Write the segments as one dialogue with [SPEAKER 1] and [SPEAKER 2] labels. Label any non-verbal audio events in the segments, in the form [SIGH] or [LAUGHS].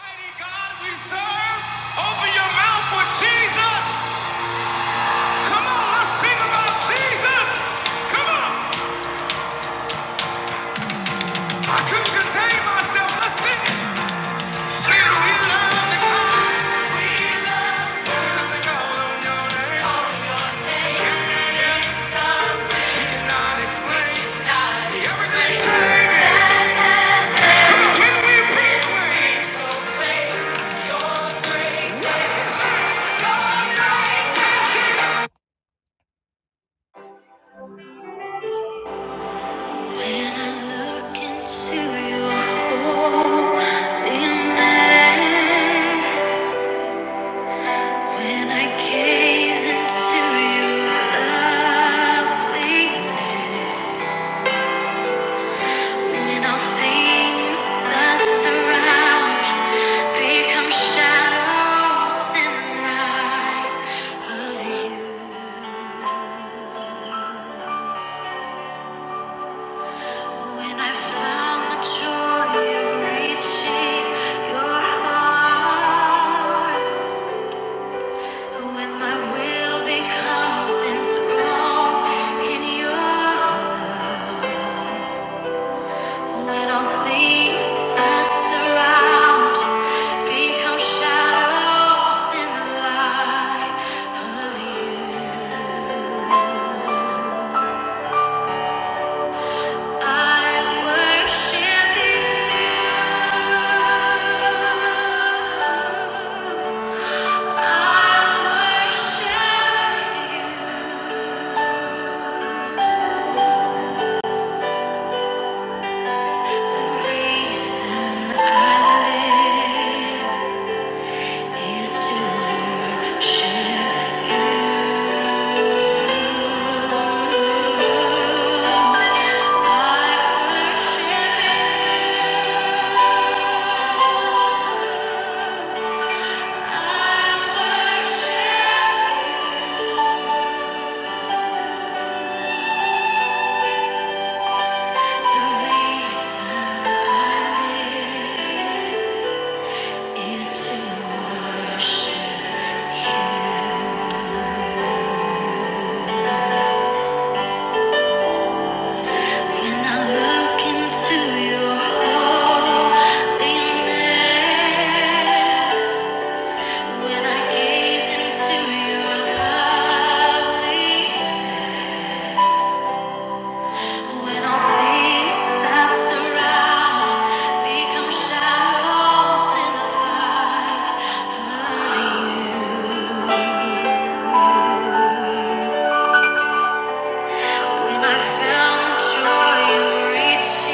[SPEAKER 1] Mighty your mouth for Jesus. Come on, let's sing about Jesus. Come on. I couldn't contain myself. Let's sing it. Till we learn to call. Till we learn on your name. Yeah, yeah. We cannot explain everything changes. When I look into your holy eyes, When I gaze into your loveliness, when all things that surround become shadows in the night of you, when I found the joy of reaching your heart, when my will becomes enthroned in your love. When all things that surround become shadows in the light of you, I worship you. I worship you. The reason I live. is to worship you. I worship you. I worship you. The reason I live is to worship You. When I look into your holy when I gaze into your lovely, when all things that surround become shadows in the light of you. When I found the joy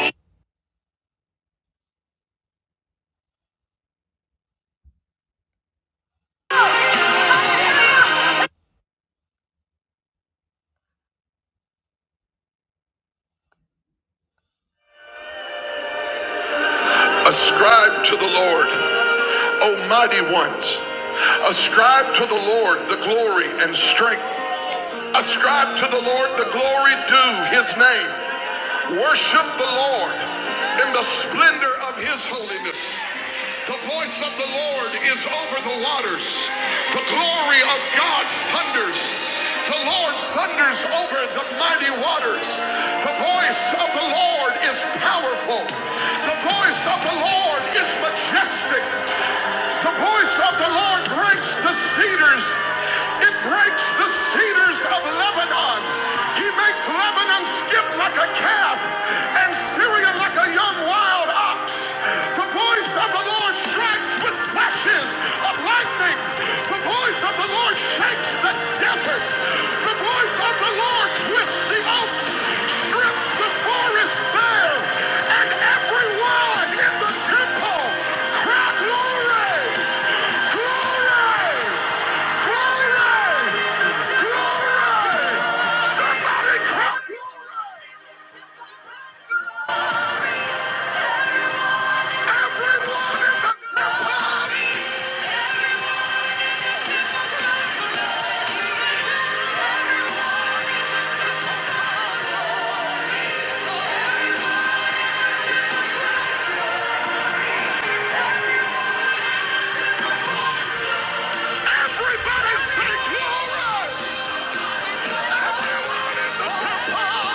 [SPEAKER 1] Ascribe to the Lord, O mighty ones. Ascribe to the Lord the glory and strength. Ascribe to the Lord the glory due his name. Worship the Lord in the splendor of his holiness. The voice of the Lord is over the waters. The glory of God thunders. The Lord thunders over the mighty waters. The voice of the Lord is powerful. The voice of the Lord. Lord is majestic. The voice of the Lord breaks the cedars. It breaks the cedars of Lebanon. He makes Lebanon skip like a calf and Syria like a young wild ox. The voice of the Lord strikes with flashes of lightning. The voice of the Lord shakes the desert. The voice of the Lord twists the oaks, strips the forest bare, and everyone in the temple cried glory, glory, glory, glory. Somebody cried glory. Everyone in the temple, everybody say glory. Everyone in the temple.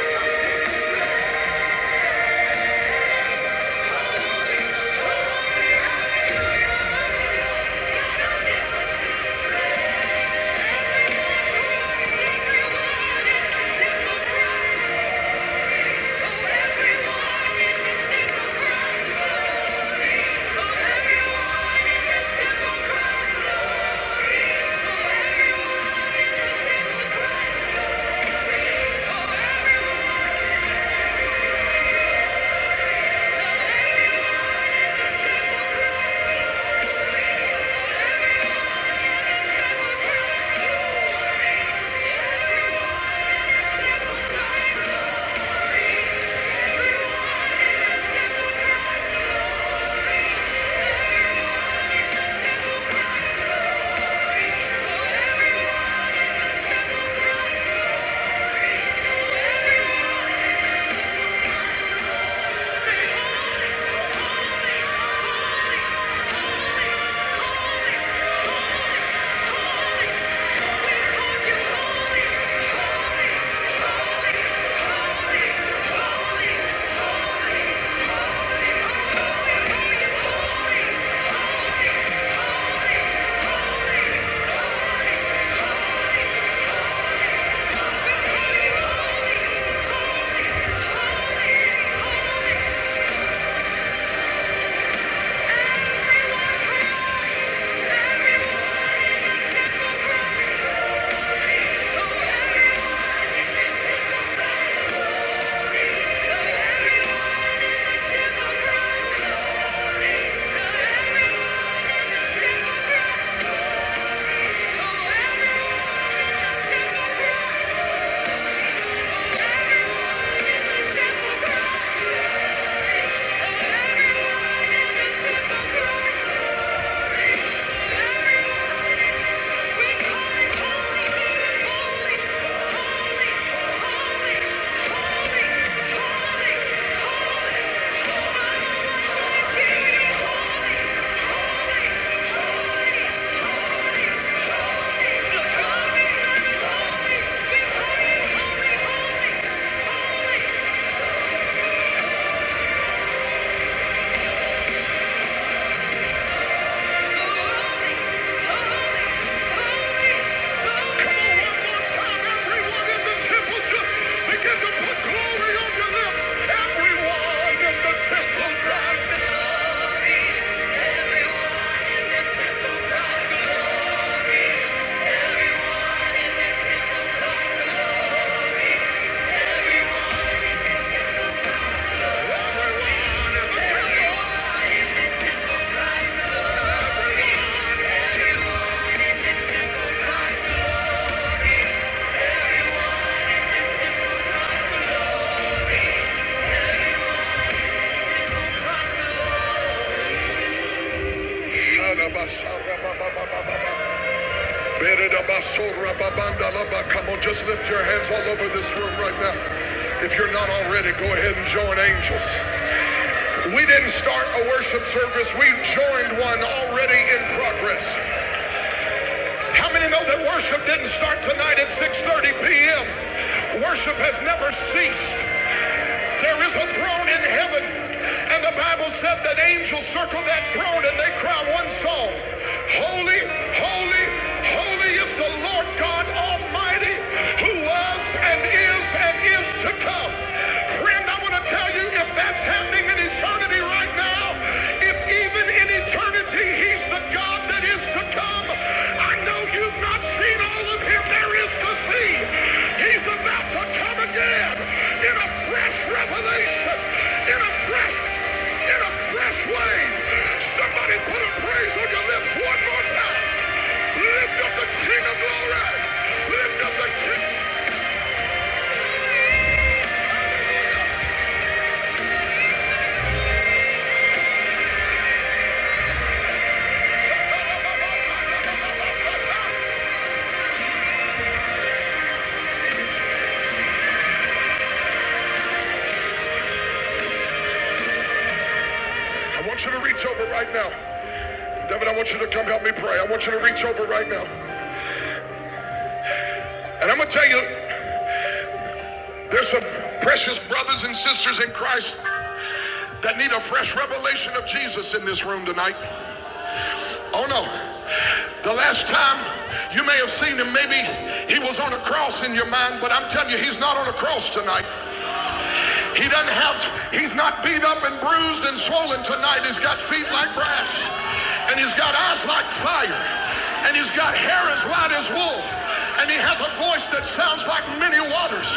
[SPEAKER 1] Thank you. Thank you. Thank you. Holy, holy, holy, holy, holy. Thank you Alabasha, rabababababa. Beredabasura babandalaba. Come on, just lift your hands all over this room right now. If you're not already, go ahead and join angels. We didn't start a worship service, we joined one already in progress. How many know that worship didn't start tonight at 6:30 p.m.? Worship has never ceased. There is a throne in heaven, and the Bible said that angels circled that throne and they cry one song. Holy, holy, holy is the Lord God Almighty, who was and is and is to come. Friend, I want to tell you if that's happening in eternity, right now, if even in eternity he's the God that is to come, I know you've not seen all of him there is to see. He's about to come again in a fresh revelation, in a fresh, in a fresh way. Somebody put a praise on your lips one more time. Lift up the King of Glory. Lift up the King. I want you to reach over right now. David, I want you to come help me pray. I want you to reach over right now. And I'm going to tell you There's some precious brothers and sisters in Christ that need a fresh revelation of Jesus in this room tonight. Oh no. The last time you may have seen him, maybe he was on a cross in your mind, but I'm telling you, he's not on a cross tonight. He doesn't have, he's not beat up and bruised and swollen tonight. He's got feet like brass, and he's got eyes like fire, and he's got hair as white as wool, and he has a voice that sounds like many waters.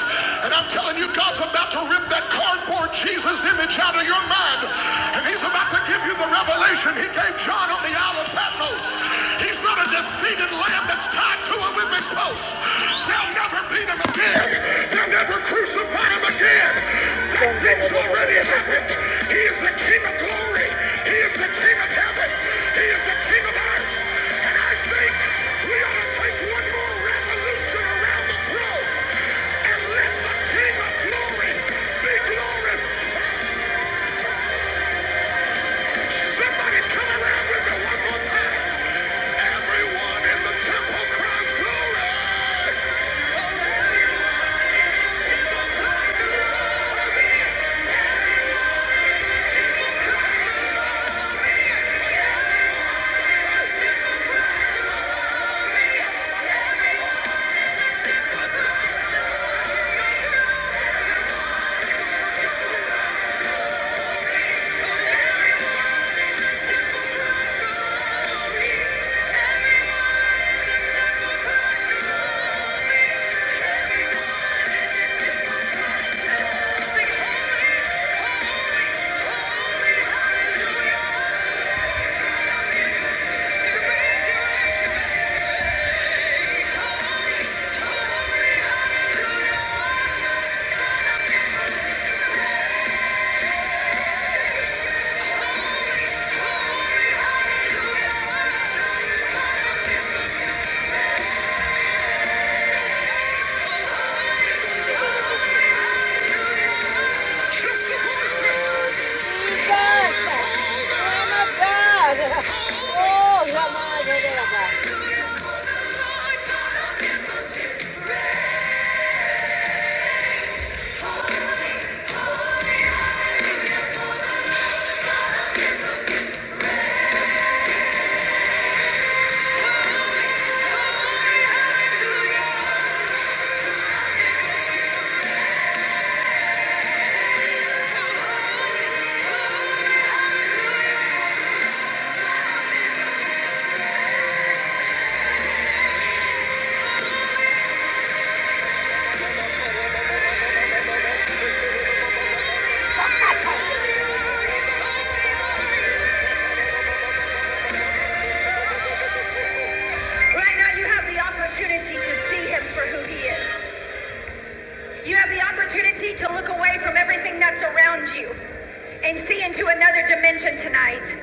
[SPEAKER 1] And I'm telling you, God's about to rip that cardboard Jesus image out of your mind, and he's about to give you the revelation he gave John on the Isle of Patmos. He's not the defeated lamb that's tied to a whipping post. They'll never beat him again. They'll never crucify him again. That thing's already happened. He is the King of glory. He is the King of heaven. He is the King of earth. And I think we ought to take round the throne and let the King. be King. Right now, you have the opportunity to see him for who he is. You have the opportunity to look away from everything that's around you and see into another dimension tonight.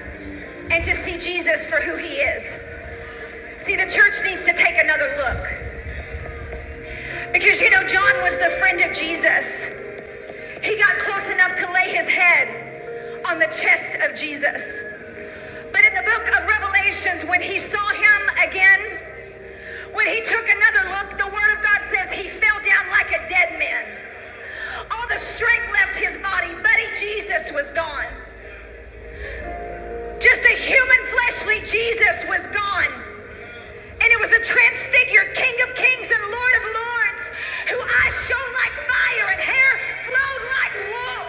[SPEAKER 1] and to see Jesus for who he is. See, the church needs to take another look because you know, John was the friend of Jesus. He got close enough to lay his head on the chest of Jesus. But in the book of Revelations, when he saw him again, when he took another look, the word of God says he fell down like a dead man. All the strength left his body. Buddy Jesus was gone. Just a human fleshly Jesus was gone. And it was a transfigured King of Kings and Lord of Lords, whose eyes shone like fire and hair flowed like wool.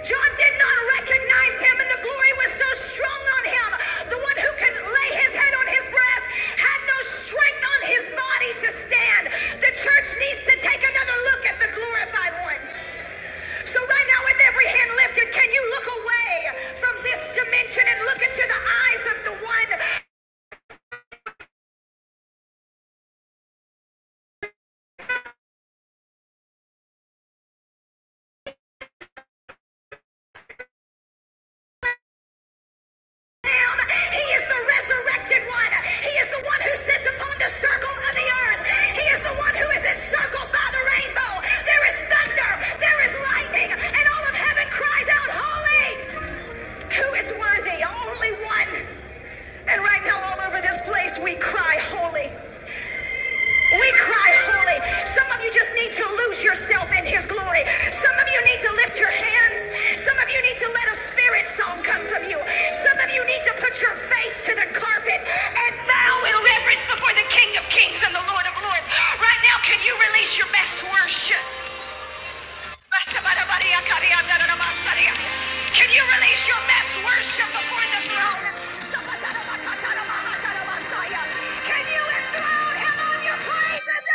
[SPEAKER 1] John did not recognize him, and the glory was so strong on him. The one who could lay his head on his breast had no strength on his body to stand. The church needs to take another look at the glorified one. So right now, with every hand lifted, can you look away from this dimension and look into the eyes of the one He is the resurrected one. He is the one who sits upon the circle of the earth. He is the one who is encircled by the rainbow. There is thunder. There is lightning. And all of heaven cries out, Holy! Who is worthy? Only one. And right now, all over this place, we cry, Holy. We cry holy. Some of you just need to lose yourself in His glory. Some of you need to lift your hands. Some of you need to let a spirit song come from you. Some of you need to put your face to the carpet and bow in reverence before the King of Kings and the Lord of Lords. Right now, can you release your best worship? Can you release your best worship before the throne? Can you enthrone him on your praises?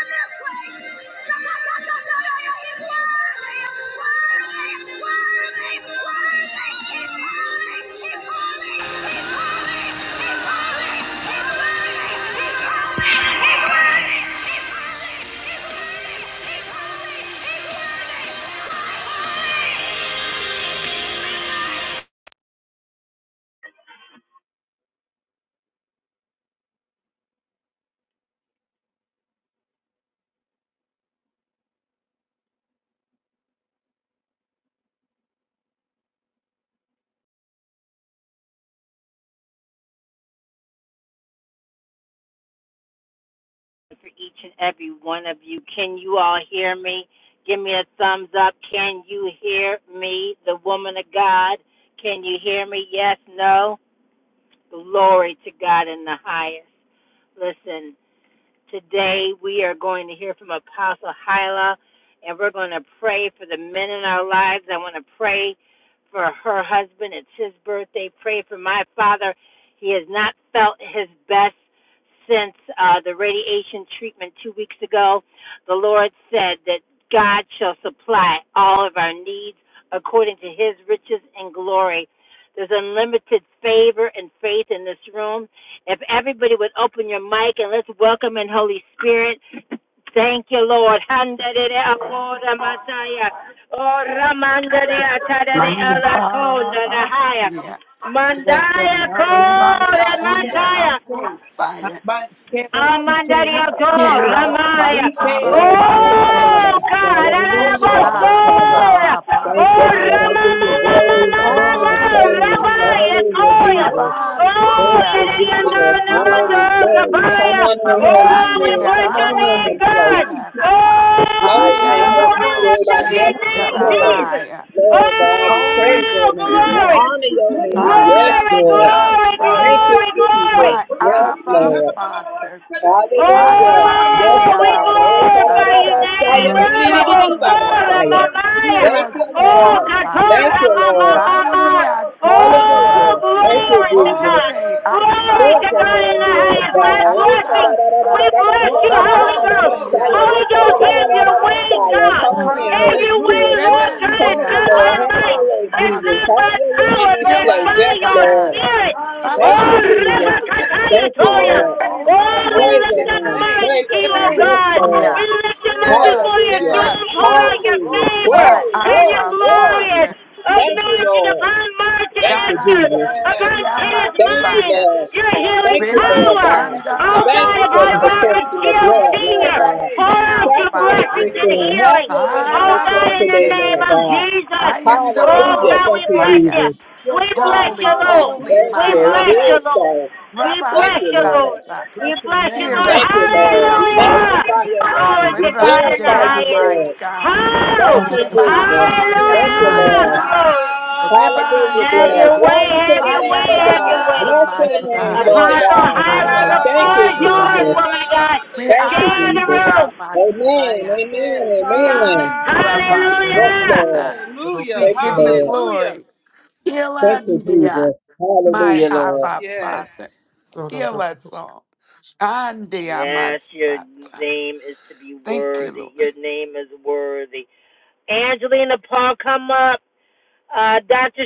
[SPEAKER 2] Mandarabasia,
[SPEAKER 3] Yes, God.
[SPEAKER 1] Mandaya
[SPEAKER 3] Narasike
[SPEAKER 1] call
[SPEAKER 3] ba shike
[SPEAKER 1] Mandaya.
[SPEAKER 3] shike.
[SPEAKER 2] Rebashandarabosia,
[SPEAKER 3] Hamba shike shike
[SPEAKER 1] Amandaria to
[SPEAKER 3] hamba.
[SPEAKER 1] Ramaya.
[SPEAKER 3] Shike
[SPEAKER 4] Oh,
[SPEAKER 3] shike ba.
[SPEAKER 1] Oh,
[SPEAKER 2] Kirasakarabasiki,
[SPEAKER 4] Shakarada,
[SPEAKER 1] God.
[SPEAKER 3] Oh,
[SPEAKER 4] Hallelujah,
[SPEAKER 3] oh,
[SPEAKER 4] Father.
[SPEAKER 3] shike
[SPEAKER 1] Ararabosora.
[SPEAKER 3] hamba
[SPEAKER 4] Thank
[SPEAKER 1] Oh,
[SPEAKER 4] you,
[SPEAKER 3] shike.
[SPEAKER 4] Lord. I
[SPEAKER 1] Rama,
[SPEAKER 2] Shatarabasata,
[SPEAKER 4] give
[SPEAKER 3] Oh,
[SPEAKER 4] you
[SPEAKER 1] Mama,
[SPEAKER 4] glory, the
[SPEAKER 1] Mama,
[SPEAKER 3] oh,
[SPEAKER 4] honor,
[SPEAKER 1] Mama,
[SPEAKER 4] and
[SPEAKER 3] oh, oh,
[SPEAKER 4] praise.
[SPEAKER 2] Polisia,
[SPEAKER 1] Ramaya,
[SPEAKER 3] shike.
[SPEAKER 4] Hallelujah,
[SPEAKER 1] Toya.
[SPEAKER 4] Jesus.
[SPEAKER 3] Glory,
[SPEAKER 1] Oh,
[SPEAKER 3] glory,
[SPEAKER 4] Thank
[SPEAKER 2] Rabasia,
[SPEAKER 4] you,
[SPEAKER 3] glory, glory.
[SPEAKER 1] Yadayanda,
[SPEAKER 4] Jesus.
[SPEAKER 1] Namando,
[SPEAKER 4] Glory, glory.
[SPEAKER 2] Rabasia,
[SPEAKER 4] Come
[SPEAKER 1] Rabaya.
[SPEAKER 4] on in, Holy
[SPEAKER 1] Oh, we
[SPEAKER 4] Spirit. Come
[SPEAKER 1] bless your
[SPEAKER 4] on in
[SPEAKER 1] name,
[SPEAKER 4] and
[SPEAKER 1] God.
[SPEAKER 4] pray.
[SPEAKER 2] Andarabosia,
[SPEAKER 4] Lord,
[SPEAKER 1] Oh,
[SPEAKER 4] Holy
[SPEAKER 1] we
[SPEAKER 4] Spirit,
[SPEAKER 1] lift
[SPEAKER 4] I
[SPEAKER 1] up
[SPEAKER 2] Ayarabosia,
[SPEAKER 1] your
[SPEAKER 4] never
[SPEAKER 1] name,
[SPEAKER 4] before.
[SPEAKER 1] Jesus.
[SPEAKER 2] Jarabaya,
[SPEAKER 4] Lord God, we
[SPEAKER 2] Holy
[SPEAKER 4] praise
[SPEAKER 1] Oh,
[SPEAKER 4] your name. We
[SPEAKER 2] Spirit,
[SPEAKER 1] glory.
[SPEAKER 4] honor your name. Yes,
[SPEAKER 1] Glory,
[SPEAKER 4] Lord.
[SPEAKER 1] glory,
[SPEAKER 2] Ariasata,
[SPEAKER 4] Thank you,
[SPEAKER 1] glory, glory.
[SPEAKER 2] my
[SPEAKER 4] Jesus. Yes,
[SPEAKER 2] Abba
[SPEAKER 4] Lord.
[SPEAKER 2] Father.
[SPEAKER 4] Hallelujah. Yes,
[SPEAKER 2] Adamande
[SPEAKER 1] Oh, we
[SPEAKER 4] God. Oh,
[SPEAKER 1] glorify your
[SPEAKER 3] Hello,
[SPEAKER 2] Arabosanta.
[SPEAKER 1] name.
[SPEAKER 4] sha-ra-ra-ba-sa-ya,
[SPEAKER 2] You
[SPEAKER 1] Ora
[SPEAKER 2] are Lord.
[SPEAKER 1] bosora
[SPEAKER 4] ra-di-di-di-di-di-ba-ba-sa-ya.
[SPEAKER 1] mamaya.
[SPEAKER 2] Hear
[SPEAKER 4] Thank
[SPEAKER 2] us
[SPEAKER 4] you,
[SPEAKER 1] Oh,
[SPEAKER 2] now,
[SPEAKER 4] Lord.
[SPEAKER 2] Father.
[SPEAKER 4] Thank
[SPEAKER 1] katora
[SPEAKER 4] you,
[SPEAKER 1] mama
[SPEAKER 4] Lord.
[SPEAKER 1] mama.
[SPEAKER 2] Karimiatsata.
[SPEAKER 1] Oh,
[SPEAKER 4] Hallelujah. Thank you,
[SPEAKER 1] glory to
[SPEAKER 4] Jesus.
[SPEAKER 1] God.
[SPEAKER 2] Glory,
[SPEAKER 1] Glory
[SPEAKER 2] Asha.
[SPEAKER 4] Praise
[SPEAKER 1] to
[SPEAKER 4] your
[SPEAKER 1] God in
[SPEAKER 4] name,
[SPEAKER 1] the
[SPEAKER 4] Lord
[SPEAKER 1] highest.
[SPEAKER 4] God.
[SPEAKER 2] Glory,
[SPEAKER 1] My
[SPEAKER 4] Oh,
[SPEAKER 1] blessing. We
[SPEAKER 2] Ashata.
[SPEAKER 1] bless you,
[SPEAKER 3] Glory,
[SPEAKER 1] Holy
[SPEAKER 3] glory,
[SPEAKER 1] Ghost.
[SPEAKER 3] glory,
[SPEAKER 2] Rabasea.
[SPEAKER 4] sha-ra-ra-ra-ra-ra-ra-ra-ra-ra-ra-ra-ra-ra-ra-ra-ba-sa-ya,
[SPEAKER 1] Holy
[SPEAKER 3] glory,
[SPEAKER 1] Ghost,
[SPEAKER 3] glory.
[SPEAKER 1] have
[SPEAKER 2] Holy,
[SPEAKER 1] your way,
[SPEAKER 2] holy,
[SPEAKER 4] ra-ra-ra-ra-ra-ra-ra-ra-ra-ba-sa-ya.
[SPEAKER 1] God.
[SPEAKER 4] Come on in,
[SPEAKER 2] holy.
[SPEAKER 1] Have
[SPEAKER 4] Holy
[SPEAKER 1] your way,
[SPEAKER 4] Spirit.
[SPEAKER 3] Hallelujah.
[SPEAKER 1] Lord
[SPEAKER 3] Glory,
[SPEAKER 1] God
[SPEAKER 4] Come on,
[SPEAKER 3] glory,
[SPEAKER 2] Remendia,
[SPEAKER 1] by
[SPEAKER 4] Lord.
[SPEAKER 3] glory,
[SPEAKER 4] Have
[SPEAKER 1] might,
[SPEAKER 4] your
[SPEAKER 2] Abba,
[SPEAKER 3] glory.
[SPEAKER 4] way,
[SPEAKER 1] it's
[SPEAKER 4] Jesus.
[SPEAKER 1] not
[SPEAKER 2] Father.
[SPEAKER 4] Have
[SPEAKER 1] by
[SPEAKER 4] your way in
[SPEAKER 1] power,
[SPEAKER 4] this
[SPEAKER 1] but
[SPEAKER 2] Heal
[SPEAKER 4] place.
[SPEAKER 1] by
[SPEAKER 2] us,
[SPEAKER 4] Yes,
[SPEAKER 1] your
[SPEAKER 3] Yes,
[SPEAKER 2] God.
[SPEAKER 4] Lord.
[SPEAKER 3] God.
[SPEAKER 1] spirit.
[SPEAKER 4] Thank
[SPEAKER 1] Oh,
[SPEAKER 4] you,
[SPEAKER 3] Hallelujah, God.
[SPEAKER 4] Jesus.
[SPEAKER 2] Rabashia.
[SPEAKER 3] Yes.
[SPEAKER 4] Thank you,
[SPEAKER 1] Rebekatayatoya.
[SPEAKER 2] Holy,
[SPEAKER 4] Lord.
[SPEAKER 3] Glory,
[SPEAKER 2] holy,
[SPEAKER 1] Oh, we
[SPEAKER 3] hallelujah
[SPEAKER 4] Praise
[SPEAKER 3] to
[SPEAKER 2] holy.
[SPEAKER 4] your
[SPEAKER 1] lift
[SPEAKER 3] your
[SPEAKER 1] up
[SPEAKER 4] name.
[SPEAKER 3] name.
[SPEAKER 4] Praise
[SPEAKER 1] to
[SPEAKER 4] your
[SPEAKER 1] you, oh
[SPEAKER 4] name. Yes,
[SPEAKER 1] God.
[SPEAKER 4] Lord.
[SPEAKER 1] We
[SPEAKER 2] Remendia.
[SPEAKER 1] lift him up
[SPEAKER 3] Yes,
[SPEAKER 2] Hora
[SPEAKER 1] before your
[SPEAKER 4] Hallelujah.
[SPEAKER 3] yes.
[SPEAKER 1] throne, pour
[SPEAKER 2] Santa.
[SPEAKER 1] out
[SPEAKER 3] Glory,
[SPEAKER 1] your
[SPEAKER 4] Hallelujah.
[SPEAKER 3] glory,
[SPEAKER 1] favor
[SPEAKER 2] My
[SPEAKER 4] Glory,
[SPEAKER 3] glory,
[SPEAKER 1] and your
[SPEAKER 4] glory,
[SPEAKER 3] glory,
[SPEAKER 2] Abba
[SPEAKER 3] glory.
[SPEAKER 4] glory.
[SPEAKER 1] glorious
[SPEAKER 2] Father,
[SPEAKER 4] Thank you,
[SPEAKER 1] anointing
[SPEAKER 4] Lord.
[SPEAKER 1] upon Martin
[SPEAKER 4] Thank you,
[SPEAKER 2] Dara
[SPEAKER 1] Esther,
[SPEAKER 4] Jesus.
[SPEAKER 3] Yes,
[SPEAKER 1] upon
[SPEAKER 2] Sutia
[SPEAKER 1] Kenneth
[SPEAKER 4] Thank
[SPEAKER 3] hallelujah.
[SPEAKER 4] you,
[SPEAKER 1] Mines,
[SPEAKER 2] Messiah,
[SPEAKER 3] Yes,
[SPEAKER 4] Lord.
[SPEAKER 1] your healing
[SPEAKER 3] God.
[SPEAKER 4] Thank you,
[SPEAKER 3] Glory
[SPEAKER 2] Reba
[SPEAKER 3] to
[SPEAKER 4] Lord
[SPEAKER 1] power.
[SPEAKER 3] your
[SPEAKER 4] God.
[SPEAKER 3] name,
[SPEAKER 1] Oh
[SPEAKER 2] Shandara
[SPEAKER 3] God.
[SPEAKER 4] Thank
[SPEAKER 1] God,
[SPEAKER 4] you for
[SPEAKER 1] upon
[SPEAKER 4] the
[SPEAKER 2] Bosfire,
[SPEAKER 1] Robert
[SPEAKER 4] protection of
[SPEAKER 1] Shield
[SPEAKER 3] Ha,
[SPEAKER 4] blood, Lord
[SPEAKER 1] Sr.,
[SPEAKER 3] yes,
[SPEAKER 2] hear
[SPEAKER 4] God.
[SPEAKER 2] us
[SPEAKER 3] hey.
[SPEAKER 1] pour out
[SPEAKER 2] now,
[SPEAKER 1] your
[SPEAKER 3] Yes,
[SPEAKER 4] Saturate
[SPEAKER 2] Father.
[SPEAKER 1] blessings
[SPEAKER 4] this
[SPEAKER 3] hey,
[SPEAKER 1] and
[SPEAKER 3] Ho,
[SPEAKER 4] room.
[SPEAKER 3] si,
[SPEAKER 4] Have
[SPEAKER 1] healing.
[SPEAKER 4] your way
[SPEAKER 3] hey,
[SPEAKER 4] in
[SPEAKER 1] Oh
[SPEAKER 4] this
[SPEAKER 2] Ala
[SPEAKER 3] hala,
[SPEAKER 1] God,
[SPEAKER 4] room
[SPEAKER 1] in the
[SPEAKER 3] si, hey.
[SPEAKER 4] today,
[SPEAKER 1] name
[SPEAKER 4] Lord
[SPEAKER 2] Boshike.
[SPEAKER 1] of
[SPEAKER 4] God.
[SPEAKER 3] Ha,
[SPEAKER 1] Jesus.
[SPEAKER 2] I
[SPEAKER 3] si,
[SPEAKER 2] am
[SPEAKER 3] hey,
[SPEAKER 2] the
[SPEAKER 1] Oh
[SPEAKER 4] Hallelujah.
[SPEAKER 3] ho, si,
[SPEAKER 1] God, we
[SPEAKER 4] Thank you,
[SPEAKER 1] bless
[SPEAKER 3] hey.
[SPEAKER 2] Bosfire.
[SPEAKER 1] you.
[SPEAKER 4] Jesus.
[SPEAKER 3] Yes,
[SPEAKER 1] We bless
[SPEAKER 3] God.
[SPEAKER 1] you,
[SPEAKER 2] Holy,
[SPEAKER 1] Lord.
[SPEAKER 2] holy,
[SPEAKER 3] Hallelujah,
[SPEAKER 4] Thank
[SPEAKER 1] We
[SPEAKER 2] my
[SPEAKER 4] you.
[SPEAKER 3] God.
[SPEAKER 4] It
[SPEAKER 1] bless
[SPEAKER 2] Abba.
[SPEAKER 1] you,
[SPEAKER 4] is
[SPEAKER 1] Lord.
[SPEAKER 4] so.
[SPEAKER 1] We
[SPEAKER 2] Rabba
[SPEAKER 4] Thank
[SPEAKER 1] bless
[SPEAKER 4] you,
[SPEAKER 1] you,
[SPEAKER 4] Lord.
[SPEAKER 1] Lord.
[SPEAKER 2] Sata,
[SPEAKER 1] We
[SPEAKER 3] Bless your
[SPEAKER 1] bless you,
[SPEAKER 3] name.
[SPEAKER 2] hear
[SPEAKER 3] today,
[SPEAKER 1] Lord.
[SPEAKER 4] Thank
[SPEAKER 3] God.
[SPEAKER 2] us
[SPEAKER 4] you,
[SPEAKER 3] We
[SPEAKER 4] Lord.
[SPEAKER 3] bless
[SPEAKER 4] We
[SPEAKER 2] now,
[SPEAKER 3] you. We
[SPEAKER 1] Hallelujah.
[SPEAKER 3] bless
[SPEAKER 2] Father.
[SPEAKER 3] you.
[SPEAKER 4] magnify
[SPEAKER 3] We
[SPEAKER 4] your
[SPEAKER 3] bless you. We
[SPEAKER 1] Glory
[SPEAKER 4] name.
[SPEAKER 1] to
[SPEAKER 4] We
[SPEAKER 1] God
[SPEAKER 3] bless
[SPEAKER 1] in
[SPEAKER 3] you.
[SPEAKER 1] the
[SPEAKER 4] glorify
[SPEAKER 2] Rebandia,
[SPEAKER 4] you,
[SPEAKER 1] highest.
[SPEAKER 2] my
[SPEAKER 4] Lord.
[SPEAKER 2] God.
[SPEAKER 4] Thank you, Jesus.
[SPEAKER 2] Rebandia,
[SPEAKER 4] Thank you,
[SPEAKER 2] my
[SPEAKER 3] Hallelujah.
[SPEAKER 1] Hallelujah.
[SPEAKER 4] Lord.
[SPEAKER 2] God.
[SPEAKER 1] Glory.
[SPEAKER 3] Hallelujah.
[SPEAKER 5] Praise
[SPEAKER 4] Hallelujah,
[SPEAKER 1] Have
[SPEAKER 4] Lord.
[SPEAKER 1] your
[SPEAKER 2] Rebandia,
[SPEAKER 1] way,
[SPEAKER 4] Glory to
[SPEAKER 1] have
[SPEAKER 4] the
[SPEAKER 1] your
[SPEAKER 2] Ay,
[SPEAKER 1] way,
[SPEAKER 4] Lamb
[SPEAKER 2] ay,
[SPEAKER 4] of
[SPEAKER 2] ay,
[SPEAKER 1] have your way.
[SPEAKER 4] God.
[SPEAKER 2] ay,
[SPEAKER 4] Bless
[SPEAKER 2] my
[SPEAKER 4] your name,
[SPEAKER 3] Hallelujah.
[SPEAKER 2] God.
[SPEAKER 4] Lord
[SPEAKER 3] Yes.
[SPEAKER 4] God.
[SPEAKER 2] Ay,
[SPEAKER 3] Hallelujah.
[SPEAKER 2] ara,
[SPEAKER 4] Thank
[SPEAKER 2] po,
[SPEAKER 4] you,
[SPEAKER 2] Messiah.
[SPEAKER 4] Jesus.
[SPEAKER 2] We
[SPEAKER 4] Thank you,
[SPEAKER 2] honor
[SPEAKER 4] Jesus.
[SPEAKER 2] you, our
[SPEAKER 4] Amen,
[SPEAKER 2] Messiah.
[SPEAKER 4] amen,
[SPEAKER 3] Yes.
[SPEAKER 2] We
[SPEAKER 4] amen.
[SPEAKER 2] honor you,
[SPEAKER 3] Hallelujah,
[SPEAKER 4] Yes,
[SPEAKER 3] God.
[SPEAKER 2] Abbasita.
[SPEAKER 4] Lord.
[SPEAKER 2] We
[SPEAKER 3] Hallelujah.
[SPEAKER 4] Thank you,
[SPEAKER 2] give you
[SPEAKER 4] Lord.
[SPEAKER 3] Hallelujah.
[SPEAKER 2] glory. Heal
[SPEAKER 4] Thank
[SPEAKER 2] us,
[SPEAKER 4] you,
[SPEAKER 2] dear,
[SPEAKER 4] Jesus.
[SPEAKER 2] my
[SPEAKER 4] Hallelujah, Lord.
[SPEAKER 2] Abba Father.
[SPEAKER 3] Yes.
[SPEAKER 2] Heal us all. Andia
[SPEAKER 1] Yes, your
[SPEAKER 2] Masata.
[SPEAKER 1] name is to be
[SPEAKER 2] Thank you,
[SPEAKER 1] worthy.
[SPEAKER 2] Lord.
[SPEAKER 1] Your name is worthy. Angelina Paul, come up. Uh, Dr.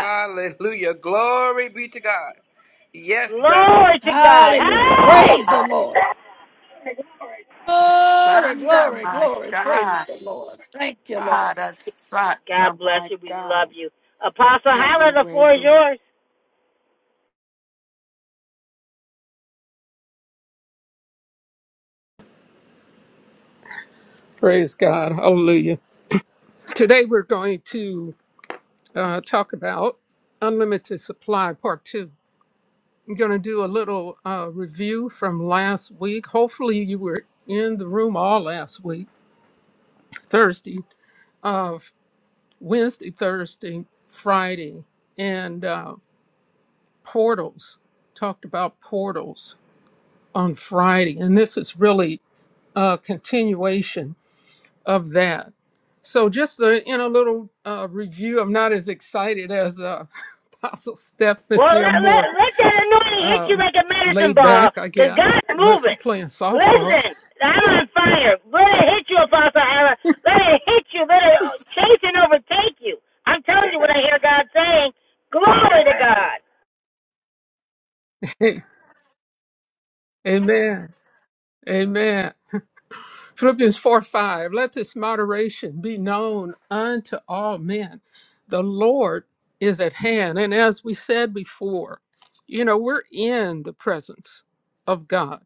[SPEAKER 3] Hallelujah. Glory be to God. Yes, God.
[SPEAKER 6] Hallelujah. Praise the Lord. Glory,
[SPEAKER 2] Shanda,
[SPEAKER 6] glory,
[SPEAKER 2] my
[SPEAKER 6] glory. Praise
[SPEAKER 2] God.
[SPEAKER 6] the Lord. Thank you, Lord.
[SPEAKER 2] Ada my God. Have your way, Lord.
[SPEAKER 5] God. Hallelujah. Today we're going to uh, talk about unlimited supply, part two. I'm going to do a little uh, review from last week. Hopefully, you were in the room all last week, Thursday. Wednesday, Thursday, Friday, and uh, portals. Talked about portals on Friday, and this is really a continuation of that. So, just a, in a little uh, review, I'm not as excited as uh, [LAUGHS] Apostle Stephanie. I'm more um, laid back, I guess, unless I'm playing softball. [LAUGHS] Amen. Amen. Philippians 4 5, let this moderation be known unto all men. The Lord is at hand. And as we said before, you know, we're in the presence of God,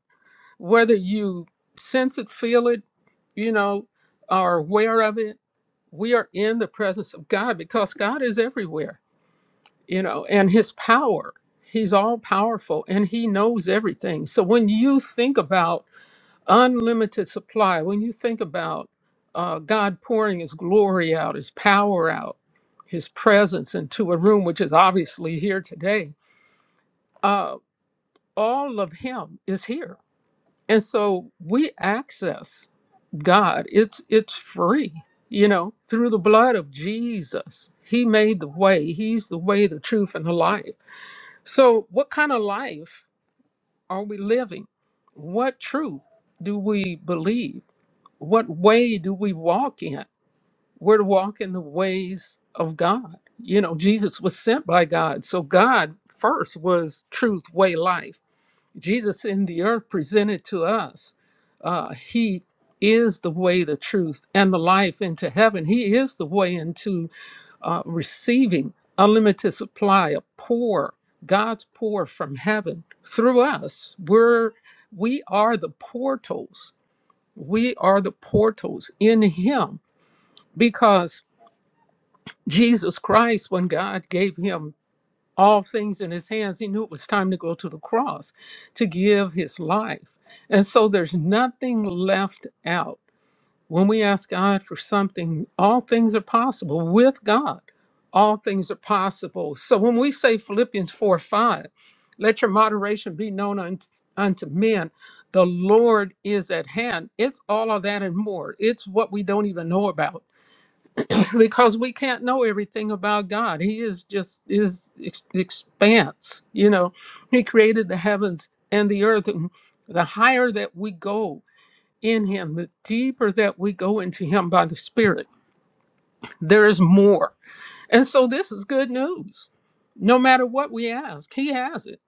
[SPEAKER 5] whether you sense it, feel it, you know, are aware of it, we are in the presence of God because God is everywhere, you know, and His power, He's all powerful and He knows everything. So when you think about unlimited supply. When you think about uh, God pouring His glory out, His power out, His presence into a room, which is obviously here today, uh, all of Him is here, and so we access God. It's it's free, you know, through the blood of Jesus. He made the way. He's the way, the truth, and the life. So, what kind of life are we living? What truth do we believe? what way do we walk in? We're to walk in the ways of God. You know, Jesus was sent by God. So God first was truth, way, life. Jesus in the earth presented to us. Uh, he is the way, the truth, and the life into heaven. He is the way into uh, receiving unlimited supply, a pour, God's pour from heaven through us. We're we are the portals we are the portals in Him because Jesus Christ, when God gave Him all things in His hands, He knew it was time to go to the cross to give His life. And so there's nothing left out. When we ask God for something, all things are possible with God. All things are possible. So when we say Philippians 4 5, let your moderation be known unto, unto men, the Lord is at hand. It's all of that and more. It's what we don't even know about [COUGHS] [LAUGHS] because we can't know everything about God. He is just is ex- expanse. You know, He created the heavens and the earth. And the higher that we go, in him, the deeper that we go into him by the Spirit, there is more. And so this is good news. No matter what we ask, he has it,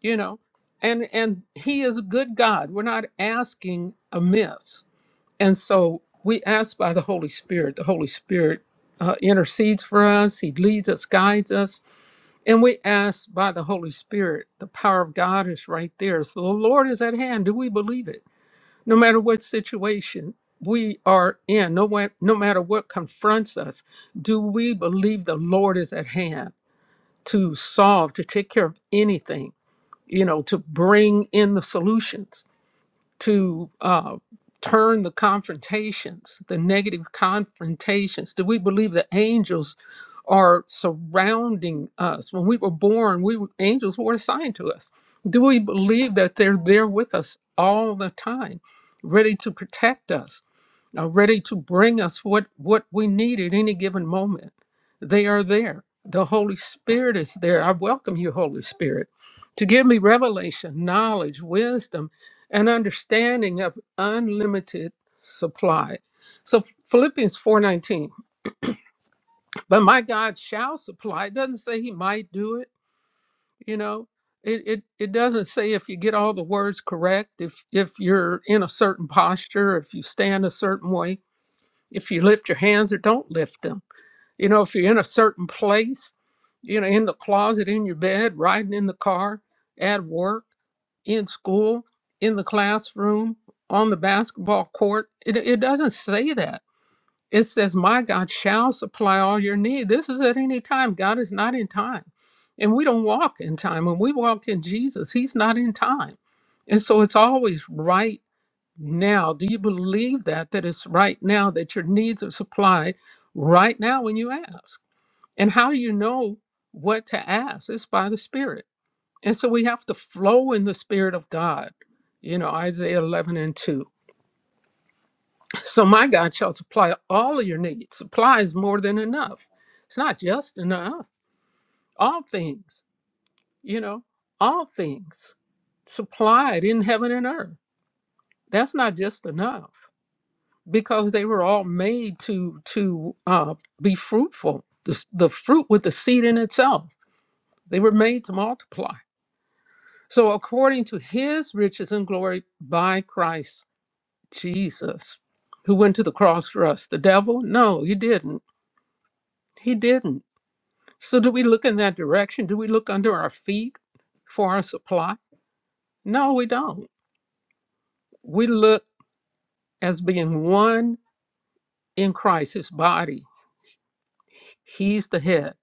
[SPEAKER 5] you know. And and he is a good God. We're not asking amiss. And so we ask by the Holy Spirit. The Holy Spirit uh, intercedes for us. He leads us, guides us. And we ask by the Holy Spirit. The power of God is right there. So the Lord is at hand. Do we believe it? no matter what situation we are in, no, wa- no matter what confronts us, do we believe the Lord is at hand to solve, to take care of anything, you know, to bring in the solutions? to uh, turn the confrontations, the negative confrontations? Do we believe that angels are surrounding us? When we were born, we were, angels were assigned to us. Do we believe that they're there with us all the time, ready to protect us, uh, ready to bring us what what we need at any given moment? They are there. The Holy Spirit is there. I welcome you, Holy Spirit, to give me revelation, knowledge, wisdom an understanding of unlimited supply. So Philippians 4:19, but my God shall supply. It doesn't say he might do it, you know. It, it, it doesn't say if you get all the words correct, if if you're in a certain posture, if you stand a certain way, if you lift your hands or don't lift them you know, if you're in a certain place, you know, in the closet, in your bed, riding in the car, at work, in school, in the classroom, on the basketball court, it, it doesn't say that. It says, My God shall supply all your need. This is at any time. God is not in time. And we don't walk in time. When we walk in Jesus, He's not in time. And so it's always right now. Do you believe that? That it's right now that your needs are supplied right now when you ask? And how do you know what to ask? It's by the Spirit. And so we have to flow in the Spirit of God, you know, Isaiah 11 and 2. So my God shall supply all of your needs. Supply is more than enough. It's not just enough. All things, you know, all things supplied in heaven and earth. That's not just enough because they were all made to to uh, be fruitful. The, s- the fruit with the seed in itself. They were made to multiply So, according to his riches and glory by Christ Jesus, who went to the cross for us, the devil? No, he didn't. He didn't. So, do we look in that direction? Do we look under our feet for our supply? No, we don't. We look as being one in Christ, his body. He's the head.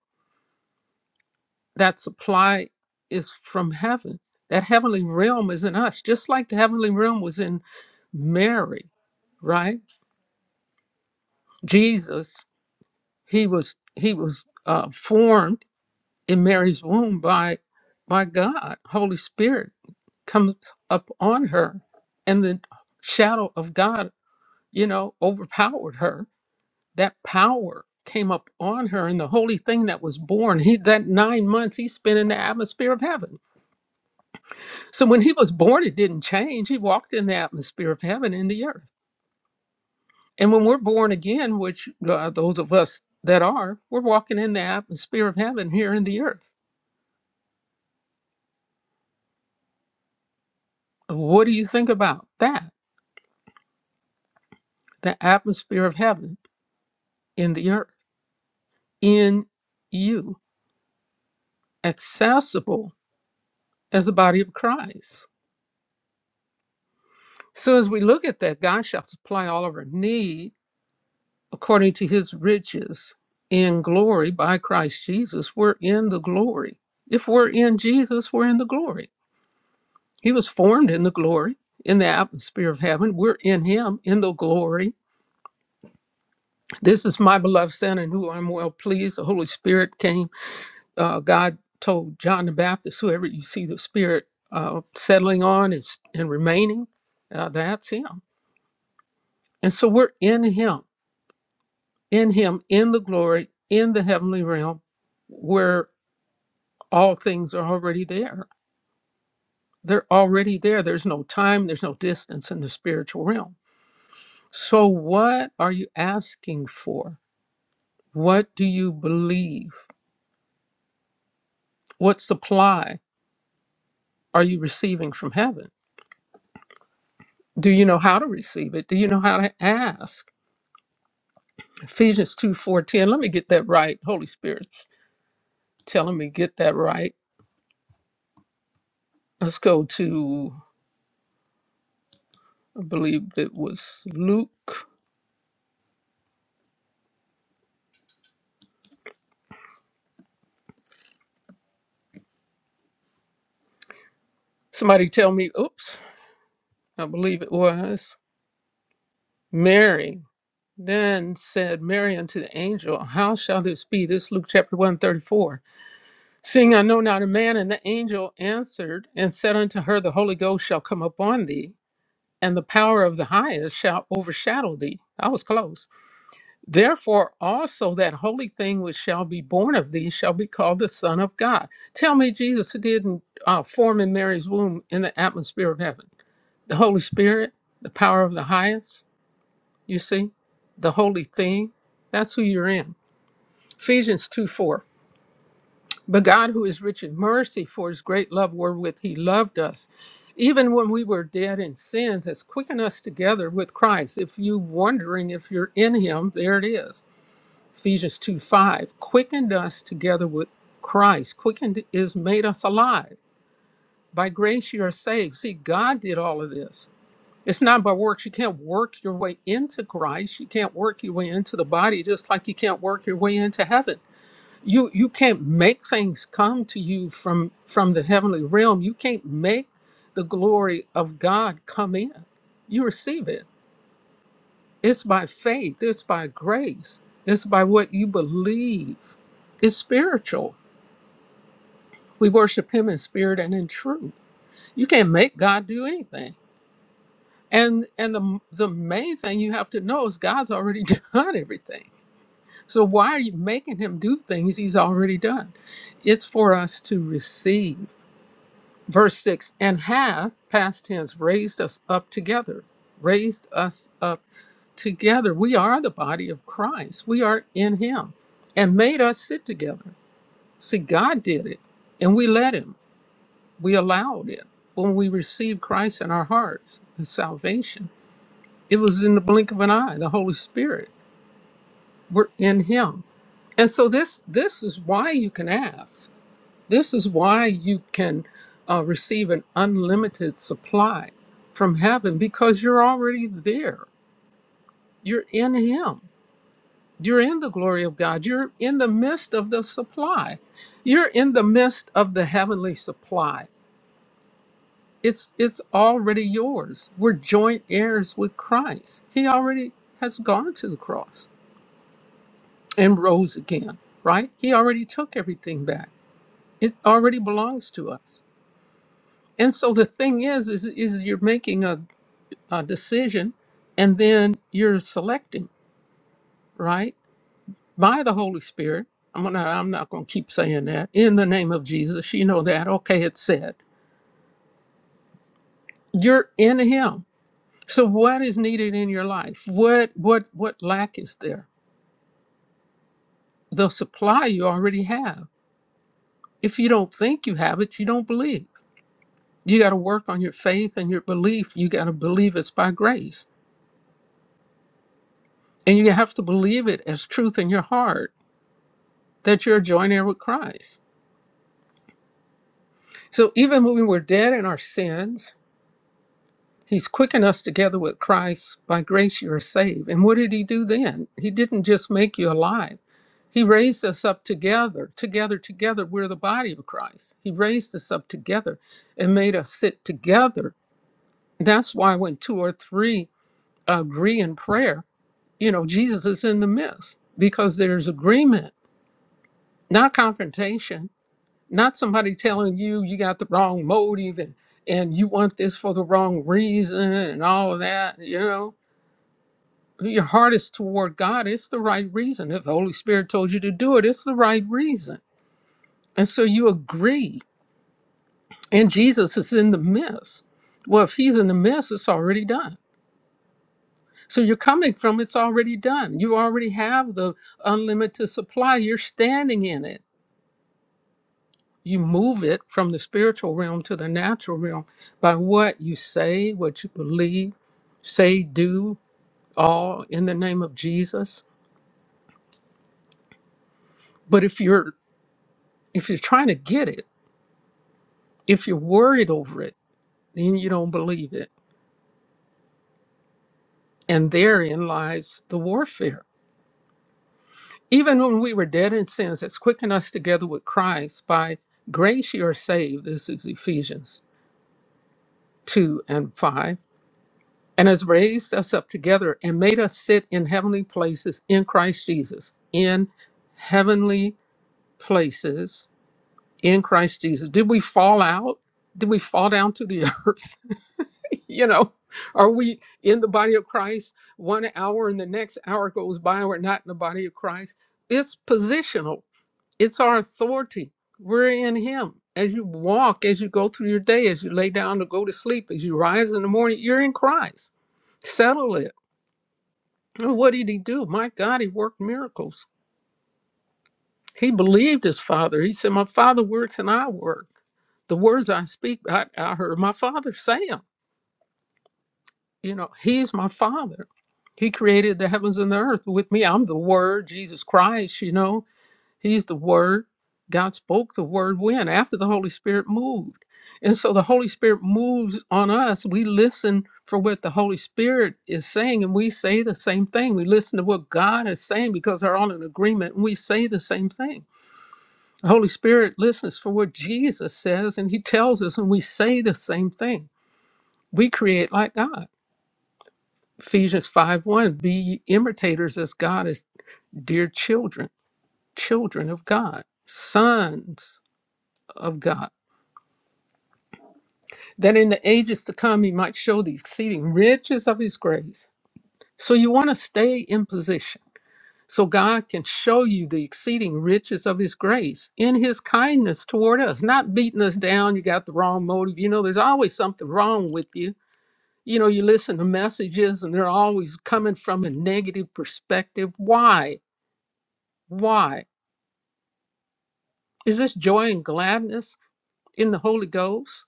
[SPEAKER 5] That supply is from heaven. That heavenly realm is in us, just like the heavenly realm was in Mary, right? Jesus he was he was uh, formed in Mary's womb by by God. Holy Spirit comes up on her, and the shadow of God, you know, overpowered her. That power came up on her, and the holy thing that was born. He that nine months he spent in the atmosphere of heaven. So when he was born, it didn't change. He walked in the atmosphere of heaven in the earth. And when we're born again, which uh, those of us that are, we're walking in the atmosphere of heaven here in the earth What do you think about that? The atmosphere of heaven in the earth, in you, accessible as the body of Christ. So, as we look at that, God shall supply all of our need according to his riches in glory by Christ Jesus. We're in the glory. If we're in Jesus, we're in the glory. He was formed in the glory, in the atmosphere of heaven. We're in him, in the glory. This is my beloved Son in whom I'm well pleased. The Holy Spirit came uh, God told John the Baptist, whoever you see the Spirit uh, settling on is, and remaining, uh, that's Him. And so we're in Him, in Him, in the glory, in the heavenly realm, where all things are already there. They're already there. There's no time, there's no distance in the spiritual realm. So, what are you asking for? What do you believe? What supply are you receiving from heaven? Do you know how to receive it? Do you know how to ask? Ephesians 2 4:10. Let me get that right. Holy Spirit telling me get that right. Let's go to I believe it was Luke. Somebody tell me, oops, I believe it was Mary. Then said Mary unto the angel, How shall this be? This is Luke chapter 134. Seeing I know not a man, and the angel answered and said unto her, The Holy Ghost shall come upon thee, and the power of the highest shall overshadow thee. I was close. Therefore, also that holy thing which shall be born of thee shall be called the Son of God. Tell me, Jesus didn't uh, form in Mary's womb in the atmosphere of heaven. The Holy Spirit, the power of the highest, you see, the holy thing, that's who you're in. Ephesians 2 4. But God, who is rich in mercy for his great love wherewith he loved us, even when we were dead in sins, has quickened us together with Christ. If you wondering if you're in him, there it is Ephesians 2 5 quickened us together with Christ. Quickened is made us alive. By grace you are saved. See, God did all of this. It's not by works. You can't work your way into Christ. You can't work your way into the body, just like you can't work your way into heaven. You you can't make things come to you from from the heavenly realm. You can't make the glory of God come in. You receive it. It's by faith, it's by grace, it's by what you believe. It's spiritual. We worship him in spirit and in truth. You can't make God do anything. And and the the main thing you have to know is God's already [LAUGHS] done everything. So why are you making him do things he's already done? It's for us to receive. Verse 6 And hath, past tense, raised us up together, raised us up together. We are the body of Christ. We are in Him and made us sit together. See, God did it and we let Him. We allowed it when we received Christ in our hearts, His salvation. It was in the blink of an eye, the Holy Spirit. We're in Him. And so this this is why you can ask. This is why you can uh, receive an unlimited supply from heaven because you're already there. You're in Him. You're in the glory of God. You're in the midst of the supply. You're in the midst of the heavenly supply. It's it's already yours. We're joint heirs with Christ. He already has gone to the cross and rose again, right? He already took everything back. It already belongs to us. And so the thing is, is, is you're making a, a decision and then you're selecting, right? By the Holy Spirit. I'm not, I'm not going to keep saying that. In the name of Jesus, you know that. Okay, it's said. You're in him. So what is needed in your life? What what what lack is there? The supply you already have. If you don't think you have it, you don't believe. You got to work on your faith and your belief. You got to believe it's by grace. And you have to believe it as truth in your heart that you're joined heir with Christ. So even when we were dead in our sins, He's quickened us together with Christ. By grace you are saved. And what did He do then? He didn't just make you alive. He raised us up together, together, together. We're the body of Christ. He raised us up together and made us sit together. That's why when two or three agree in prayer, you know, Jesus is in the midst because there's agreement, not confrontation not somebody telling you you got the wrong motive and and you want this for the wrong reason and all of that you know your heart is toward god it's the right reason if the holy spirit told you to do it it's the right reason and so you agree and jesus is in the midst well if he's in the midst it's already done so you're coming from it's already done you already have the unlimited supply you're standing in it you move it from the spiritual realm to the natural realm by what you say, what you believe, say, do, all in the name of Jesus. But if you're if you're trying to get it, if you're worried over it, then you don't believe it. And therein lies the warfare. Even when we were dead in sins, it's quickened us together with Christ. By grace you are saved. This is Ephesians 2 and 5 and has raised us up together and made us sit in heavenly places in Christ Jesus. In heavenly places in Christ Jesus. Did we fall out? Did we fall down to the [LAUGHS] earth? you know, are we in the body of Christ one hour and the next hour goes by? and We're not in the body of Christ. It's positional, it's our authority. We're in Him. As you walk, as you go through your day, as you lay down to go to sleep, as you rise in the morning, you're in Christ. Settle it And what did he do? My God, he worked miracles. He believed his father. He said, My father works and I work. The words I speak, I, I heard my father say them. You know, he's my father. He created the heavens and the earth with me. I'm the word, Jesus Christ, you know. He's the Word. God spoke the Word when? After the Holy Spirit moved. And so the Holy Spirit moves on us. We listen for what the Holy Spirit is saying, and we say the same thing. We listen to what God is saying because they're all in agreement, and we say the same thing. The Holy Spirit listens for what Jesus says, and He tells us, and we say the same thing. We create like God. Ephesians 5 1 Be ye imitators as God is dear children, children of God, sons of God. that in the ages to come he might show the exceeding riches of his grace. So you want to stay in position so God can show you the exceeding riches of his grace in his kindness toward us, not beating us down. You got the wrong motive. You know, there's always something wrong with you. You know, you listen to messages and they're always coming from a negative perspective. Why? Why? Is this joy and gladness in the Holy Ghost?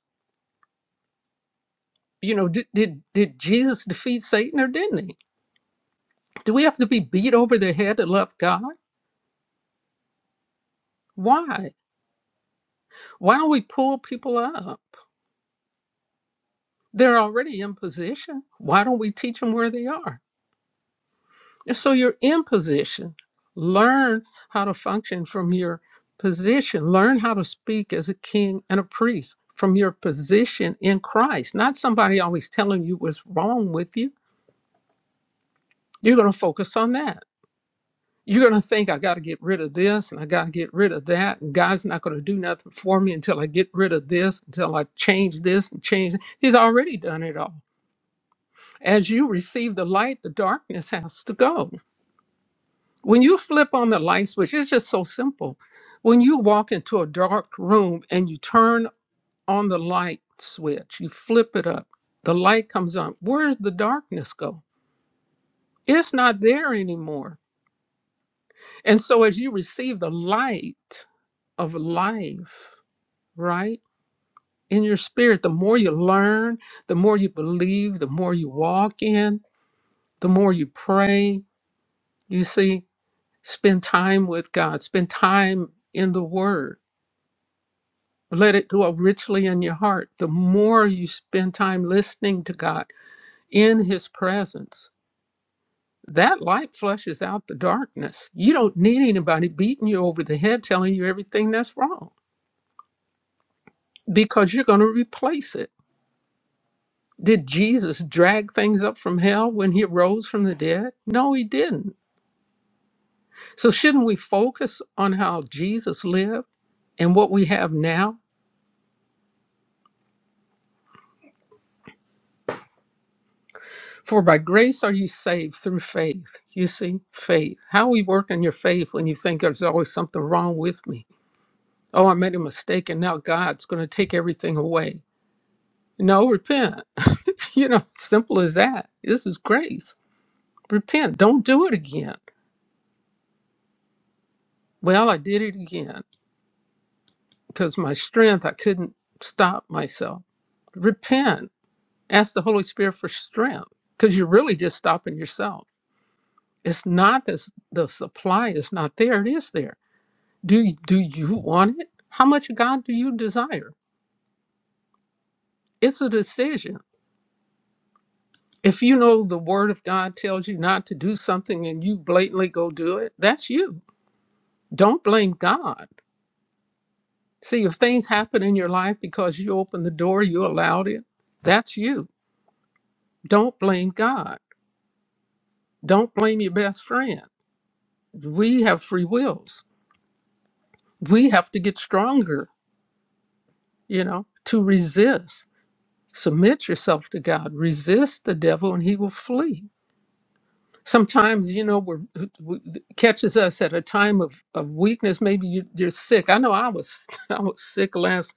[SPEAKER 5] You know, did, did, did Jesus defeat Satan or didn't he? Do we have to be beat over the head to love God? Why? Why don't we pull people up? They're already in position. Why don't we teach them where they are? And so you're in position. Learn how to function from your position. Learn how to speak as a king and a priest from your position in Christ, not somebody always telling you what's wrong with you. You're going to focus on that You're going to think I got to get rid of this and I got to get rid of that. And God's not going to do nothing for me until I get rid of this, until I change this and change. that." He's already done it all. As you receive the light, the darkness has to go. When you flip on the light switch, it's just so simple. When you walk into a dark room and you turn on the light switch, you flip it up, the light comes on. Where's the darkness go? It's not there anymore And so as you receive the light of life, right? In your spirit, the more you learn, the more you believe, the more you walk in, the more you pray, you see, spend time with God, spend time in the Word. Let it dwell richly in your heart. The more you spend time listening to God in His presence, that light flushes out the darkness. You don't need anybody beating you over the head telling you everything that's wrong because you're going to replace it. Did Jesus drag things up from hell when he rose from the dead? No, he didn't. So, shouldn't we focus on how Jesus lived and what we have now? For by grace are you saved through faith. You see, faith. How we work in your faith when you think there's always something wrong with me? Oh, I made a mistake and now God's going to take everything away. No, repent. [LAUGHS] you know, simple as that. This is grace. Repent. Don't do it again. Well, I did it again. because my strength, I couldn't stop myself. Repent. Ask the Holy Spirit for strength because you're really just stopping yourself. It's not this, the supply is not there. It is there. Do, do you want it? How much of God do you desire? It's a decision. If you know the word of God tells you not to do something and you blatantly go do it, that's you. Don't blame God. See, if things happen in your life because you opened the door, you allowed it, that's you. Don't blame God Don't blame your best friend. We have free wills. We have to get stronger, you know, to resist. Submit yourself to God. Resist the devil and he will flee. Sometimes, you know, we're, uh, we catches us at a time of, of weakness. Maybe you, you're sick. I know I was [LAUGHS] I was sick last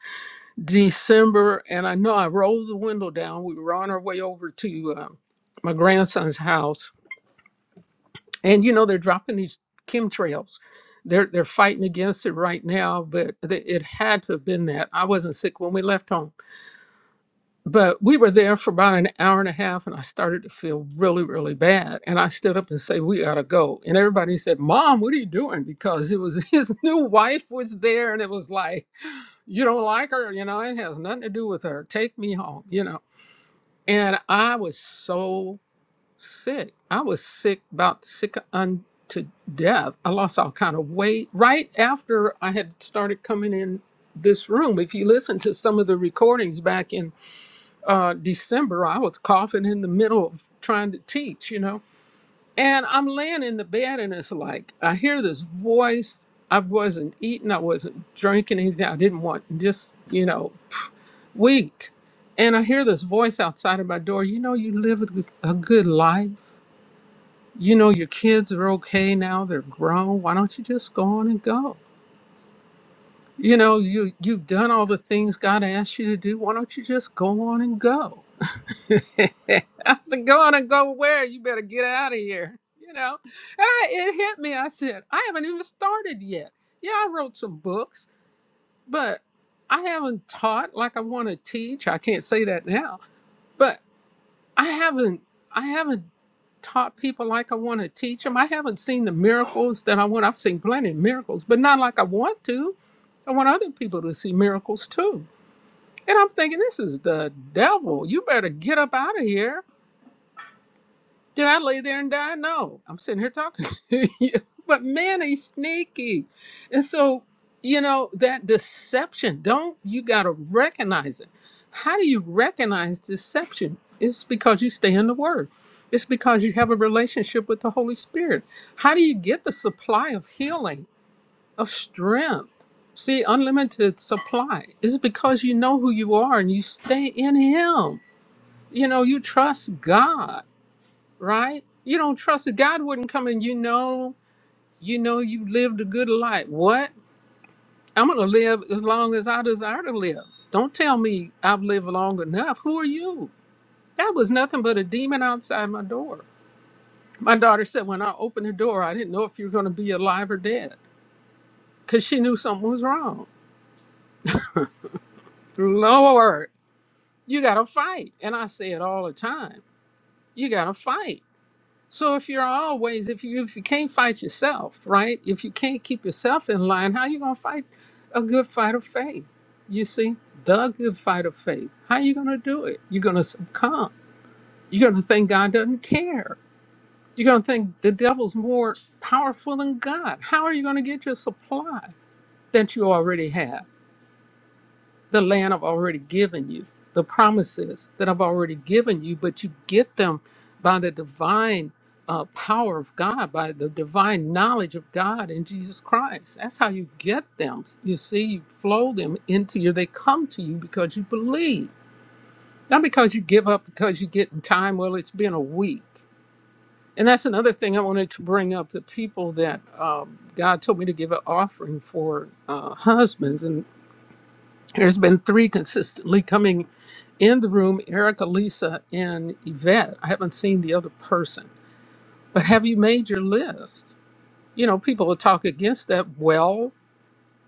[SPEAKER 5] December, and I know I rolled the window down. We were on our way over to um, my grandson's house, and you know they're dropping these chemtrails they're they're fighting against it right now but th- it had to have been that i wasn't sick when we left home but we were there for about an hour and a half and i started to feel really really bad and i stood up and said we gotta go and everybody said mom what are you doing because it was [LAUGHS] his new wife was there and it was like you don't like her you know it has nothing to do with her take me home you know and i was so sick. I was sick, about sick unto death. I lost all kind of weight right after I had started coming in this room. If you listen to some of the recordings back in uh, December, I was coughing in the middle of trying to teach, you know. And I'm laying in the bed, and it's like I hear this voice. I wasn't eating, I wasn't drinking anything. I didn't want just, you know, pff, weak. And I hear this voice outside of my door, you know, you live a a good life you know your kids are okay now they're grown why don't you just go on and go you know you you've done all the things god asked you to do why don't you just go on and go [LAUGHS] i said go on and go where you better get out of here you know and i it hit me i said i haven't even started yet yeah i wrote some books but i haven't taught like i want to teach i can't say that now but. I haven't I haven't taught people like I want to teach them. I haven't seen the miracles that I want. I've seen plenty of miracles, but not like I want to. I want other people to see miracles too. And I'm thinking, this is the devil. You better get up out of here. Did I lay there and die? No, I'm sitting here talking [LAUGHS] to you. But man, he's sneaky. And so, you know, that deception, don't you got to recognize it? How do you recognize deception? It's because you stay in the Word, it's because you have a relationship with the Holy Spirit. How do you get the supply of healing, of strength? See, unlimited supply is because you know who you are and you stay in Him. You know, you trust God right? You don't trust it. God wouldn't come and you know, you know, you lived a good life. What? I'm gonna live as long as I desire to live. Don't tell me I've lived long enough. Who are you? That was nothing but a demon outside my door. My daughter said when I opened the door, I didn't know if you were gonna be alive or dead, because she knew something was wrong. Lord, you gotta fight. And I say it all the time. You gotta fight So if you're always if you if you can't fight yourself, right? If you can't keep yourself in line, how you gonna fight a good fight of faith? You see, the good fight of faith. How you gonna do it? You're gonna succumb. You're gonna think God doesn't care. You're gonna think the devil's more powerful than God. How are you gonna get your supply that you already have? the land I've already given you, the promises that I've already given you, but you get them by the divine uh, power of God, by the divine knowledge of God in Jesus Christ. That's how you get them. You see, you flow them into you. They come to you because you believe, not because you give up, because you get in time. Well, it's been a week. And that's another thing I wanted to bring up the people that um, God told me to give an offering for uh, husbands. And there's been three consistently coming in the room, Erica, Lisa, and Yvette. I haven't seen the other person, but have you made your list? You know, people will talk against that. Well,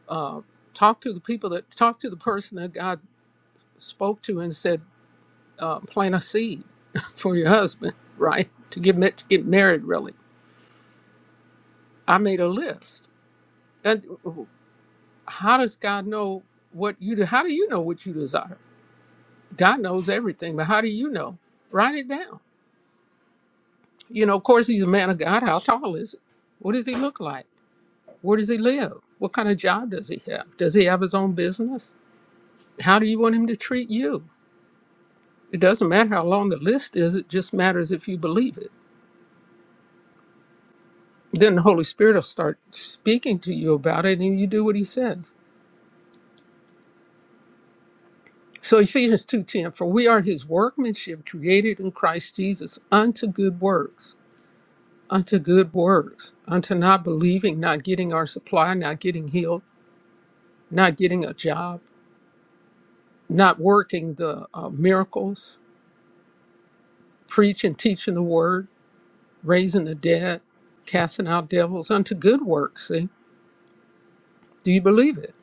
[SPEAKER 5] uh, talk to the people that talk to the person that God spoke to and said, uh, plant a seed [LAUGHS] for your husband, right? To get ma- to get married, really. I made a list. And oh, how does God know what you? How do you know what you desire? God knows everything, but how do you know? Write it down You know, of course, he's a man of God. How tall is he? What does he look like? Where does he live? What kind of job does he have? Does he have his own business? How do you want him to treat you? It doesn't matter how long the list is, it just matters if you believe it. Then the Holy Spirit will start speaking to you about it and you do what he says. So Ephesians 2:10 for we are his workmanship created in Christ Jesus unto good works unto good works unto not believing not getting our supply not getting healed not getting a job not working the uh, miracles, preaching, teaching the word, raising the dead, casting out devils unto good works. See, do you believe it?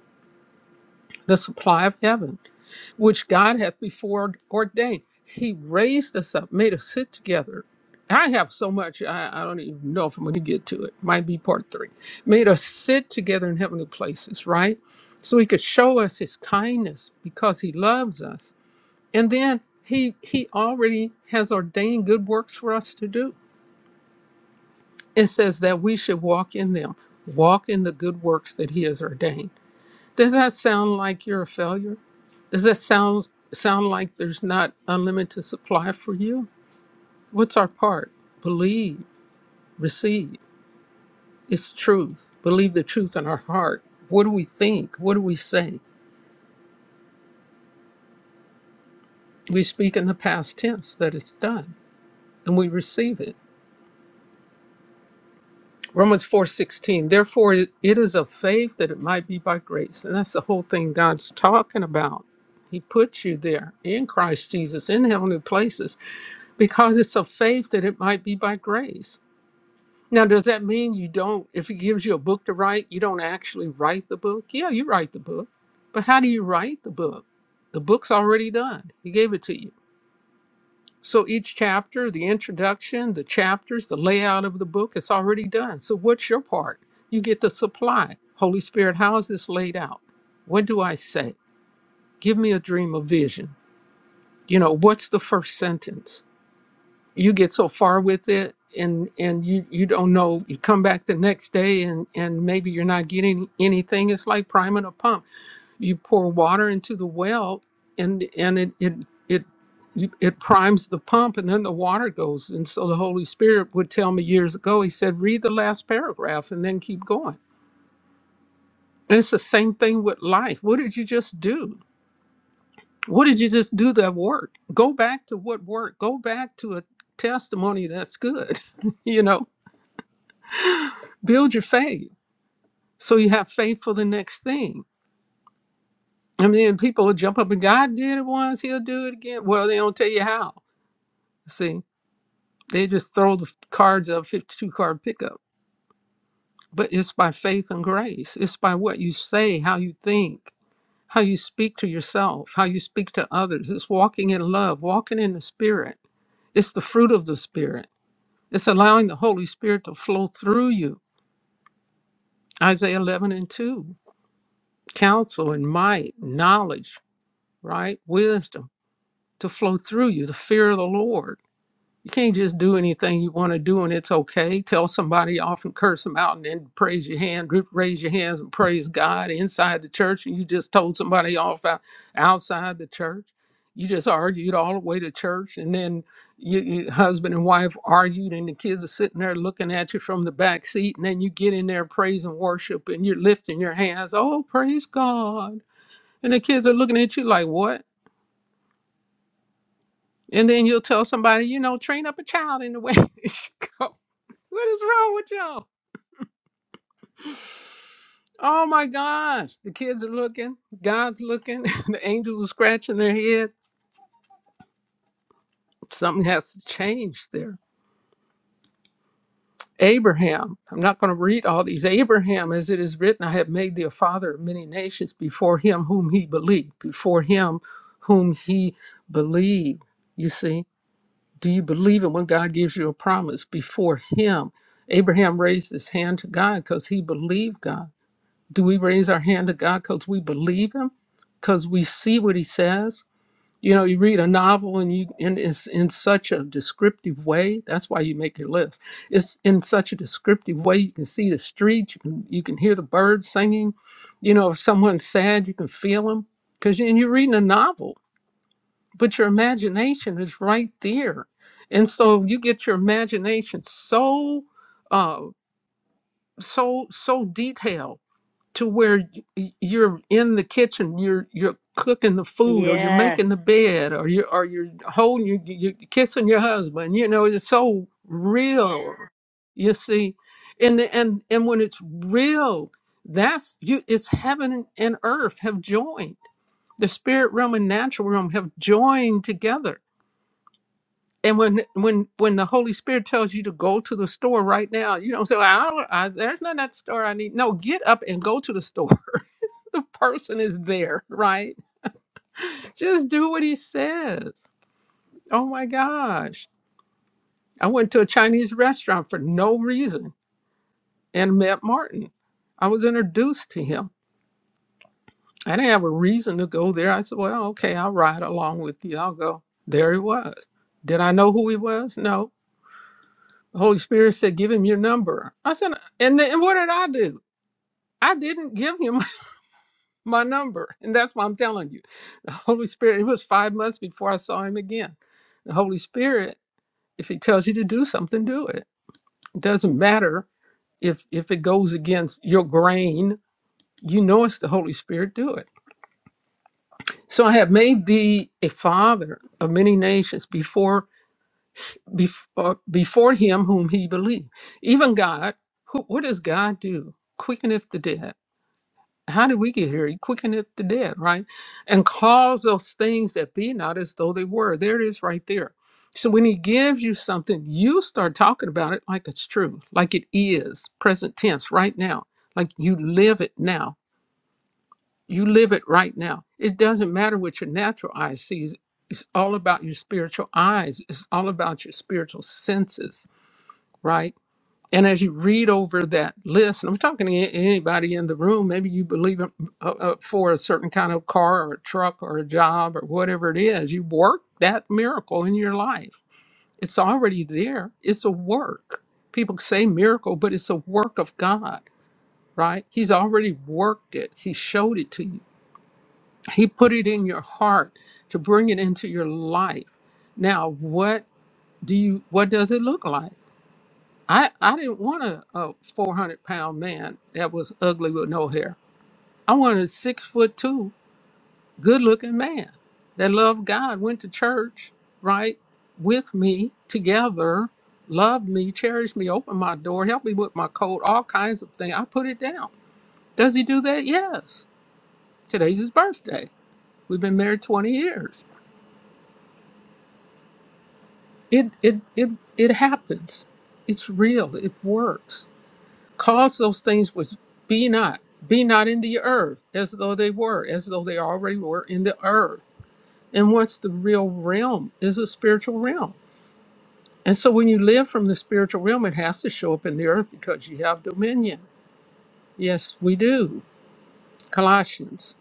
[SPEAKER 5] The supply of heaven, which God hath before ordained. He raised us up, made us sit together. I have so much, I, I don't even know if I'm going to get to it. Might be part three. Made us sit together in heavenly places, right? So he could show us his kindness because he loves us And then he he already has ordained good works for us to do. It says that we should walk in them, walk in the good works that he has ordained. Does that sound like you're a failure? Does that sound sound like there's not unlimited supply for you? What's our part? Believe, receive. It's truth. Believe the truth in our heart. What do we think? What do we say? We speak in the past tense that it's done and we receive it. Romans 4:16. Therefore it it is of faith that it might be by grace. And that's the whole thing God's talking about. He put you there in Christ Jesus in heavenly places because it's of faith that it might be by grace. Now, does that mean you don't, if he gives you a book to write, you don't actually write the book? Yeah, you write the book. But how do you write the book? The book's already done. He gave it to you. So each chapter, the introduction, the chapters, the layout of the book, it's already done. So what's your part? You get the supply. Holy Spirit, how is this laid out? What do I say? Give me a dream, a vision. You know, what's the first sentence? You get so far with it and and you you don't know you come back the next day and and maybe you're not getting anything it's like priming a pump you pour water into the well and and it it it you- it primes the pump and then the water goes and so the holy spirit would tell me years ago he said read the last paragraph and then keep going and it's the same thing with life what did you just do what did you just do that worked go back to what worked go back to a testimony that's good [LAUGHS] you know build your faith so you have faith for the next thing i mean people will jump up and god did it once he'll do it again well they don't tell you how see They just throw the cards up, 52 card pickup. But it's by faith and grace. It's by what you say, how you think, how you speak to yourself, how you speak to others. It's walking in love, walking in the Spirit. It's the fruit of the Spirit. It's allowing the Holy Spirit to flow through you. Isaiah 11 and 2 counsel and might, knowledge, right? Wisdom to flow through you, the fear of the Lord You can't just do anything you want to do and it's okay. Tell somebody off and curse them out and then praise your hand, group- raise your hands and praise God inside the church. And you just told somebody off out, outside the church. You just argued all the way to church. And then you, you, husband and wife argued, and the kids are sitting there looking at you from the back seat. And then you get in there, praise and worship, and you're lifting your hands. Oh, praise God. And the kids are looking at you like, what? And then you'll tell somebody, you know, train up a child in the way. [LAUGHS] it should go. What is wrong with y'all? Oh my gosh. The kids are looking. God's looking. [LAUGHS] the angels are scratching their head. Something has to change there. Abraham. I'm not going to read all these. Abraham, as it is written, I have made thee a father of many nations before him whom he believed. Before him whom he believed. You see, do you believe it when God gives you a promise? Before him. Abraham raised his hand to God because he believed God. do we raise our hand to God because we believe Him, because we see what He says? You know, you read a novel and you and it's in such a descriptive way. That's why you make your list. It's in such a descriptive way. You can see the streets. You can you can hear the birds singing. You know, if someone's sad, you can feel them because and you're reading a novel, but your imagination is right there, and so you get your imagination so uh, so so detailed to where y- you're in the kitchen, you're you're cooking the food, or you're making the bed, or you or you're holding you you you're kissing your husband. You know, it's so real. You see, and the- and and when it's real, that's you. It's heaven and earth have joined. The spirit realm and natural realm have joined together. And when when when the Holy Spirit tells you to go to the store right now, you don't say, "Well, "I don't. I, there's not that store I need." No, get up and go to the store. [LAUGHS] [LAUGHS] the person is there, right? Just do what he says. Oh my gosh. I went to a Chinese restaurant for no reason and met Martin. I was introduced to him. I didn't have a reason to go there. I said, well, okay, I'll ride along with you. I'll go. There he was. Did I know who he was? No. The Holy Spirit said, give him your number. I said, and then what did I do? I didn't give him my number. And that's why I'm telling you. The Holy Spirit, it was five months before I saw him again. The Holy Spirit, if he tells you to do something, do it. It doesn't matter if if it goes against your grain, you know it's the Holy Spirit, do it. So I have made thee a father of many nations before before, before him whom he believed. Even God, who, what does God do? Quickeneth the dead How did we get here? He quickeneth the dead, right? And cause those things that be not as though they were. There it is right there. So when he gives you something, you start talking about it like it's true, like it is, present tense, right now. Like you live it now. You live it right now. It doesn't matter what your natural eye sees. It's all about your spiritual eyes. It's all about your spiritual senses, right? And as you read over that list, and I'm talking to a- anybody in the room, maybe you believe in- uh, uh, for a certain kind of car or a truck or a job or whatever it is, you work that miracle in your life. It's already there. It's a work. People say miracle, but it's a work of God, right? He's already worked it, He showed it to you. He put it in your heart to bring it into your life. Now, what do you what does it look like? I, I didn't want a, a 400 pound man that was ugly with no hair. I wanted a six foot two, good looking man that loved God, went to church, right, with me together, loved me, cherished me, opened my door, helped me with my coat, all kinds of things. I put it down. Does he do that? Yes. Today's his birthday. We've been married 20 years. It, it, it, it happens. It's real. It works. Cause those things which be not, be not in the earth, as though they were, as though they already were in the earth. And what's the real realm is a spiritual realm. And so when you live from the spiritual realm, it has to show up in the earth because you have dominion. Yes, we do. Colossians.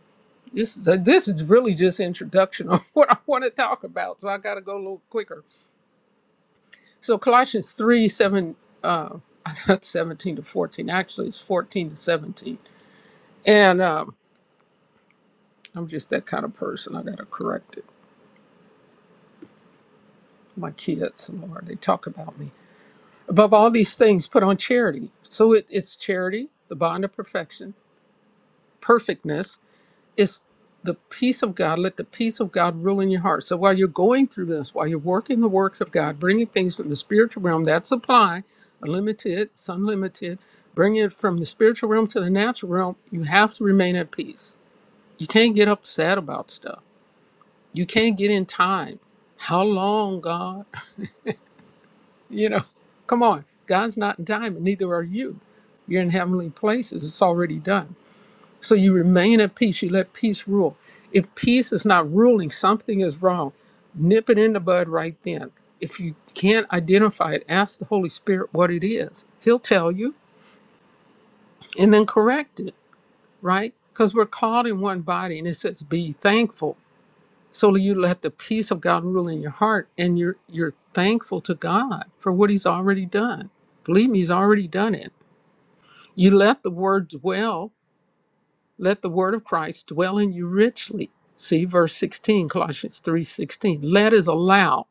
[SPEAKER 5] This is, this is really just introduction on [LAUGHS] what I want to talk about. So I got to go a little quicker. So Colossians 3, 7, uh, [LAUGHS] not 17 to 14. Actually, it's 14 to 17. And, um. I'm just that kind of person. I got to correct it. My kids, Lord, they talk about me. Above all these things, put on charity. So it, it's charity, the bond of perfection, perfectness. It's the peace of God. Let the peace of God rule in your heart. So while you're going through this, while you're working the works of God, bringing things from the spiritual realm, that supply, unlimited, it's unlimited, bringing it from the spiritual realm to the natural realm, you have to remain at peace. You can't get upset about stuff You can't get in time. How long, God? [LAUGHS] You know, come on. God's not in time, and neither are you. You're in heavenly places. It's already done. So you remain at peace. You let peace rule. If peace is not ruling, something is wrong. Nip it in the bud right then. If you can't identify it, ask the Holy Spirit what it is. He'll tell you and then correct it, right? Because we're called in one body, and it says, be thankful. So you let the peace of God rule in your heart and you're you're thankful to God for what he's already done. Believe me, he's already done it. You let the word dwell, let the word of Christ dwell in you richly. See verse 16, Colossians 3:16. Let is allow.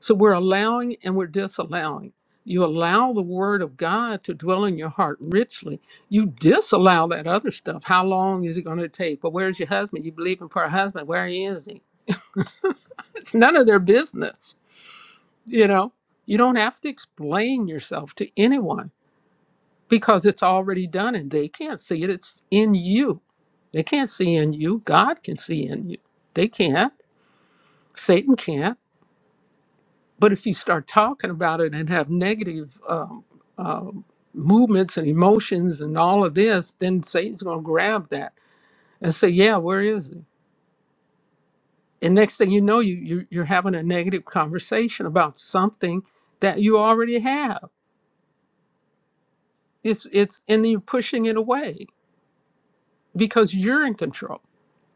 [SPEAKER 5] So we're allowing and we're disallowing. You allow the word of God to dwell in your heart richly. You disallow that other stuff. How long is it going to take? Well, where's your husband? You believe him for a husband. Where is he? It's none of their business You know, you don't have to explain yourself to anyone because it's already done and they can't see it. It's in you. They can't see in you. God can see in you. They can't. Satan can't. But if you start talking about it and have negative um, um, movements and emotions and all of this, then Satan's going to grab that and say, "Yeah, where is he?" And next thing you know, you, you you're having a negative conversation about something that you already have It's it's and then you're pushing it away because you're in control.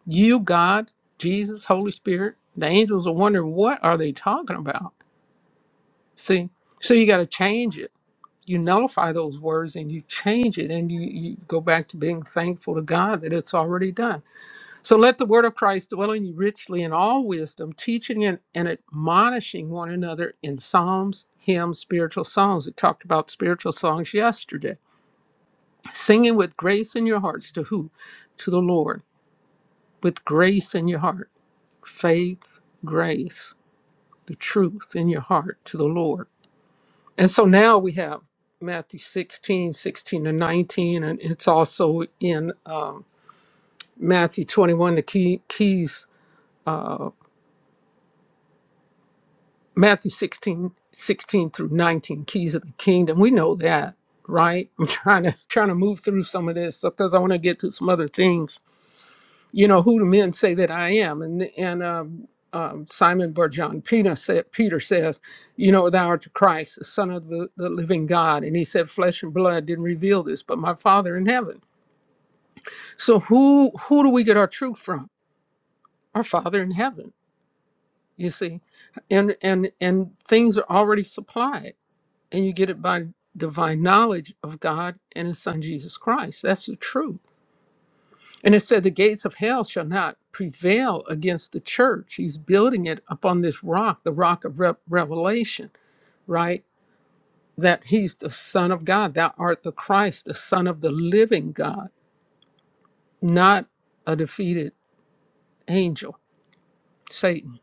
[SPEAKER 5] You, God, Jesus, Holy Spirit, the angels are wondering what are they talking about. See, so you got to change it. You nullify those words and you change it, and you, you go back to being thankful to God that it's already done. So let the word of Christ dwell in you richly in all wisdom, teaching and, and admonishing one another in psalms, hymns, spiritual songs. We talked about spiritual songs yesterday Singing with grace in your hearts to who? To the Lord. With grace in your heart. Faith, grace, the truth in your heart to the Lord. And so now we have Matthew 16, 16 to 19, and it's also in um, Matthew 21, the key, keys, uh, Matthew sixteen, sixteen through 19, keys of the kingdom. We know that, right? I'm trying to [LAUGHS] trying to move through some of this because I want to get to some other things you know who do men say that i am and and um, um, simon Barjon peter, said, peter says you know thou art the christ the son of the, the living god and he said flesh and blood didn't reveal this but my father in heaven so who who do we get our truth from our father in heaven you see and and and things are already supplied and you get it by divine knowledge of god and his son jesus christ that's the truth And it said, The gates of hell shall not prevail against the church. He's building it upon this rock, the rock of rev revelation, right? That he's the Son of God. Thou art the Christ, the Son of the living God, not a defeated angel, Satan.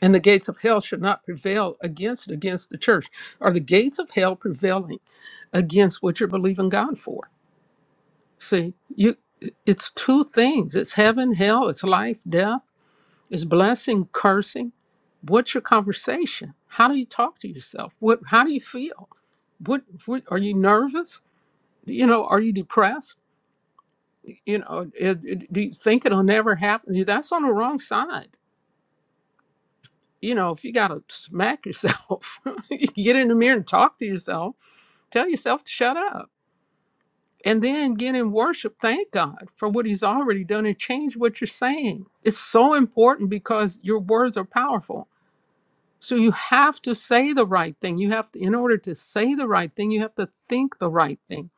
[SPEAKER 5] And the gates of hell shall not prevail against against the church. Are the gates of hell prevailing against what you're believing God for? See, you it's two things. It's heaven, hell, it's life, death Is blessing cursing? What's your conversation? How do you talk to yourself? What? How do you feel? What? what are you nervous? You know, are you depressed? You know, it- it- do you think it'll never happen? That's on the wrong side. You know, if you got to smack yourself, [LAUGHS] you get in the mirror and talk to yourself, tell yourself to shut up, and then get in worship. Thank God for what He's already done and change what you're saying. It's so important because your words are powerful So you have to say the right thing. You have to, in order to say the right thing, you have to think the right thing.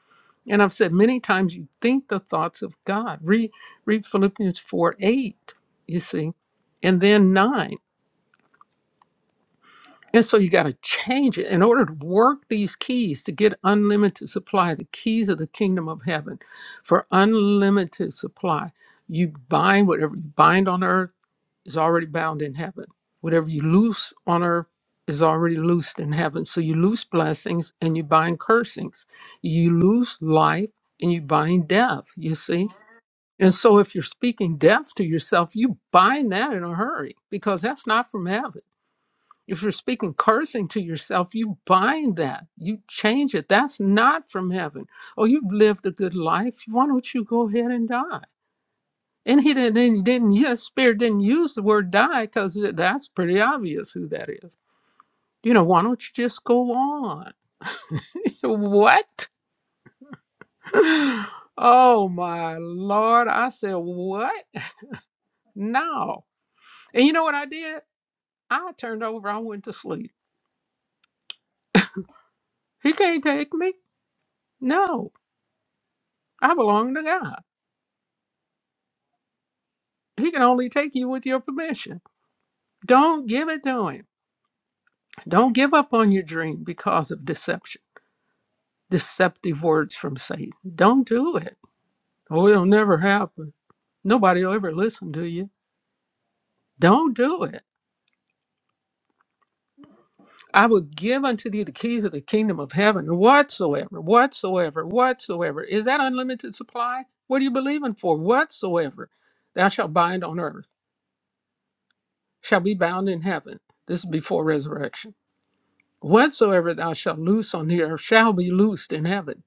[SPEAKER 5] And I've said many times, you think the thoughts of God. Read, read Philippians 4 8, you see, and then 9. And so you got to change it in order to work these keys to get unlimited supply, the keys of the kingdom of heaven for unlimited supply. You bind whatever you bind on earth is already bound in heaven. Whatever you loose on earth is already loosed in heaven. So you loose blessings and you bind cursings. You loose life and you bind death, you see? And so if you're speaking death to yourself, you bind that in a hurry because that's not from heaven. If you're speaking cursing to yourself, you bind that. You change it. That's not from heaven. Oh, you've lived a good life. Why don't you go ahead and die? And he didn't, didn't, didn't yes, Spirit didn't use the word die because that's pretty obvious who that is. You know, why don't you just go on? [LAUGHS] what? [LAUGHS] Oh my Lord. I said, what? No. And you know what I did? I turned over, I went to sleep. He can't take me. No, I belong to God. He can only take you with your permission. Don't give it to him. Don't give up on your dream because of deception, deceptive words from Satan. Don't do it Oh, it'll never happen. Nobody will ever listen to you. Don't do it. I will give unto thee the keys of the kingdom of heaven, whatsoever, whatsoever, whatsoever. Is that unlimited supply? What are you believing for? Whatsoever thou shalt bind on earth shall be bound in heaven. This is before resurrection. Whatsoever thou shalt loose on the earth shall be loosed in heaven.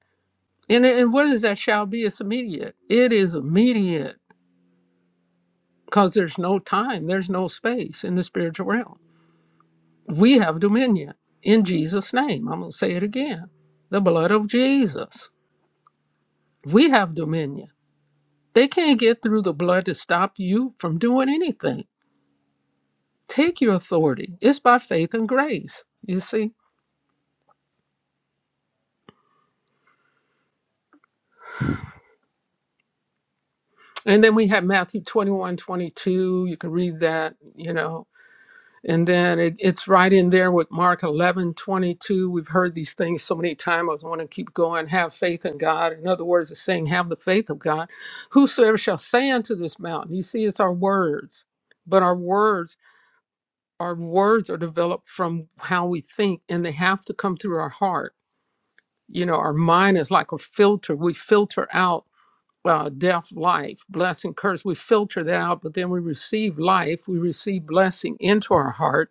[SPEAKER 5] And, and what is that shall be? It's immediate. It is immediate because there's no time, there's no space in the spiritual realm We have dominion in Jesus' name. I'm going to say it again the blood of Jesus. We have dominion. They can't get through the blood to stop you from doing anything. Take your authority. It's by faith and grace, you see. And then we have Matthew 21, 22. You can read that, you know And then it, it's right in there with Mark eleven twenty-two. We've heard these things so many times. I want to keep going. Have faith in God. In other words, it's saying, have the faith of God. Whosoever shall say unto this mountain, you see, it's our words, but our words, our words are developed from how we think and they have to come through our heart. You know, our mind is like a filter. We filter out uh, death, life, blessing, curse. We filter that out, but then we receive life. We receive blessing into our heart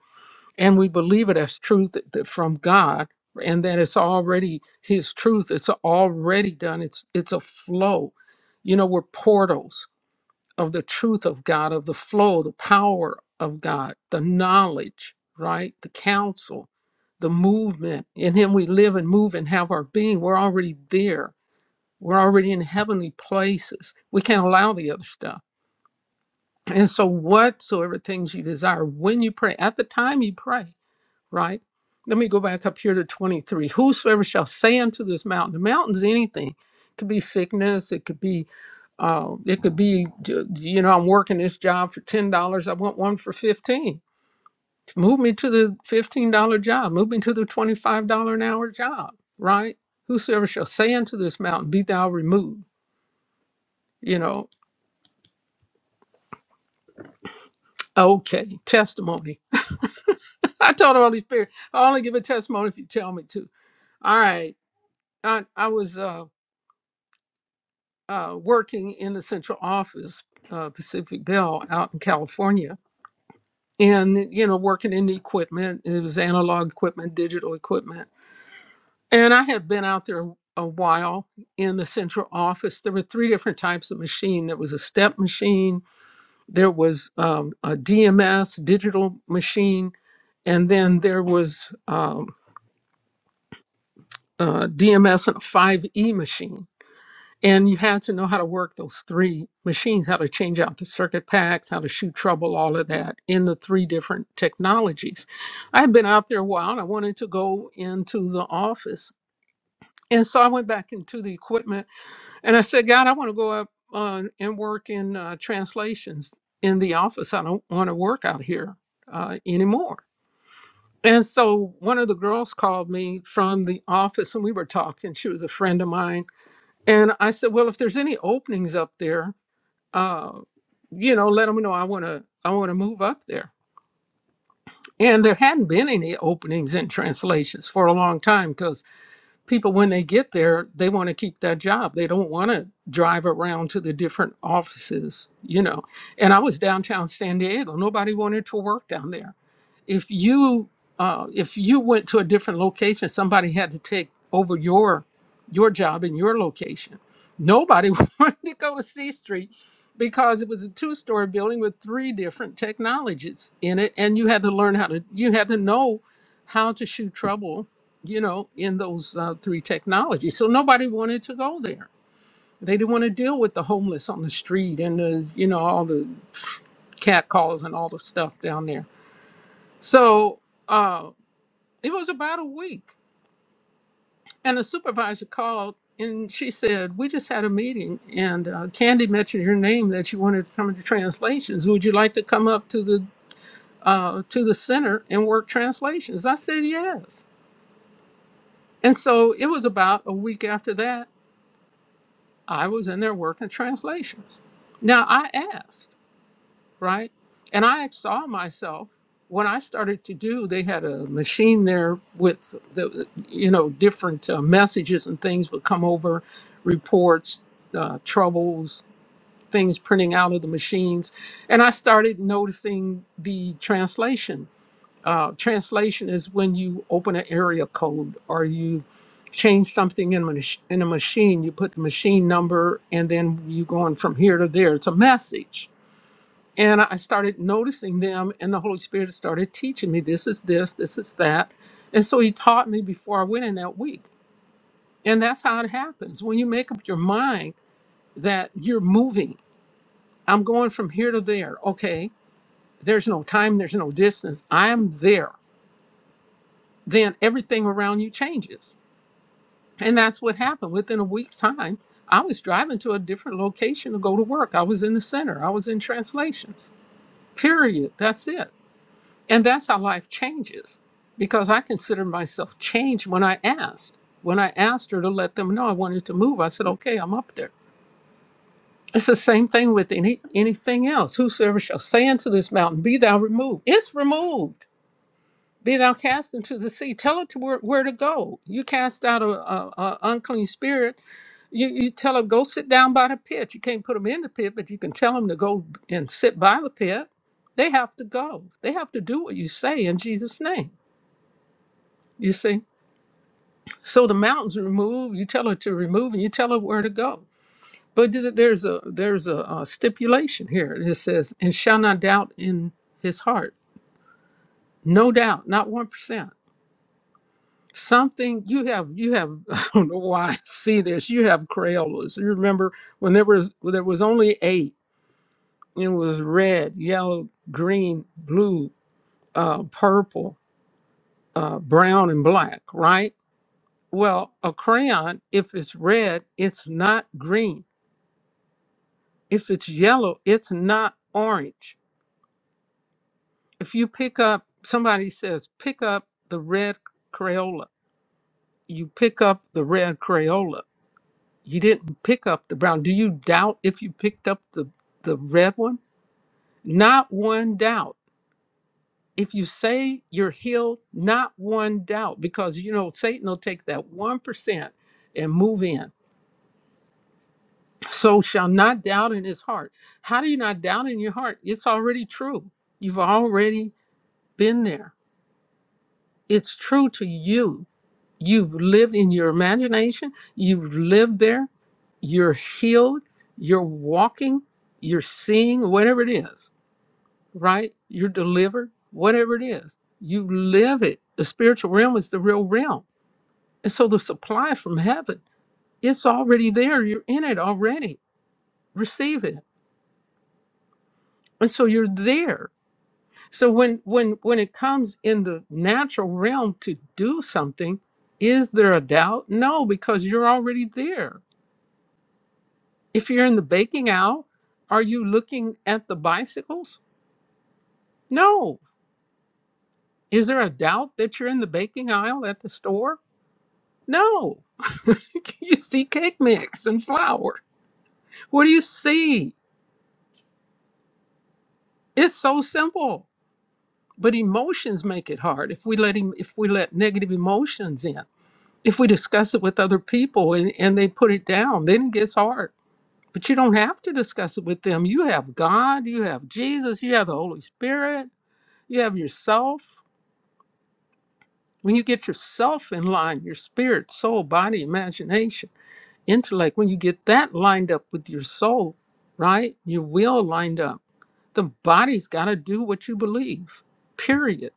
[SPEAKER 5] and we believe it as truth that- that from God and that it's already his truth it's already done it's it's a flow you know we're portals of the truth of God of the flow the power of God the knowledge right the counsel the movement in him we live and move and have our being we're already there we're already in heavenly places we can't allow the other stuff and so whatsoever things you desire when you pray at the time you pray right? Let me go back up here to 23. Whosoever shall say unto this mountain, the mountain's anything. It could be sickness, it could be uh, it could be you know, I'm working this job for ten dollars. I want one for fifteen. Move me to the fifteen dollar job, move me to the twenty-five dollar an hour job, right? Whosoever shall say unto this mountain, be thou removed. You know, okay, testimony. [LAUGHS] I told the Holy Spirit, I only give a testimony if you tell me to. All right. I, I was uh uh, working in the central office, uh, Pacific Bell, out in California, and you know, working in the equipment. It was analog equipment, digital equipment, and I had been out there a while in the central office. There were three different types of machine. There was a step machine, there was um, a DMS digital machine, and then there was um, uh, DMS and a 5E machine And you had to know how to work those three machines, how to change out the circuit packs, how to shoot trouble, all of that in the three different technologies. I had been out there a while and I wanted to go into the office. And so I went back into the equipment and I said, God, I want to go up uh, and work in uh, translations in the office. I don't want to work out here uh, anymore. And so one of the girls called me from the office and we were talking. She was a friend of mine. And I said, Well, if there's any openings up there, uh, you know, let them know I want to I want to move up there. And there hadn't been any openings in translations for a long time because people, when they get there, they want to keep that job. They don't want to drive around to the different offices, you know. And I was downtown San Diego. Nobody wanted to work down there if you uh, if you went to a different location, somebody had to take over your your job in your location. Nobody [LAUGHS] wanted to go to C Street because it was a two story building with three different technologies in it, and you had to learn how to you had to know how to shoot trouble, you know, in those uh, three technologies. So nobody wanted to go there. They didn't want to deal with the homeless on the street and the you know all the cat calls and all the stuff down there so uh, it was about a week, and the supervisor called and she said, "We just had a meeting, and uh, Candy mentioned your name that you wanted to come into translations. Would you like to come up to the uh, to the center and work translations?" I said, "Yes." And so it was about a week after that. I was in there working translations. Now I asked. right? And I saw myself when I started to do. They had a machine there with the, you know, different uh, messages and things would come over, reports, uh, troubles, things printing out of the machines, and I started noticing the translation. Uh, translation is when you open an area code or you change something in a, mach- in a machine. You put the machine number, and then you going from here to there. It's a message and I started noticing them, and the Holy Spirit started teaching me this is this, this is that. And so He taught me before I went in that week. And that's how it happens. When you make up your mind that you're moving, I'm going from here to there. Okay, there's no time, there's no distance. I'm there. Then everything around you changes. And that's what happened. Within a week's time, I was driving to a different location to go to work. I was in the center, I was in translations. Period. That's it And that's how life changes because I consider myself changed when I asked. When I asked her to let them know I wanted to move, I said, okay, I'm up there. It's the same thing with any, anything else. Whosoever shall say unto this mountain, Be thou removed, it's removed. Be thou cast into the sea. Tell it to where, where to go. You cast out a, a, a unclean spirit. You, you tell them, Go sit down by the pit. You can't put them in the pit, but you can tell them to go and sit by the pit. They have to go. They have to do what you say in Jesus' name. You see? So the mountains remove, you tell her to remove, and you tell her where to go. But th- there's a there's a, uh stipulation here. It says, and shall not doubt in his heart. No doubt, not one percent. Something you have you have [LAUGHS] I don't know why I see this. You have Crayolas. You remember when there was when there was only eight, it was red, yellow, green, blue, uh, purple, uh, brown, and black, right? Well, a crayon, if it's red, it's not green If it's yellow, it's not orange. If you pick up, somebody says, pick up the red Crayola. You pick up the red Crayola. You didn't pick up the brown. Do you doubt if you picked up the, the red one? Not one doubt. If you say you're healed, not one doubt, because you know Satan will take that 1% and move in. So shall not doubt in his heart. How do you not doubt in your heart? It's already true. You've already been there. it's true to you. You've lived in your imagination, you've lived there, you're healed, you're walking, you're seeing, whatever it is, right? You're delivered, whatever it is. You live it. The spiritual realm is the real realm. And so the supply from heaven, it's already there. You're in it already. Receive it. And so you're there So when when when it comes in the natural realm to do something, is there a doubt? No, because you're already there. If you're in the baking aisle, are you looking at the bicycles? No. Is there a doubt that you're in the baking aisle at the store? No. [LAUGHS] you see cake mix and flour. What do you see? It's so simple. But emotions make it hard if we let him if we let negative emotions in. if we discuss it with other people and, and they put it down, then it gets hard. But you don't have to discuss it with them. You have God, you have Jesus, you have the Holy Spirit, you have yourself. When you get yourself in line, your spirit, soul, body, imagination, intellect, when you get that lined up with your soul, right? Your will lined up, the body's got to do what you believe, period.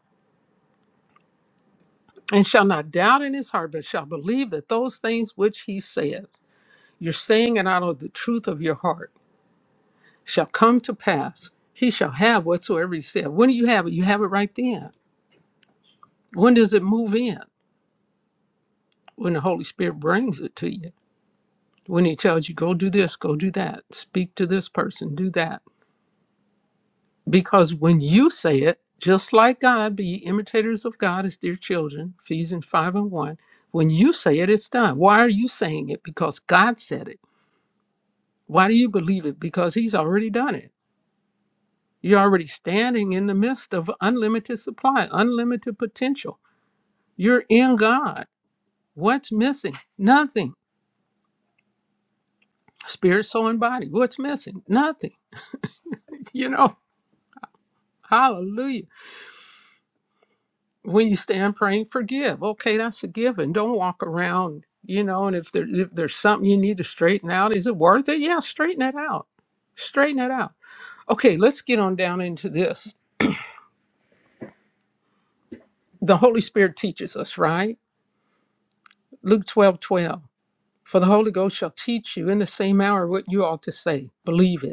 [SPEAKER 5] And shall not doubt in his heart, but shall believe that those things which he said, you're saying it out of the truth of your heart shall come to pass. He shall have whatsoever he said. When do you have it? You have it right then. When does it move in? When the Holy Spirit brings it to you. When he tells you, go do this, go do that, speak to this person, do that. Because when you say it, just like God, be ye imitators of God as dear children, Ephesians 5 and 1. When you say it, it's done. Why are you saying it? Because God said it. Why do you believe it? Because he's already done it. You're already standing in the midst of unlimited supply, unlimited potential You're in God. What's missing? Nothing. Spirit, soul, and body. What's missing? Nothing. [LAUGHS] You know, hallelujah. When you stand praying, forgive. Okay, that's a given. Don't walk around, you know, and if, there, if there's something you need to straighten out, is it worth it? Yeah, straighten it out. Straighten it out. Okay, let's get on down into this. The Holy Spirit teaches us, right? Luke 12:12. For the Holy Ghost shall teach you in the same hour what you ought to say. Believe it.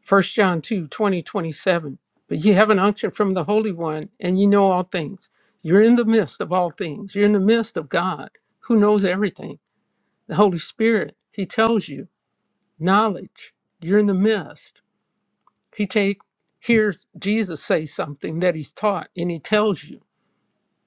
[SPEAKER 5] First John 2 20 27. But you have an unction from the Holy One, and you know all things. You're in the midst of all things. You're in the midst of God, who knows everything. The Holy Spirit, He tells you knowledge. You're in the midst. He take hears Jesus say something that He's taught, and He tells you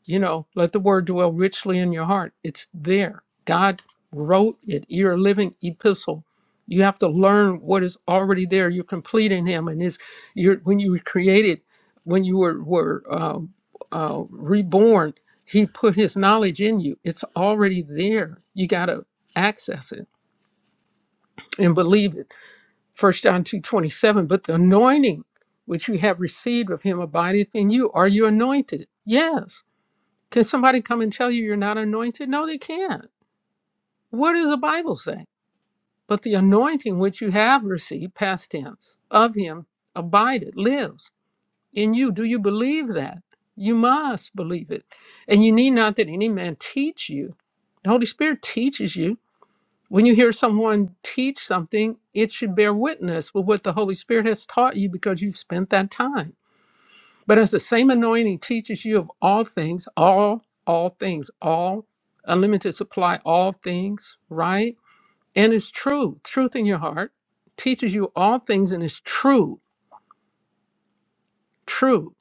[SPEAKER 5] you know, let the word dwell richly in your heart. It's there. God wrote it. You're a living epistle. You have to learn what is already there. You're complete in Him, and is you're when you were created, when you were were um, uh, reborn, He put His knowledge in you. It's already there. You got to access it and believe it. First John two twenty seven. But the anointing which you have received of Him abideth in you. Are you anointed? Yes. Can somebody come and tell you you're not anointed? No, they can't. What does the Bible say? But the anointing which you have received, past tense, of him abideth, lives in you. Do you believe that? You must believe it. And you need not that any man teach you. The Holy Spirit teaches you. When you hear someone teach something, it should bear witness with what the Holy Spirit has taught you because you've spent that time. But as the same anointing teaches you of all things, all, all things, all, unlimited supply, all things, right? And it's true, truth in your heart teaches you all things and is true, true,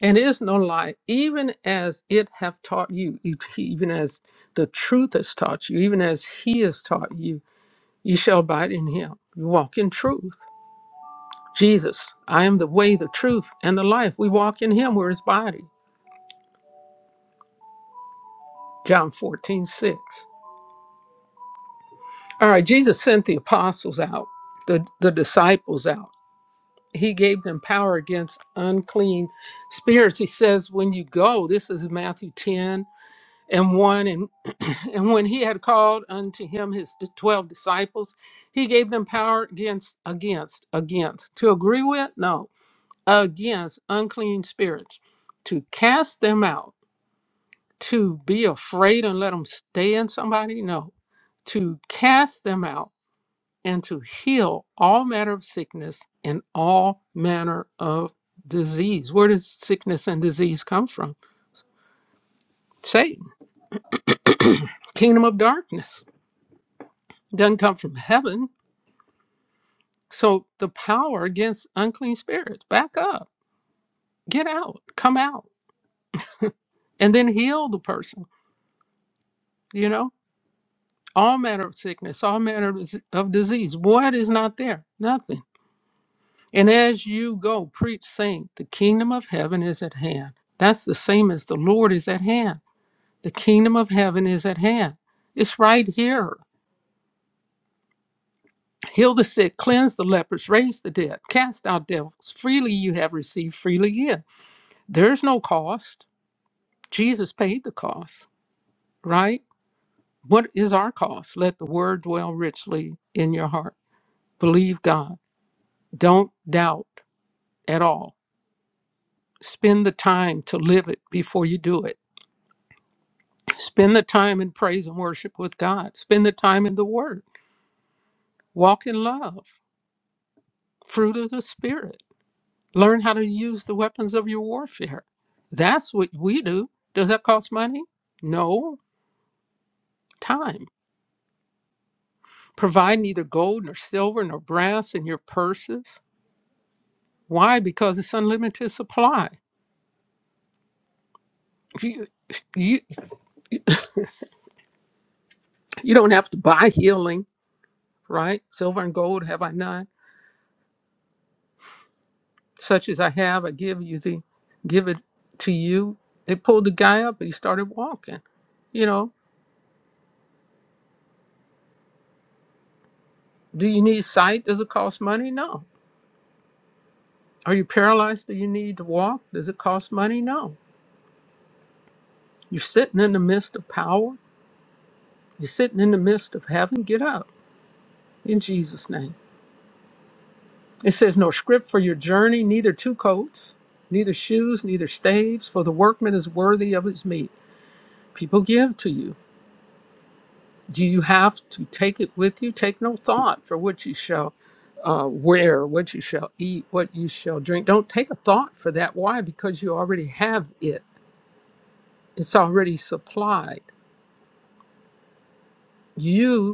[SPEAKER 5] and is no lie, even as it hath taught you, e- even as the truth has taught you, even as he has taught you, you shall abide in him. You walk in truth. Jesus, I am the way, the truth, and the life. We walk in him, we're his body. John 14 6. All right, Jesus sent the apostles out, the, the disciples out. He gave them power against unclean spirits. He says, when you go, this is Matthew 10 and 1. And, [CLEARS THROAT] and when he had called unto him his d- 12 disciples, he gave them power against, against, against. To agree with? No. Against unclean spirits. To cast them out. To be afraid and let them stay in somebody? No. To cast them out and to heal all manner of sickness and all manner of disease. Where does sickness and disease come from? Satan, kingdom of darkness. Doesn't come from heaven. So the power against unclean spirits, back up, get out, come out, and then heal the person, you know? All manner of sickness, all manner of of disease. What is not there? Nothing. And as you go, preach, saying, the kingdom of heaven is at hand. That's the same as the Lord is at hand The kingdom of heaven is at hand. It's right here. Heal the sick, cleanse the lepers, raise the dead, cast out devils. Freely you have received, freely give. There's no cost. Jesus paid the cost, right? What is our cost? Let the word dwell richly in your heart. Believe God. Don't doubt at all. Spend the time to live it before you do it. Spend the time in praise and worship with God. Spend the time in the word. Walk in love, fruit of the Spirit Learn how to use the weapons of your warfare. That's what we do. Does that cost money? No. Time. Provide neither gold nor silver nor brass in your purses. Why? Because it's unlimited supply. If You, you, you don't have to buy healing, right? Silver and gold have I none. Such as I have, I give you the give it to you. They pulled the guy up and he started walking. You know, do you need sight? Does it cost money? No Are you paralyzed? Do you need to walk? Does it cost money? No. You're sitting in the midst of power. You're sitting in the midst of heaven. Get up in Jesus' name. It says, No script for your journey, neither two coats, neither shoes, neither staves, for the workman is worthy of his meat. People give to you. Do you have to take it with you? Take no thought for what you shall uh, wear, what you shall eat, what you shall drink. Don't take a thought for that. Why? Because you already have it, it's already supplied. You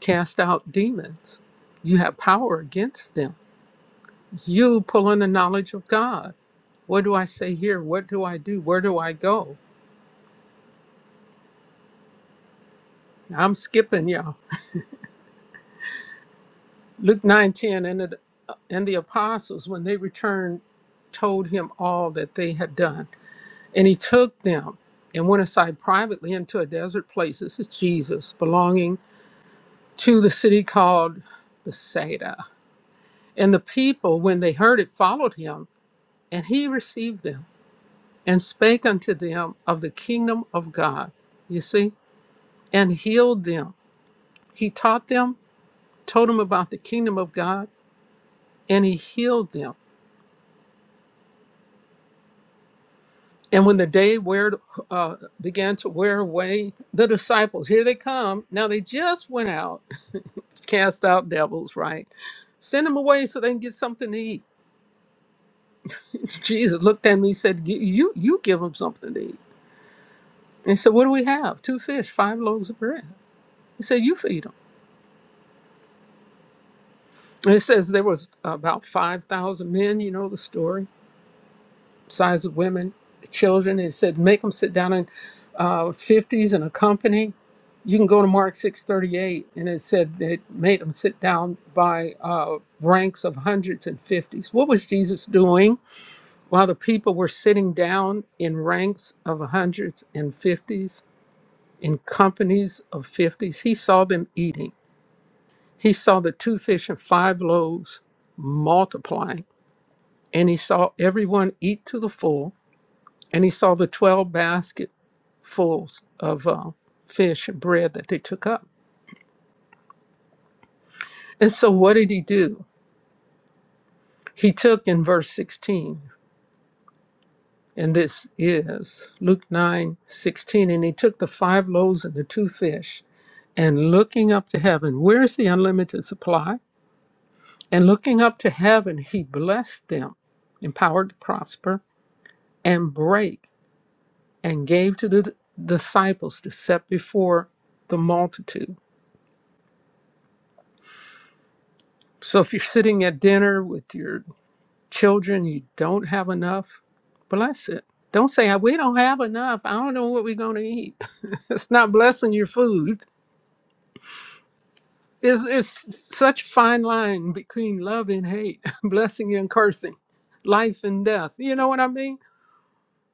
[SPEAKER 5] cast out demons. You have power against them. You pull in the knowledge of God. What do I say here? What do I do? Where do I go? I'm skipping y'all. Luke 9:10 and the and the apostles when they returned told him all that they had done. And he took them and went aside privately into a desert place. This is Jesus belonging to the city called Bethsaida. And the people when they heard it followed him and he received them and spake unto them of the kingdom of God, you see, and healed them. He taught them, told them about the kingdom of God, and he healed them. And when the day weared, uh, began to wear away, the disciples, here they come. Now they just went out, [LAUGHS] cast out devils, right? Send them away so they can get something to eat. [LAUGHS] Jesus looked at me and said, "Gi- you, you give them something to eat. And he said, What do we have? Two fish, five loaves of bread. He said, You feed them." And It says there was about 5,000 men, you know the story, size of women, children. And It said, make them sit down in uh, 50s in a company. You can go to Mark 638. And it said they made them sit down by uh, ranks of hundreds and fifties. What was Jesus doing while the people were sitting down in ranks of hundreds and fifties, in companies of fifties? He saw them eating. He saw the two fish and five loaves multiplying and he saw everyone eat to the full, and he saw the 12 basketfuls of uh, fish and bread that they took up. And so, what did he do? He took in verse 16, and this is Luke 9:16. and he took the five loaves and the two fish, and looking up to heaven, where's the unlimited supply? And looking up to heaven, he blessed them, empowered to prosper, and break. and gave to the disciples to set before the multitude. So if you're sitting at dinner with your children, you don't have enough, bless it. Don't say, "Ah, we don't have enough. I don't know what we're going to eat. [LAUGHS] it's not blessing your food. It's, it's such a fine line between love and hate, [LAUGHS] blessing and cursing, life and death. You know what I mean?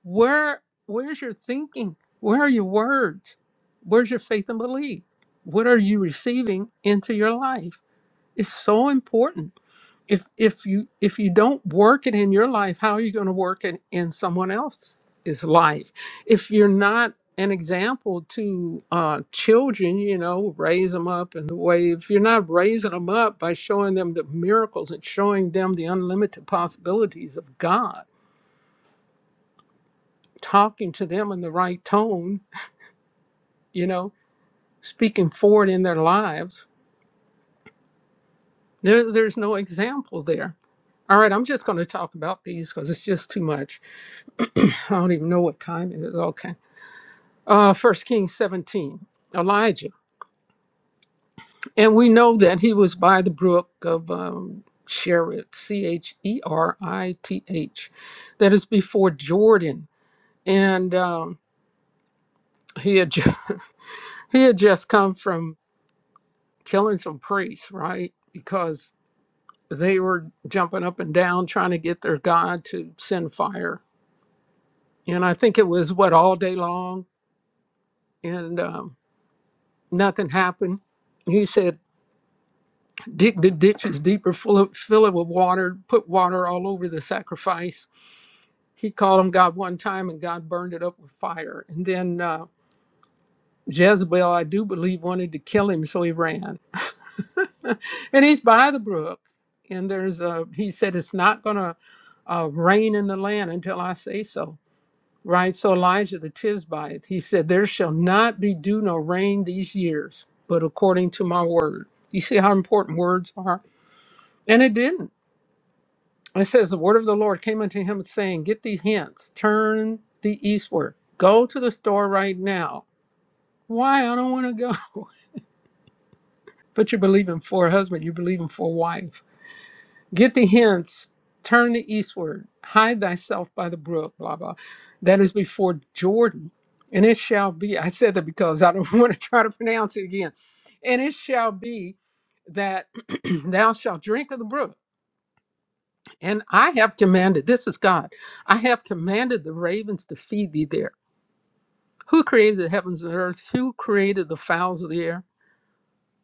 [SPEAKER 5] Where where's your thinking? Where are your words? Where's your faith and belief? What are you receiving into your life? It's so important. If if you if you don't work it in your life, how are you going to work it in someone else's life? If you're not an example to uh, children, you know, raise them up in the way. If you're not raising them up by showing them the miracles and showing them the unlimited possibilities of God, talking to them in the right tone you know, speaking forward in their lives. There, there's no example there. All right, I'm just going to talk about these because it's just too much. [CLEARS THROAT] I don't even know what time it is. Okay. Uh, 1 Kings 17, Elijah. And we know that he was by the brook of um, Cherit, C H E R I T H, that is before Jordan. And um, he, had, ju- [LAUGHS] he had just come from killing some priests, right? Because they were jumping up and down trying to get their God to send fire. And I think it was what all day long, and um, nothing happened. He said, "Dig the ditches deeper, full of, fill it with water, put water all over the sacrifice." He called on God one time, and God burned it up with fire. And then uh, Jezebel, I do believe, wanted to kill him, so he ran. [LAUGHS] and he's by the brook, and there's a. He said, "It's not going to uh, rain in the land until I say so." right? So Elijah the Tisbite, he said, There shall not be dew nor rain these years, but according to my word. You see how important words are? And it didn't. It says, The word of the Lord came unto him, saying, Get these hints, turn the eastward, go to the store right now. Why? I don't want to go. [LAUGHS] But you're believing for a husband, you're believing for a wife Get the hints, turn the eastward, hide thyself by the brook, blah, blah. That is before Jordan. And it shall be, I said that because I don't [LAUGHS] want to try to pronounce it again. And it shall be that [CLEARS THROAT] thou shalt drink of the brook. And I have commanded, this is God, I have commanded the ravens to feed thee there. Who created the heavens and the earth? Who created the fowls of the air?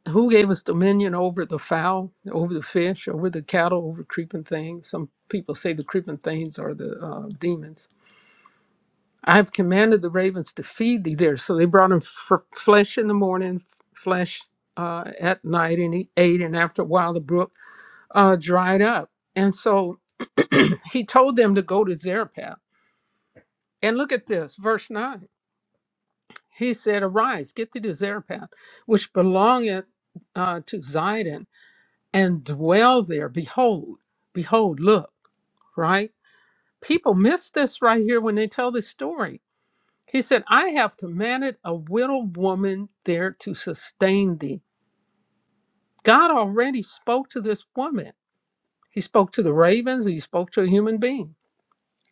[SPEAKER 5] Who gave us dominion over the fowl, over the fish, over the cattle, over creeping things? Some people say the creeping things are the uh, demons. I have commanded the ravens to feed thee there. So they brought him f- flesh in the morning, f- flesh uh, at night, and he ate. And after a while, the brook uh, dried up. And so [CLEARS THROAT] he told them to go to Zarephath. And look at this, verse 9. He said, Arise, get thee to Zarephath, which belongeth uh, to Zidon and dwell there. Behold, behold, look, right? People miss this right here when they tell this story. He said, I have commanded a widow woman there to sustain thee. God already spoke to this woman. He spoke to the ravens, and he spoke to a human being.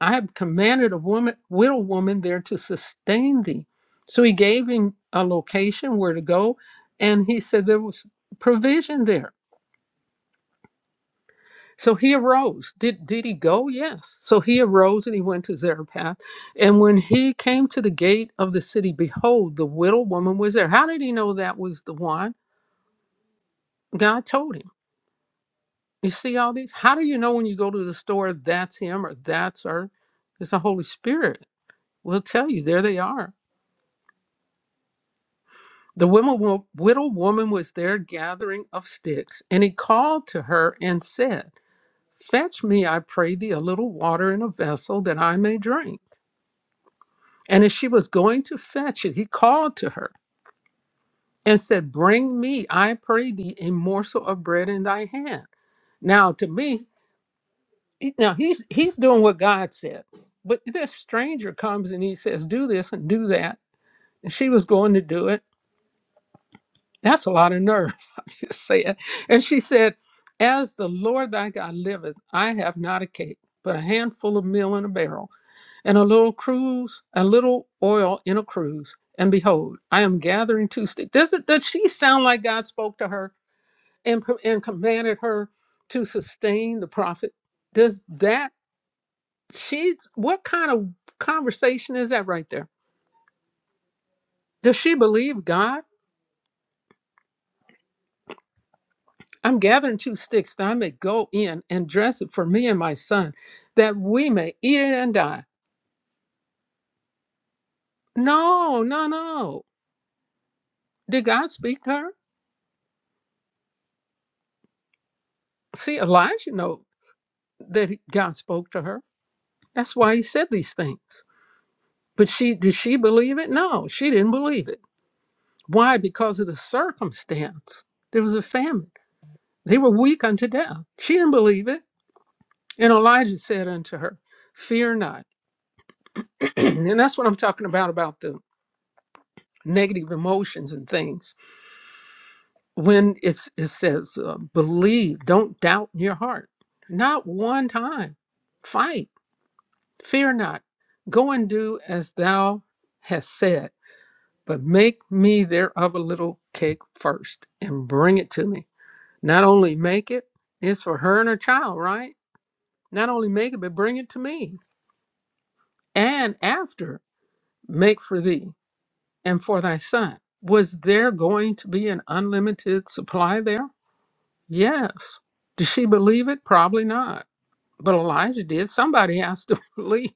[SPEAKER 5] I have commanded a woman, widow woman there to sustain thee. So he gave him a location where to go, and he said there was provision there So he arose. Did did he go? Yes. So he arose and he went to Zarephath. And when he came to the gate of the city, behold, the widow woman was there. How did he know that was the one? God told him. You see all these? How do you know when you go to the store that's him or that's her? It's the Holy Spirit. will tell you. There they are. The women, wo- widow woman was there gathering of sticks, and he called to her and said, Fetch me, I pray thee, a little water in a vessel that I may drink. And as she was going to fetch it, he called to her and said, Bring me, I pray thee, a morsel of bread in thy hand. Now, to me, he- now he's he's doing what God said. But this stranger comes and he says, Do this and do that. And she was going to do it. That's a lot of nerve, [LAUGHS] I just say it. And she said, As the Lord thy God liveth, I have not a cake, but a handful of meal in a barrel and a little cruise, a little oil in a cruise. And behold, I am gathering two sticks. Does it, does she sound like God spoke to her and, pro- and commanded her to sustain the prophet? Does that, she, what kind of conversation is that right there? Does she believe God? I'm gathering two sticks that I may go in and dress it for me and my son, that we may eat it and die. No, no, no. Did God speak to her? See, Elijah know that he- God spoke to her That's why he said these things. But she did she believe it? No, she didn't believe it. Why? Because of the circumstance. There was a famine. They were weak unto death. She didn't believe it. And Elijah said unto her, Fear not. [CLEARS THROAT] and that's what I'm talking about about the negative emotions and things. When it's, it says, uh, believe, don't doubt in your heart. Not one time. Fight. Fear not. Go and do as thou hast said but make me thereof a little cake first and bring it to me. Not only make it, it's for her and her child, right? Not only make it, but bring it to me. And after, make for thee and for thy son. Was there going to be an unlimited supply there? Yes. Did she believe it? Probably not. But Elijah did. Somebody has to [LAUGHS] believe.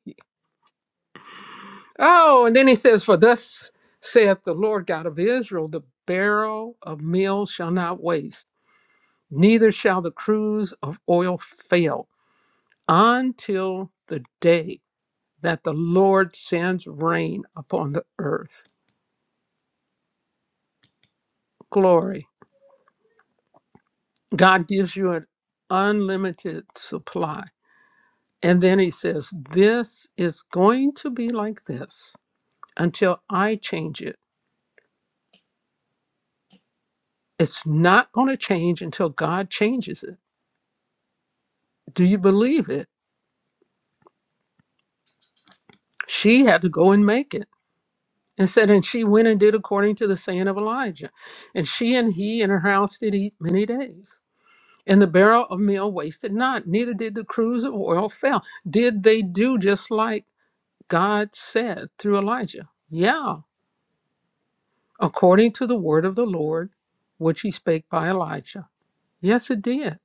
[SPEAKER 5] Oh, and then he says, For thus saith the Lord God of Israel, the barrel of meal shall not waste neither shall the cruse of oil fail until the day that the Lord sends rain upon the earth. Glory. God gives you an unlimited supply. And then he says, This is going to be like this until I change it. It's not going to change until God changes it. Do you believe it? She had to go and make it. and said, And she went and did according to the saying of Elijah. And she and he and her house did eat many days. And the barrel of meal wasted not, neither did the cruse of oil fail. Did they do just like God said through Elijah? Yeah, according to the word of the Lord, which he spake by Elijah. Yes, it did.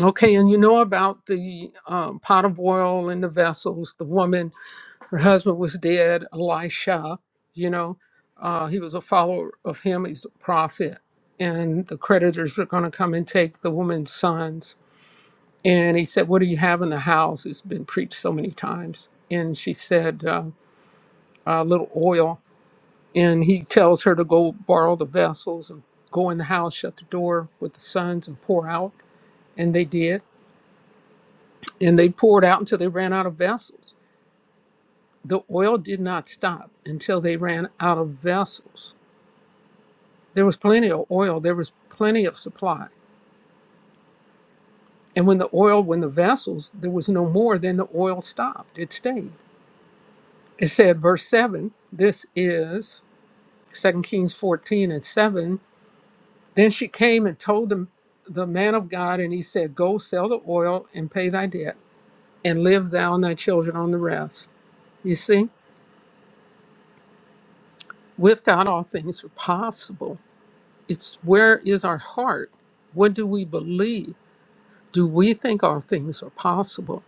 [SPEAKER 5] Okay, and you know about the um, pot of oil and the vessels, the woman her husband was dead, Elisha, you know, uh, he was a follower of him, he's a prophet. And the creditors were going to come and take the woman's sons. And he said, What do you have in the house? It's been preached so many times. And she said, uh, A little oil. And he tells her to go borrow the vessels and go in the house, shut the door with the sons and pour out. And they did. And they poured out until they ran out of vessels. The oil did not stop until they ran out of vessels There was plenty of oil, there was plenty of supply. And when the oil, when the vessels, there was no more, then the oil stopped. It stayed. It said, verse 7, this is 2 Kings 14 and 7. Then she came and told the, the man of God, and he said, Go sell the oil and pay thy debt, and live thou and thy children on the rest. You see, with God, all things are possible. It's where is our heart? What do we believe? Do we think all things are possible?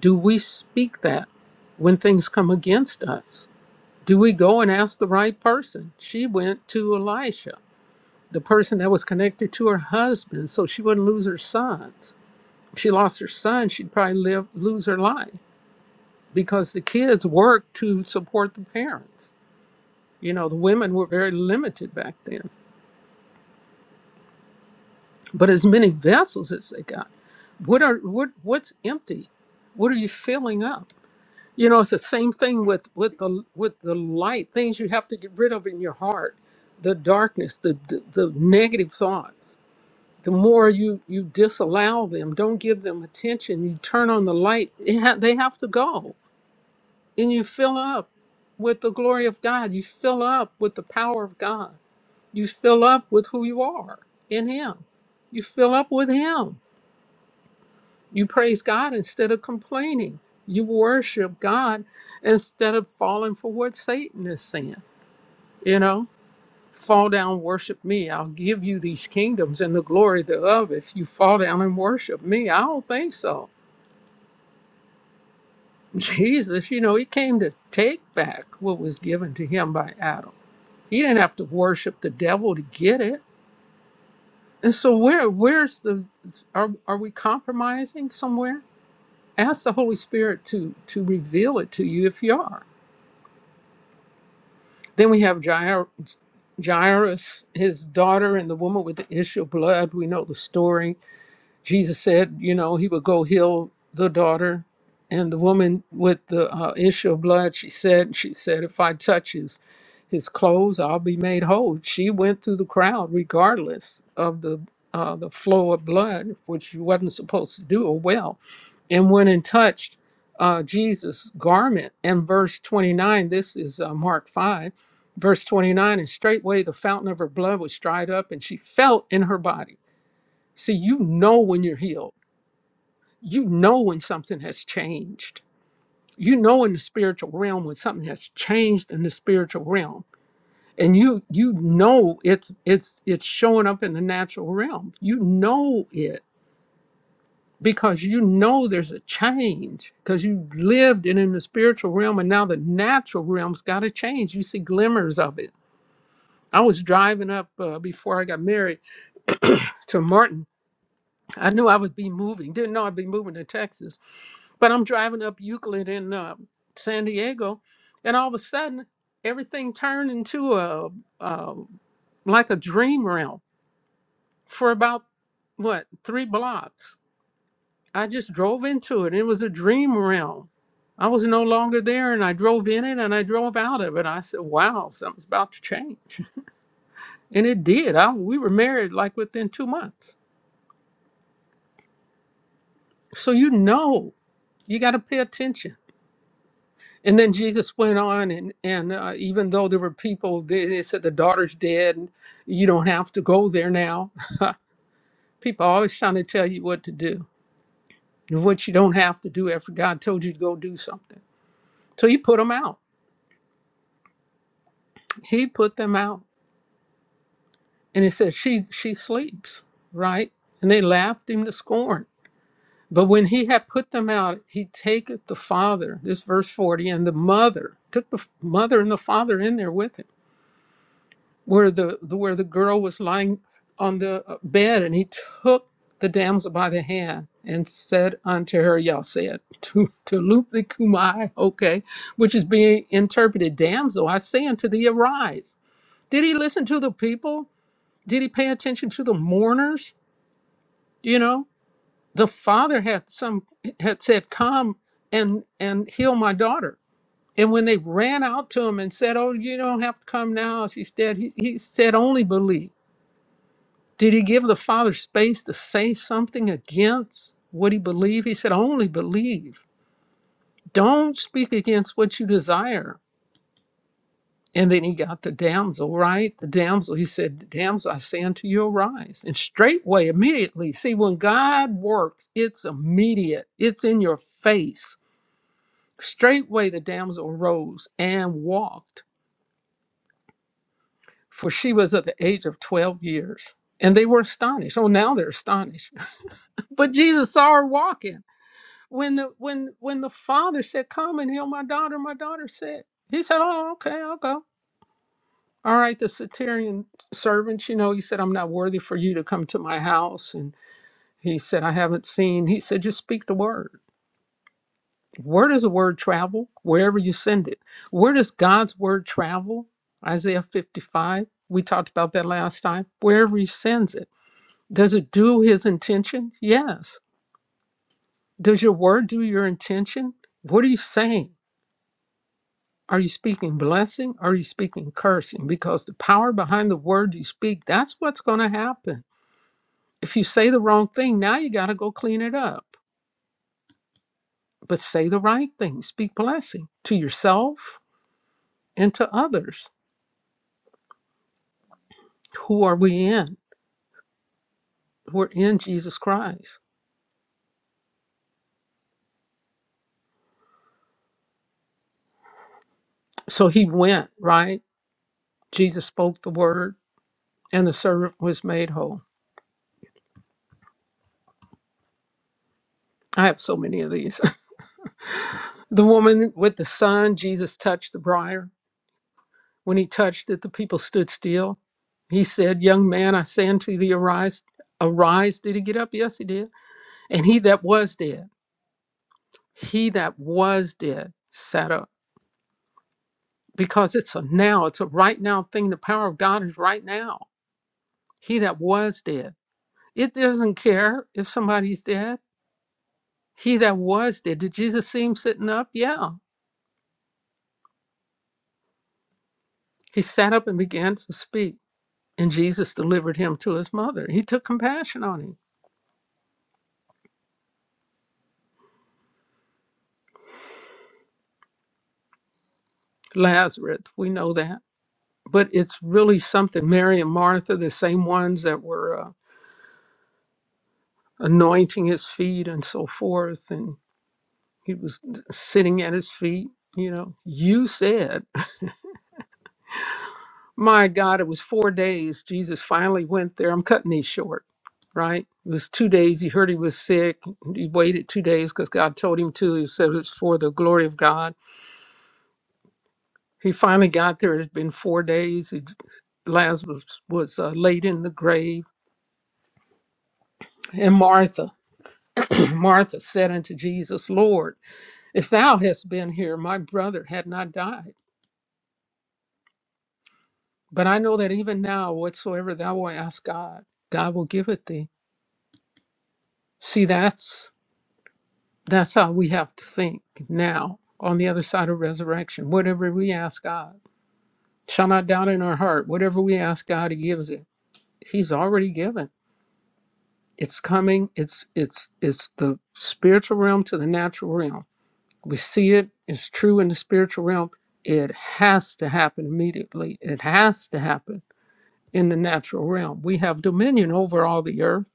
[SPEAKER 5] Do we speak that when things come against us? Do we go and ask the right person? She went to Elisha, the person that was connected to her husband, so she wouldn't lose her sons. If she lost her son, she'd probably live, lose her life because the kids worked to support the parents. You know, the women were very limited back then. But as many vessels as they got, what are what what's empty? What are you filling up? You know, it's the same thing with with the with the light things you have to get rid of in your heart, the darkness, the the, the negative thoughts. The more you you disallow them, don't give them attention. You turn on the light; it ha- they have to go, and you fill up with the glory of God. You fill up with the power of God. You fill up with who you are in Him. You fill up with Him. You praise God instead of complaining. You worship God instead of falling for what Satan is saying. You know, fall down, worship me. I'll give you these kingdoms and the glory thereof if you fall down and worship me. I don't think so. [LAUGHS] Jesus, you know, he came to take back what was given to him by Adam. He didn't have to worship the devil to get it. And so where where's the are are we compromising somewhere? Ask the Holy Spirit to to reveal it to you if you are Then we have Jair- Jairus, his daughter, and the woman with the issue of blood. We know the story. Jesus said, you know, he would go heal the daughter. And the woman with the uh, issue of blood, she said, she said, if I touch his, his clothes, I'll be made whole. She went through the crowd regardless of the uh, the flow of blood, which you wasn't supposed to do or well, and went and touched uh, Jesus' garment. And verse 29, this is uh, Mark 5, verse 29, and straightway the fountain of her blood was dried up, and she felt in her body See, you know when you're healed. You know when something has changed. You know in the spiritual realm when something has changed in the spiritual realm. And you you know it's it's it's showing up in the natural realm. You know it because you know there's a change because you lived it in the spiritual realm and now the natural realm's got to change. You see glimmers of it. I was driving up uh, before I got married to Martin I knew I would be moving. Didn't know I'd be moving to Texas. But I'm driving up Euclid in uh, San Diego, and all of a sudden, everything turned into a, a like a dream realm for about what three blocks. I just drove into it. It was a dream realm. I was no longer there, and I drove in it, and I drove out of it. I said, "Wow, something's about to change," [LAUGHS] and it did. I, we were married like within two months. So you know, you got to pay attention And then Jesus went on, and and uh, even though there were people, they, they said the daughter's dead. and You don't have to go there now. [LAUGHS] people always trying to tell you what to do and what you don't have to do after God told you to go do something. So he put them out. He put them out, and he said she she sleeps right. And they laughed him to scorn. But when he had put them out, he taketh the father. This verse forty, and the mother took the f- mother and the father in there with him where the, the where the girl was lying on the uh, bed and he took the damsel by the hand and said unto her y'all said [LAUGHS] to to loop the kumai okay which is being interpreted damsel i say unto thee arise did he listen to the people did he pay attention to the mourners you know the father had some had said come and and heal my daughter and when they ran out to him and said oh you don't have to come now she's dead he, he said only believe Did he give the father space to say something against what he believed? He said, Only believe. Don't speak against what you desire. And then he got the damsel, right? The damsel, he said, Damsel, I say unto you, arise. And straightway, immediately, see, when God works, it's immediate, it's in your face. Straightway, the damsel arose and walked, for she was of the age of 12 years. And they were astonished. Oh, now they're astonished. [LAUGHS] But Jesus saw her walking. when the when when the father said, "Come and heal my daughter," my daughter said, "He said, oh, okay, I'll go." All right, the Satirian servants, you know, he said, "I'm not worthy for you to come to my house," and he said, "I haven't seen." He said, "Just speak the word. Where does the word travel? Wherever you send it. Where does God's word travel? Isaiah 55. We talked about that last time. Wherever He sends it, does it do His intention? Yes. Does your word do your intention? What are you saying? Are you speaking blessing? Are you speaking cursing? Because the power behind the word you speak, that's what's going to happen. If you say the wrong thing, now you got to go clean it up. But say the right thing, speak blessing to yourself and to others. Who are we in? We're in Jesus Christ. So he went, right? Jesus spoke the word, and the servant was made whole. I have so many of these. [LAUGHS] the woman with the son, Jesus touched the briar. When he touched it, the people stood still. He said, Young man, I say unto thee, arise. Arise. Did he get up? Yes, he did. And he that was dead, he that was dead sat up. Because it's a now, it's a right now thing. The power of God is right now. He that was dead. It doesn't care if somebody's dead. He that was dead. Did Jesus see him sitting up? Yeah. He sat up and began to speak. And Jesus delivered him to his mother. He took compassion on him. Lazarus, we know that. but it's really something. Mary and Martha, the same ones that were uh, anointing his feet and so forth, and he was sitting at his feet. You know, you said, my God, it was four days. Jesus finally went there. I'm cutting these short, right? It was two days. He heard he was sick. He waited two days because God told him to. He said it's for the glory of God. He finally got there. It's been four days. He, Lazarus was uh, laid in the grave. And Martha, Martha said unto Jesus, Lord, if thou hadst been here, my brother had not died. But I know that even now, whatsoever thou wilt ask God, God will give it thee. See, that's that's how we have to think now on the other side of resurrection. Whatever we ask God, shall not doubt in our heart. Whatever we ask God, He gives it. He's already given. It's coming. It's it's it's the spiritual realm to the natural realm We see it, it's true in the spiritual realm. It has to happen immediately. It has to happen in the natural realm. We have dominion over all the earth.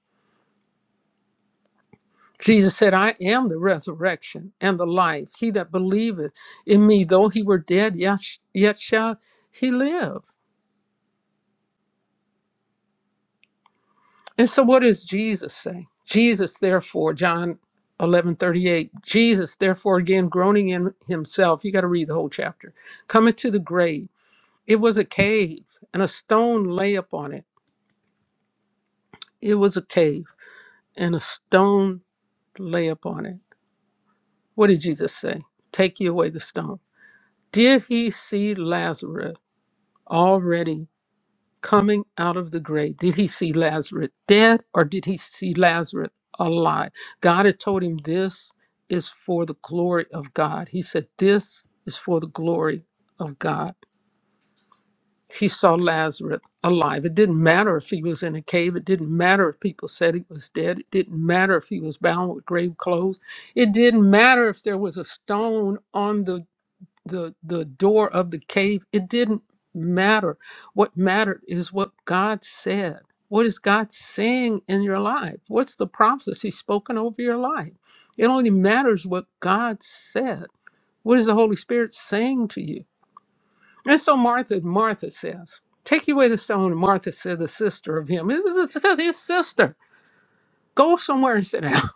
[SPEAKER 5] Jesus said, I am the resurrection and the life. He that believeth in me, though he were dead, yet, yet shall he live. And so, what does Jesus say? Jesus, therefore, John eleven thirty eight. Jesus, therefore, again, groaning in himself, you got to read the whole chapter, cometh to the grave. It was a cave, and a stone lay upon it. It was a cave, and a stone lay upon it. What did Jesus say? Take you away the stone. Did he see Lazarus already coming out of the grave? Did he see Lazarus dead or did he see Lazarus alive? God had told him this is for the glory of God. He said, This is for the glory of God. He saw Lazarus alive. It didn't matter if he was in a cave. It didn't matter if people said he was dead. It didn't matter if he was bound with grave clothes. It didn't matter if there was a stone on the, the, the door of the cave. It didn't matter. What mattered is what God said. What is God saying in your life? What's the prophecy spoken over your life? It only matters what God said. What is the Holy Spirit saying to you? And so Martha, Martha says, Take away the stone. And Martha said, The sister of him. This is it says his sister. Go somewhere and sit down.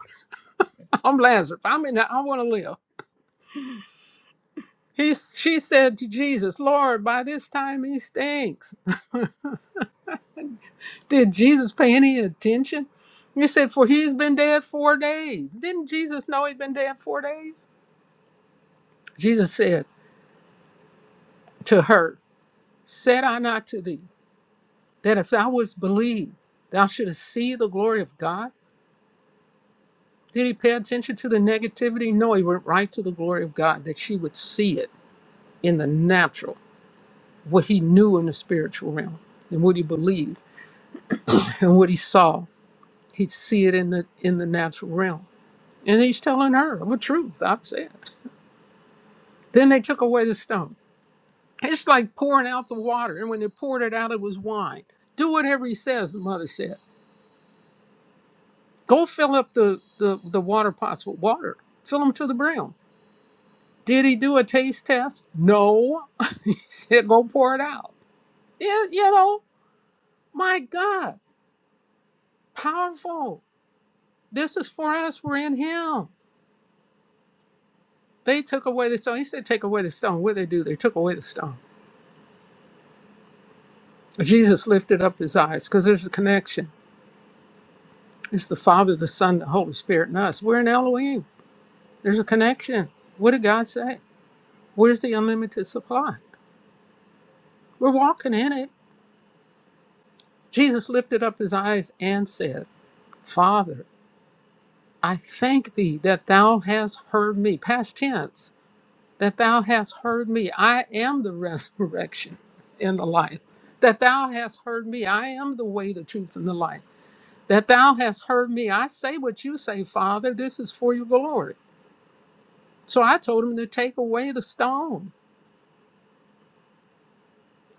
[SPEAKER 5] [LAUGHS] I'm Lazarus. i mean, I want to live. He, she said to Jesus, Lord, by this time he stinks. [LAUGHS] Did Jesus pay any attention? He said, For he's been dead four days. Didn't Jesus know he'd been dead four days? Jesus said to her, Said I not to thee, that if thou wouldst believe, thou shouldst see the glory of God? Did he pay attention to the negativity? No, he went right to the glory of God that she would see it in the natural, what he knew in the spiritual realm and what he believed and what he saw. He'd see it in the in the natural realm. And he's telling her of a truth, I've said. Then they took away the stone. It's like pouring out the water, and when they poured it out, it was wine. Do whatever he says, the mother said. Go fill up the the, the water pots with water. Fill them to the brim Did he do a taste test? No. [LAUGHS] he said, go pour it out. Yeah, you know, my God, powerful. This is for us. We're in him. They took away the stone. He said, take away the stone. What did they do? They took away the stone. Jesus lifted up his eyes because there's a connection. It's the Father, the Son, the Holy Spirit, and us. We're in Elohim. There's a connection. What did God say? Where's the unlimited supply? We're walking in it. Jesus lifted up his eyes and said, Father. I thank thee that thou hast heard me, past tense, that thou hast heard me. I am the [LAUGHS] resurrection and the life. That thou hast heard me. I am the way, the truth, and the life. That thou hast heard me. I say what you say, Father. This is for your glory. So I told him to take away the stone.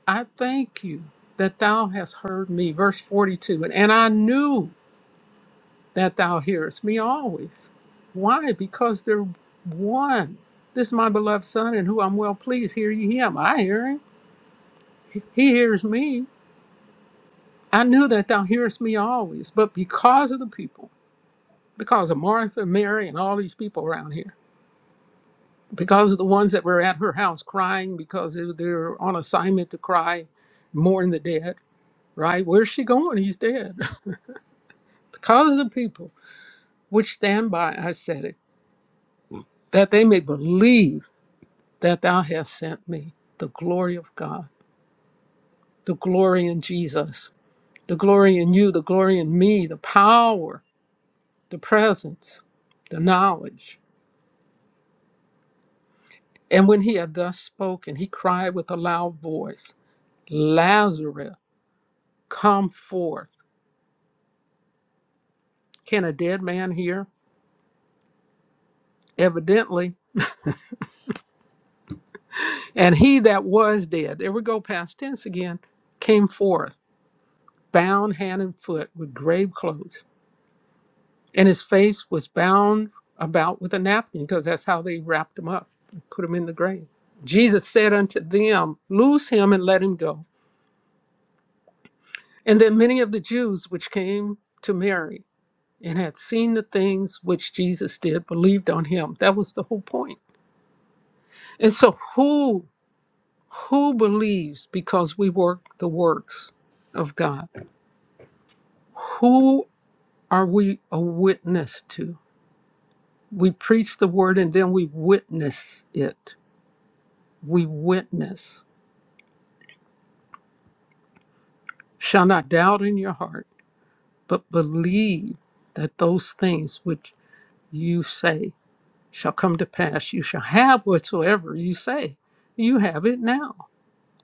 [SPEAKER 5] I thank you that thou hast heard me. Verse 42. And, and I knew. that thou hearest me always. Why? Because they're one. This is my beloved Son, in whom I'm well pleased. Hear ye him. I hear him. He he hears me. I knew that thou hearest me always. But because of the people, because of Martha, Mary, and all these people around here, because of the ones that were at her house crying because they- they're on assignment to cry, mourn the dead, right? Where's she going? He's dead. [LAUGHS] because of the people which stand by, I said it, that they may believe that thou hast sent me, the glory of God, the glory in Jesus, the glory in you, the glory in me, the power, the presence, the knowledge. And when he had thus spoken, he cried with a loud voice, Lazarus, come forth. Can a dead man hear? Evidently. And he that was dead, there we go past tense again, came forth, bound hand and foot with grave clothes and his face was bound about with a napkin because that's how they wrapped him up and put him in the grave. Jesus said unto them, Loose him and let him go. And then many of the Jews which came to Mary and had seen the things which Jesus did believed on him. That was the whole point. And so who who believes because we work the works of God? Who are we a witness to? We preach the word and then we witness it we witness. Shall not doubt in your heart, but believe that those things which you say shall come to pass. You shall have whatsoever you say. You have it now.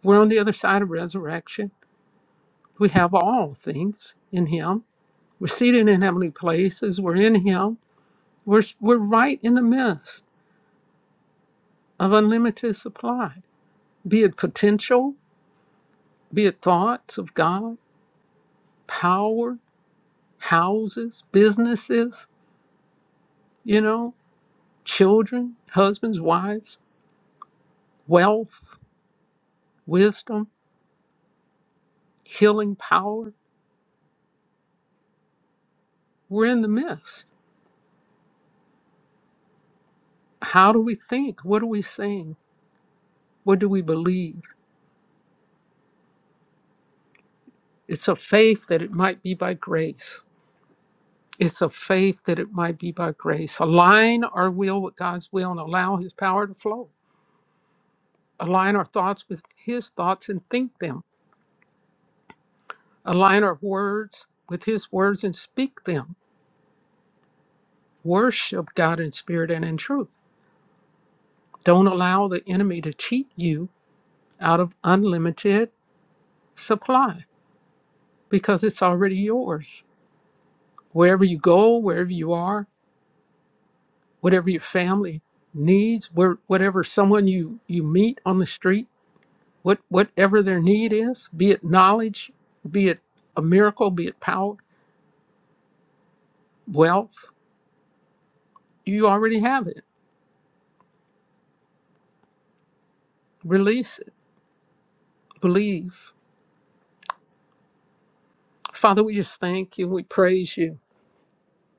[SPEAKER 5] We're on the other side of resurrection. We have all things in Him. We're seated in heavenly places. We're in Him. We're, we're right in the midst of unlimited supply, be it potential, be it thoughts of God, power, houses, businesses you know, children, husbands, wives, wealth, wisdom, healing power. We're in the midst. How do we think? What are we saying? What do we believe? It's a faith that it might be by grace. It's a faith that it might be by grace. Align our will with God's will and allow His power to flow. Align our thoughts with His thoughts and think them. Align our words with His words and speak them. Worship God in spirit and in truth Don't allow the enemy to cheat you out of unlimited supply because it's already yours. Wherever you go, wherever you are, whatever your family needs, where, whatever someone you, you meet on the street, what, whatever their need is, be it knowledge, be it a miracle, be it power, wealth, you already have it. Release it. Believe. Father, we just thank you. We praise you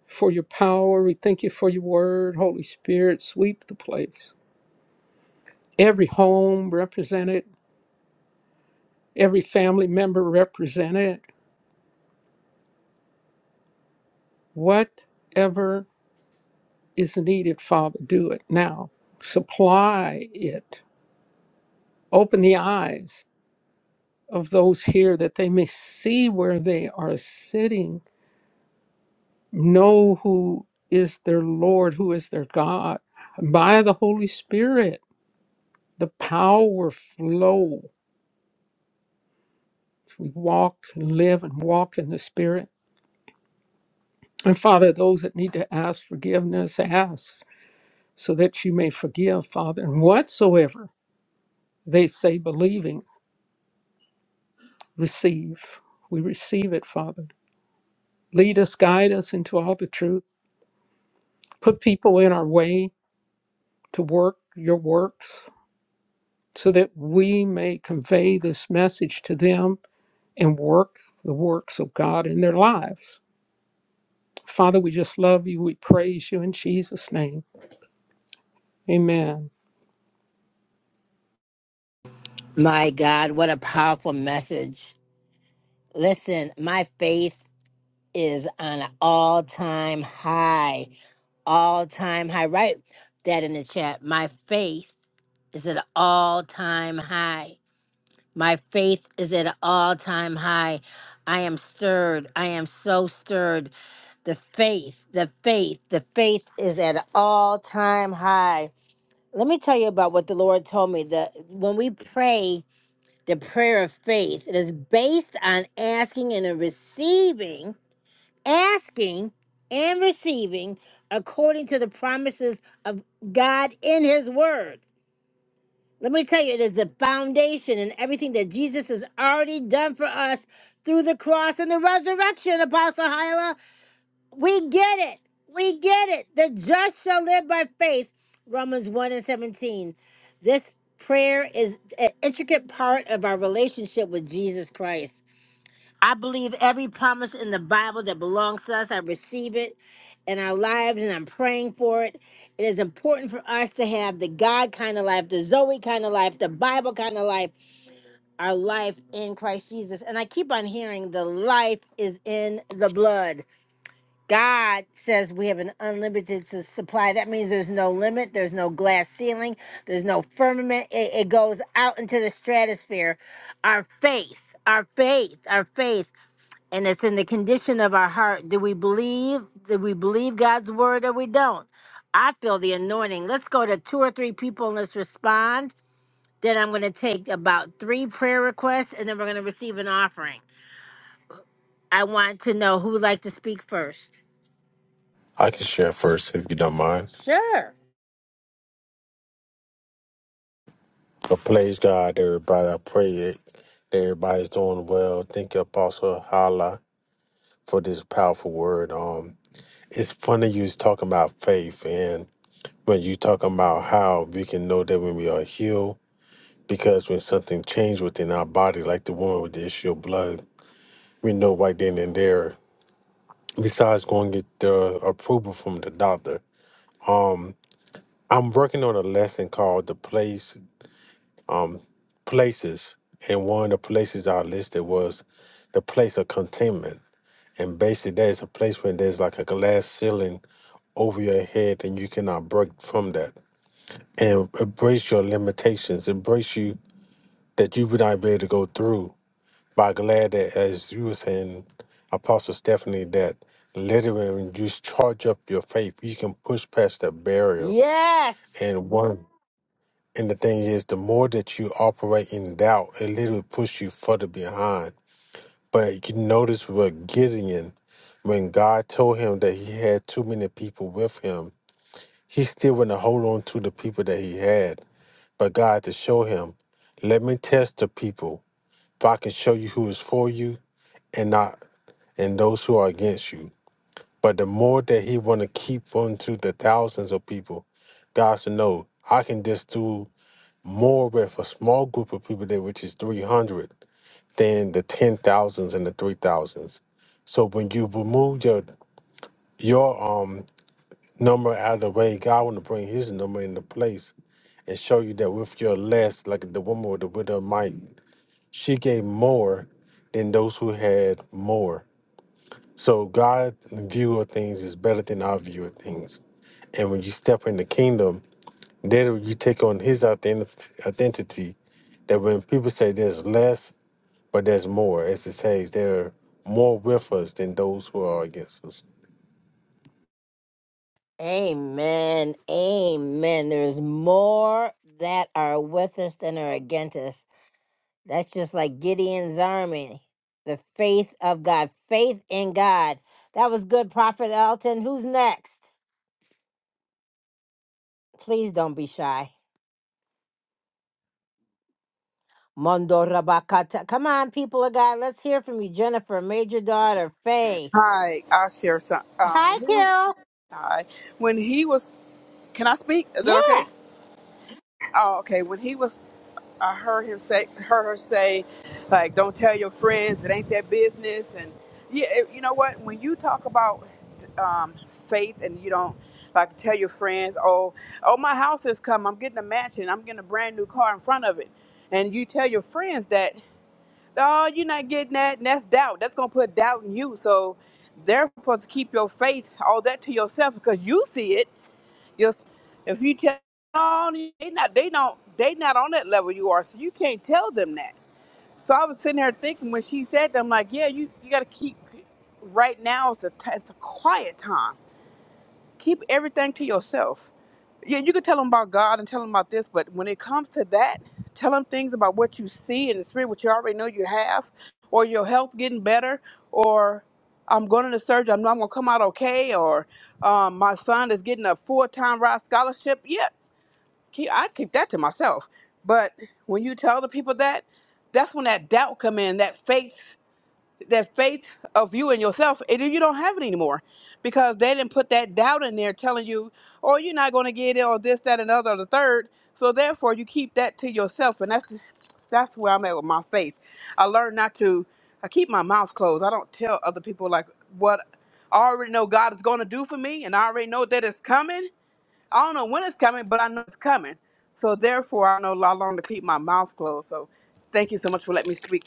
[SPEAKER 5] for your power. We thank you for your word. Holy Spirit, sweep the place. every home represented, every family member represented. Whatever is needed, Father, do it now. Supply it. Open the eyes of those here that they may see where they are sitting, know who is their Lord, who is their God. By the Holy Spirit, the power flow. We walk and live and walk in the Spirit. And Father, those that need to ask forgiveness, ask. so that you may forgive, Father. And whatsoever they say, believing, receive. We receive it, Father. Lead us, guide us into all the truth. Put people in our way to work your works so that we may convey this message to them and work the works of God in their lives. Father, we just love you. We praise you in Jesus' name. Amen.
[SPEAKER 7] I can share first if you don't mind. But praise God, everybody. I pray it, that everybody's doing well. Thank you, Apostle Hala, for this powerful word. Um, it's funny you was talking about faith, and when you talking about how we can know that when we are healed, because when something changed within our body, like the woman with the issue of blood, we know right then and there. Besides going to get the approval from the doctor, I'm working on a lesson called "The Place places, and one of the places I listed was the place of containment. And basically, that is a place where there's like a glass ceiling over your head, and you cannot break from that. And embrace your limitations. Embrace you that you would not be able to go through. But I'm glad that, as you were saying, Apostle Stephanie, that literally when you charge up your faith, you can push past that barrier. And one and the thing is, the more that you operate in doubt, it literally pushes you further behind. But you notice with Gideon, when God told him that he had too many people with him, he still went to hold on to the people that he had. But God to show him, let me test the people. If I can show you who is for you and not and those who are against you. But the more that he want to keep on to the thousands of people, God said, no, I can just do more with a small group of people there, which is 300 than the ten thousands and the three thousands. So when you remove your your um number out of the way, God want to bring His number into place and show you that with your less, like the woman with the widow of might, she gave more than those who had more. So God's view of things is better than our view of things, and when you step in the kingdom, there you take on His identi- identity. That when people say there's less, but there's more, as it says, there are more with us than those who are against us.
[SPEAKER 3] Hi. I'll share some. Um, when he, hi. When he was, can I speak? Is that okay? Oh, okay. When he was I heard him say, heard her say, like, don't tell your friends, it ain't their business. And yeah, it- you know what? When you talk about um, faith and you don't like tell your friends, oh, oh, my house has come, I'm getting a mansion, I'm getting a brand new car in front of it, and you tell your friends that, oh, you're not getting that, and that's doubt. That's gonna put doubt in you. So they're supposed to keep your faith all that to yourself because you see it just if you tell on they not they don't they not on that level you are, so you can't tell them that. So I was sitting there thinking when she said that, I'm like, yeah, you you got to keep. Right now is a t- it's a quiet time. Keep everything to yourself. Yeah, you can tell them about God and tell them about this, but when it comes to that, tell them things about what you see in the spirit, what you already know you have, or your health getting better, or I'm going to surgery, I'm not going to come out okay, or um, my son is getting a full-time ride scholarship. Yeah, keep, I keep that to myself. But when you tell the people that, that's when that doubt come in, that faith that faith of you and yourself, and you don't have it anymore because they didn't put that doubt in there telling you, oh, you're not going to get it, or this, that, and other, or the third. So therefore, you keep that to yourself, and that's that's where I'm at with my faith. I learned not to. I keep my mouth closed. I don't tell other people like what I already know God is going to do for me, and I already know that it's coming. I don't know when it's coming, but I know it's coming. So therefore, I know how long to keep my mouth closed. So thank you so much for letting me speak.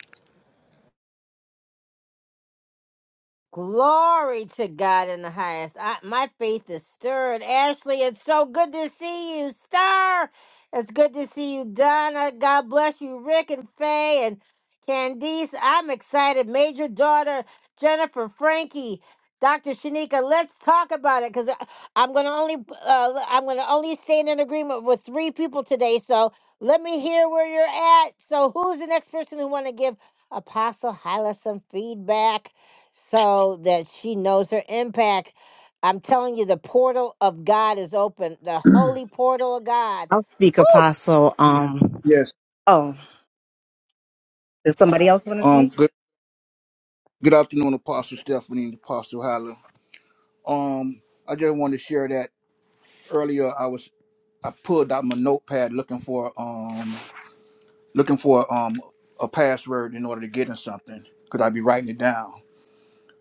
[SPEAKER 8] I'll speak, Apostle. Um,
[SPEAKER 9] Yes.
[SPEAKER 8] oh, does somebody else want to
[SPEAKER 9] Um.
[SPEAKER 8] speak?
[SPEAKER 9] Good. Good afternoon, Apostle Stephanie and Apostle Hyla. Um. I just wanted to share that earlier. I was I pulled out my notepad looking for um looking for um a password in order to get in something because I'd be writing it down.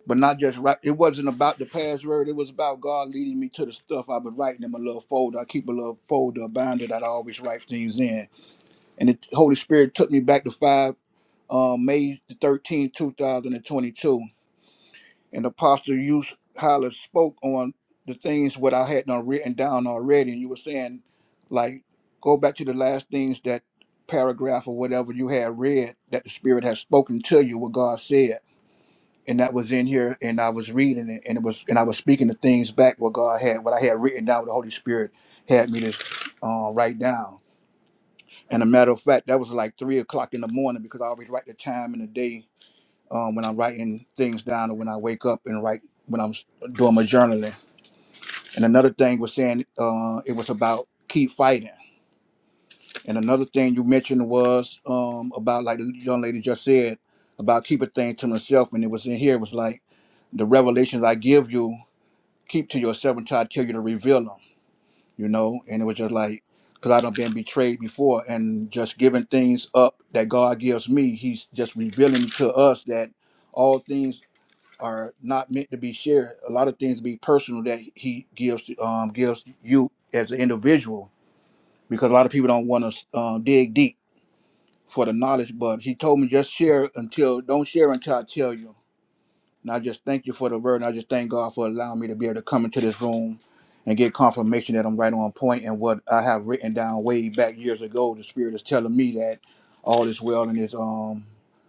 [SPEAKER 9] But not just right. It wasn't about the password. It was about God leading me to the stuff I've been writing in my little folder. I keep a little folder, a binder that I always write things in. And the Holy Spirit took me back to five um May the thirteenth, two thousand and twenty-two. and Apostle you highly spoke on the things what I had done written down already, and you were saying like go back to the last things that paragraph or whatever you had read that the Spirit has spoken to you what God said. And that was in here and I was reading it and it was and I was speaking the things back what God had, what I had written down, what the Holy Spirit had me to uh, write down. And a matter of fact, that was like three o'clock in the morning because I always write the time and the day um, when I'm writing things down or when I wake up and write when I'm s- doing my journaling. And another thing was saying uh, it was about keep fighting. And another thing you mentioned was um, about like the young lady just said about keeping things to myself. And it was in here it was like the revelations I give you keep to yourself until I tell you to reveal them. You know, and it was just like because I done been betrayed before and just giving things up that God gives me. He's just revealing to us that all things are not meant to be shared. A lot of things be personal that he gives to- um, gives you as an individual because a lot of people don't want to uh, dig deep for the knowledge. But he told me just share until don't share until I tell you. And I just thank you for the word. And I just thank God for allowing me to be able to come into this room and get confirmation that I'm right on point and what I have written down way back years ago. The Spirit is telling me that all is well and it's um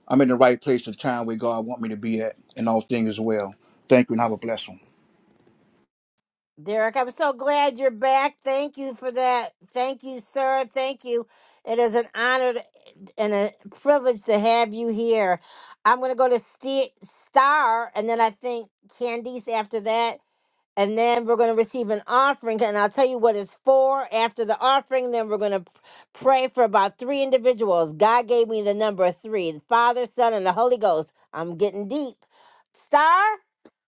[SPEAKER 9] I'm in the right place and time where God want me to be at and all things is well. Thank you and have a blessing.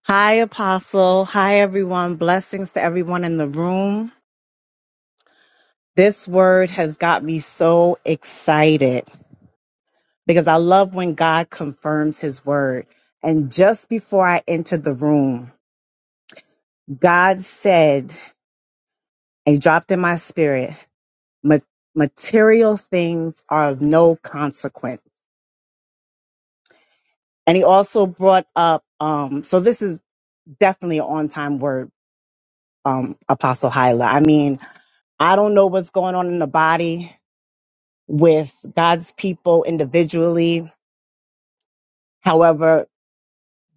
[SPEAKER 8] Hi, Apostle. Hi, everyone. Blessings to everyone in the room. This word has got me so excited because I love when God confirms his word. And just before I entered the room, God said, and dropped in my spirit, "Ma- material things are of no consequence. And he also brought up, um, so this is definitely an on time word um, Apostle Hyla. I mean, I don't know what's going on in the body with God's people individually. However,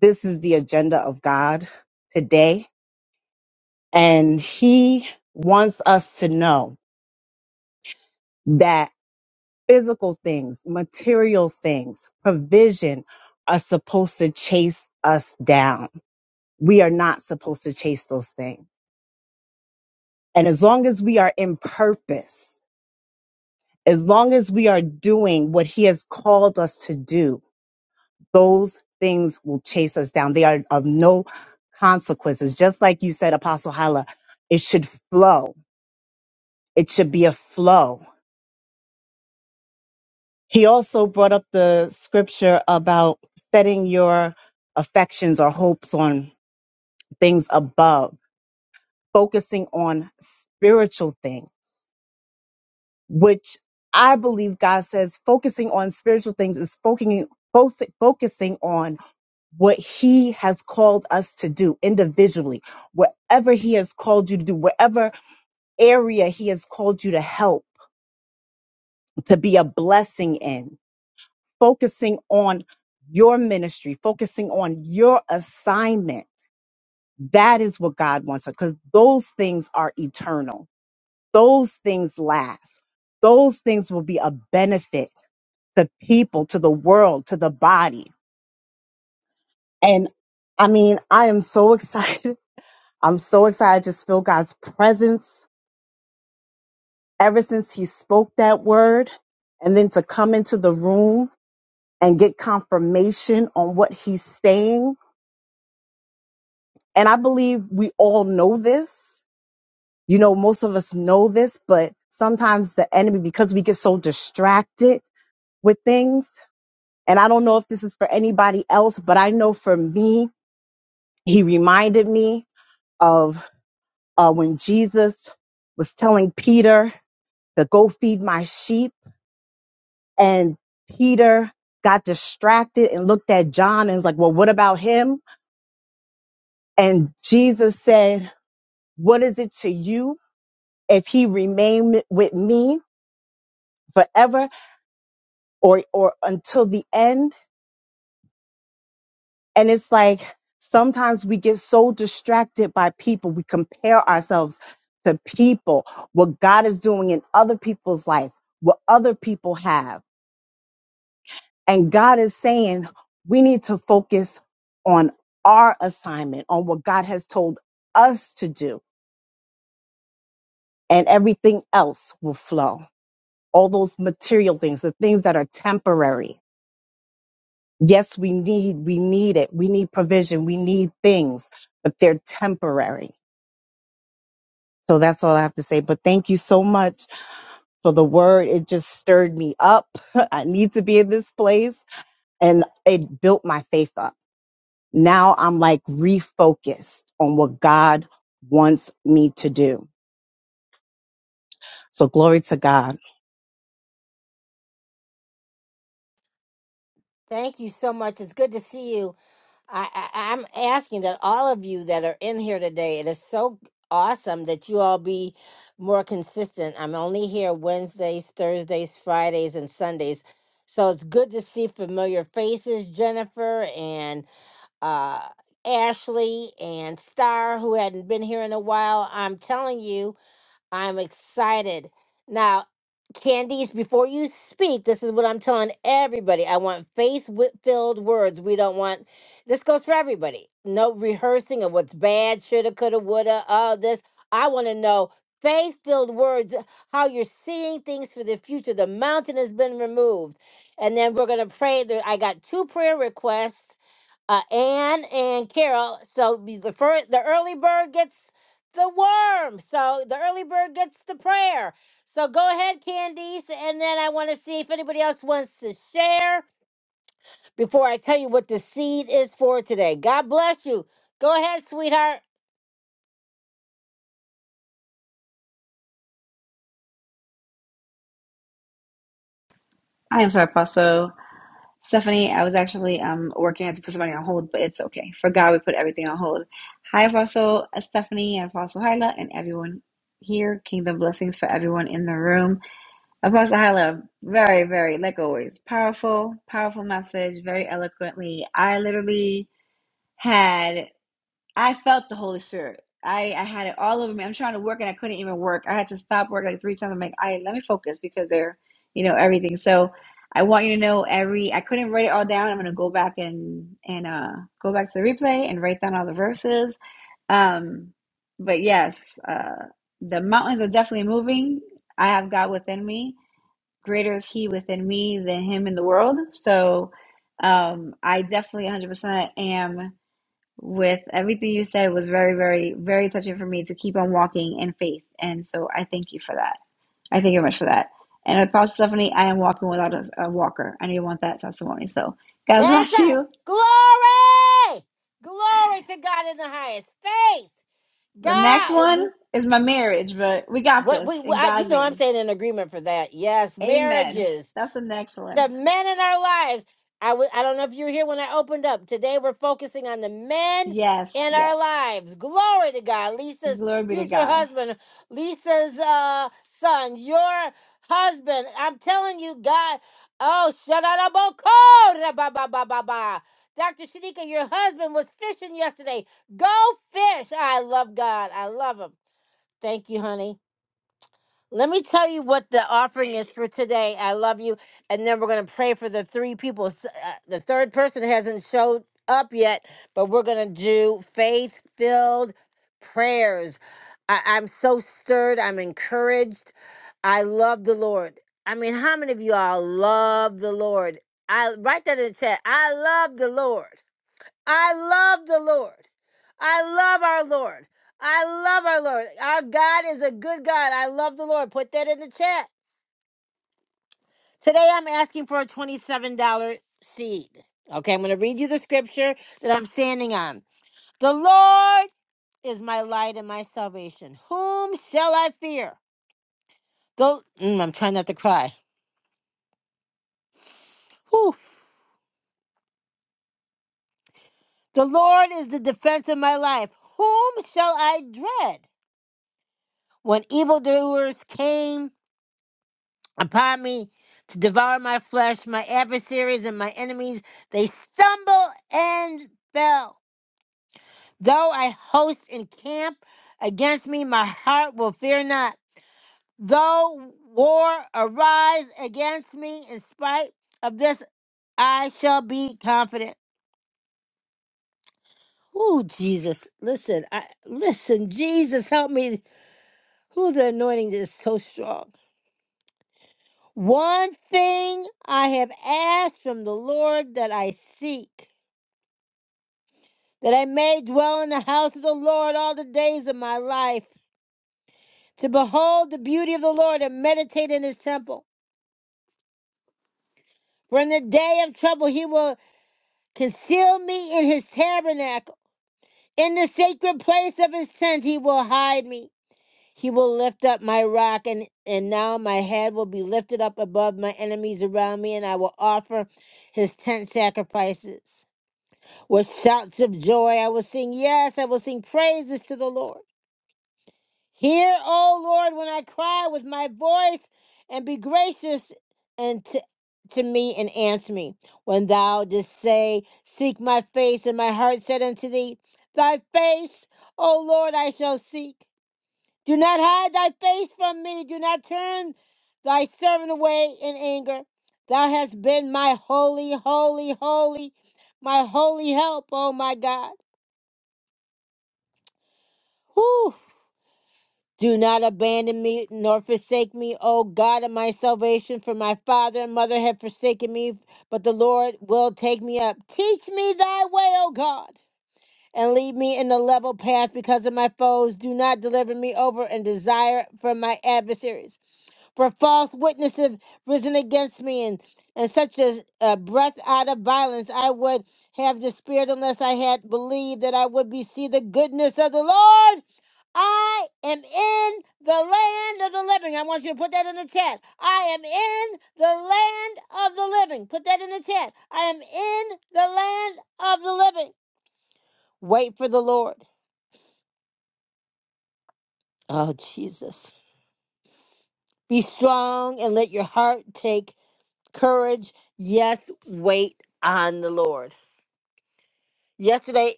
[SPEAKER 8] this is the agenda of God today. And He wants us to know that physical things, material things, provision are supposed to chase us down. We are not supposed to chase those things. And as long as we are in purpose, as long as we are doing what He has called us to do, those things will chase us down. They are of no consequences. Just like you said, Apostle Hala, it should flow. It should be a flow. He also brought up the scripture about setting your affections or hopes on things above, focusing on spiritual things, which I believe God says focusing on spiritual things is focusing, focusing on what he has called us to do individually, whatever he has called you to do, whatever area he has called you to help, to be a blessing in, focusing on your ministry, focusing on your assignment. That is what God wants because those things are eternal. Those things last. Those things will be a benefit to people, to the world, to the body. And I mean, I am so excited [LAUGHS] I'm so excited. I just feel God's presence ever since He spoke that word. And then to come into the room and get confirmation on what He's saying. And I believe we all know this. You know, most of us know this, but sometimes the enemy, because we get so distracted with things, and I don't know if this is for anybody else, but I know for me, He reminded me of uh, when Jesus was telling Peter to go feed my sheep and Peter got distracted and looked at John and was like, Well, what about him? And Jesus said, What is it to you if he remain with me forever or, or until the end? And it's like sometimes we get so distracted by people, we compare ourselves to people, what God is doing in other people's life, what other people have. And God is saying we need to focus on our assignment, on what God has told us to do, and everything else will flow. All those material things, the things that are temporary. Yes, we need, we need it. We need provision. We need things, but they're temporary. So that's all I have to say. But thank you so much for the word. It just stirred me up. [LAUGHS] I need to be in this place and it built my faith up. now I'm like refocused on what God wants me to do. So glory to God.
[SPEAKER 10] I am sorry, Paso. Stephanie, I was actually um working. I had to put somebody on hold, but it's okay. For God, we put everything on hold. Hi, Apostle uh, Stephanie and Apostle Hyla and everyone here. Kingdom blessings for everyone in the room. Apostle Hyla, very, very, like always, powerful, powerful message, very eloquently. I literally had I felt the Holy Spirit. I, I had it all over me. I'm trying to work and I couldn't even work. I had to stop work like three times. I'm like, all right, let me focus because they're, you know, everything. So I want you to know every. I couldn't write it all down. I'm gonna go back and and uh go back to the replay and write down all the verses. Um, but yes, uh, the mountains are definitely moving. I have God within me. Greater is He within me than Him in the world. So um, I definitely 100% am with everything you said was very, very, very touching for me to keep on walking in faith. And so I thank you for that. I thank you very much for that. And Apostle Stephanie, I am walking without a, a walker. I didn't want that testimony. So God [LAUGHS] bless you. The next one is my marriage, but we got this in God's name. Amen. That's the next one. Yes, yes. Glory be to God.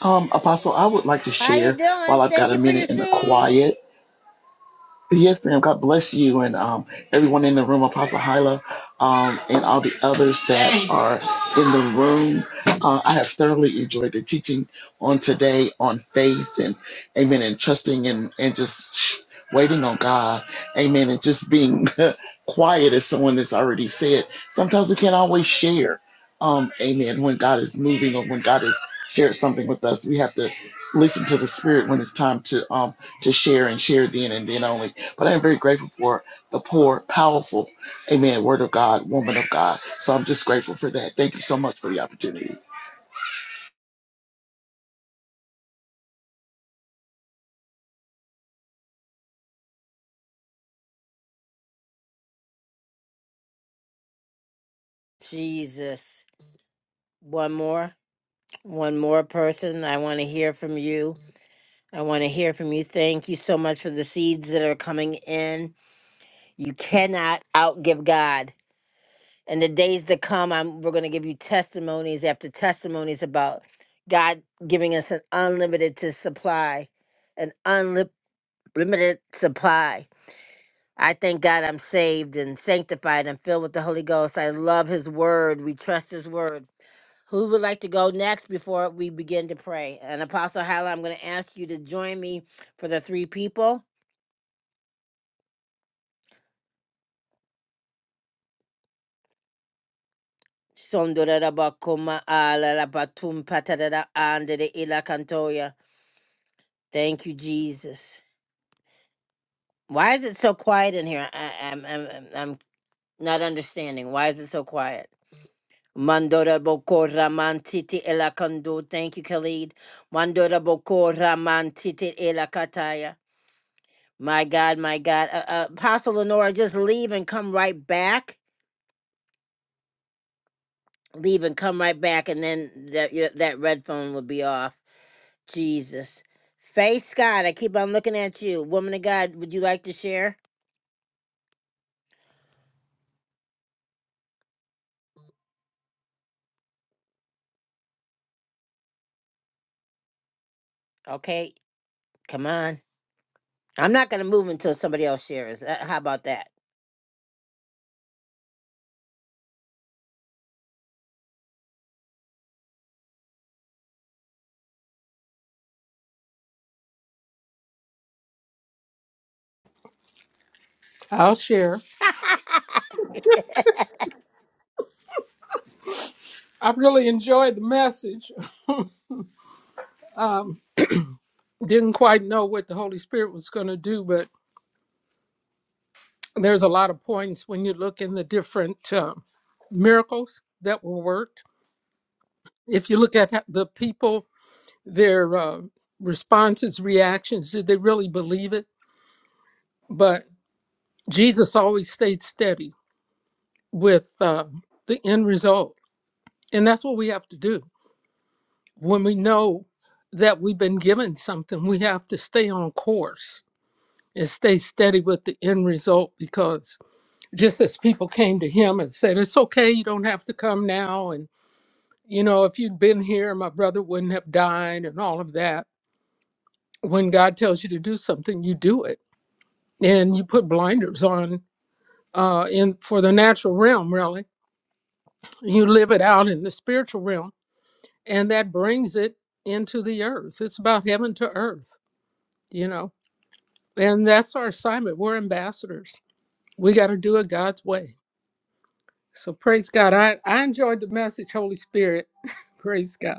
[SPEAKER 11] Um, Apostle, I would like to share while I've got a minute in the quiet. Yes, ma'am. God bless you and um, everyone in the room, Apostle Hyla, um, and all the others that are in the room. Uh, I have thoroughly enjoyed the teaching on today on faith and amen and trusting and, and just waiting on God. Amen. And just being [LAUGHS] quiet, as someone that's already said. Sometimes we can't always share. Um, amen. When God is moving or when God has shared something with us, we have to listen to the Spirit when it's time to um, to share and share then and then only. But I am very grateful for the poor, powerful, amen, word of God, woman of God. So I'm just grateful for that. Thank you so much for the opportunity.
[SPEAKER 5] I'll share. I really enjoyed the message. Um, didn't quite know what the Holy Spirit was going to do, but. There's a lot of points when you look in the different uh, miracles that were worked. If you look at the people, their uh, responses, reactions, did they really believe it? But Jesus always stayed steady with uh, the end result. And that's what we have to do. When we know that we've been given something, we have to stay on course and stay steady with the end result because just as people came to him and said, It's okay, you don't have to come now. and You know, if you'd been here, my brother wouldn't have died and all of that. When God tells you to do something, you do it. And you put blinders on uh, in for the natural realm, really. You live it out in the spiritual realm, and that brings it into the earth. It's about heaven to earth, you know. And that's our assignment. We're ambassadors. We got to do it God's way. So praise God. I, I enjoyed the message, Holy Spirit. [LAUGHS] praise God.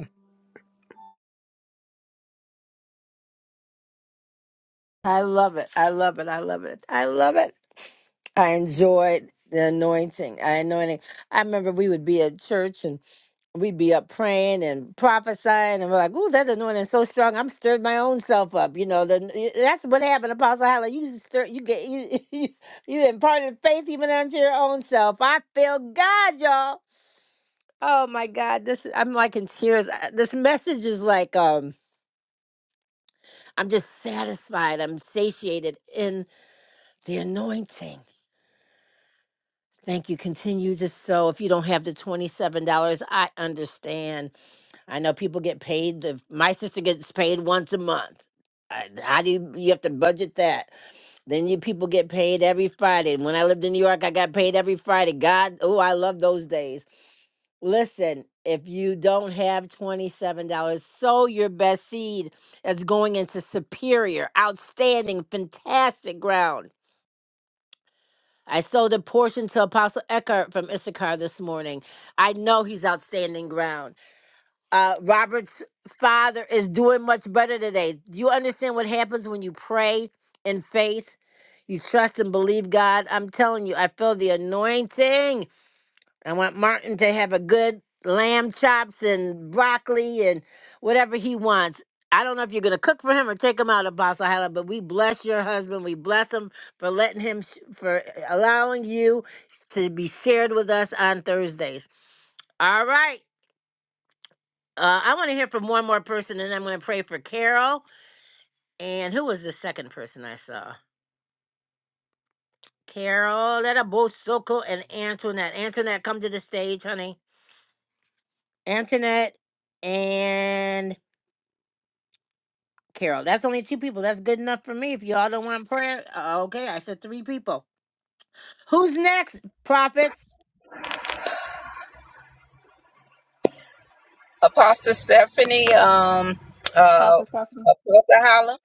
[SPEAKER 4] Apostle Stephanie, um, uh,
[SPEAKER 12] Prophet Stephanie.
[SPEAKER 4] Apostle Holland,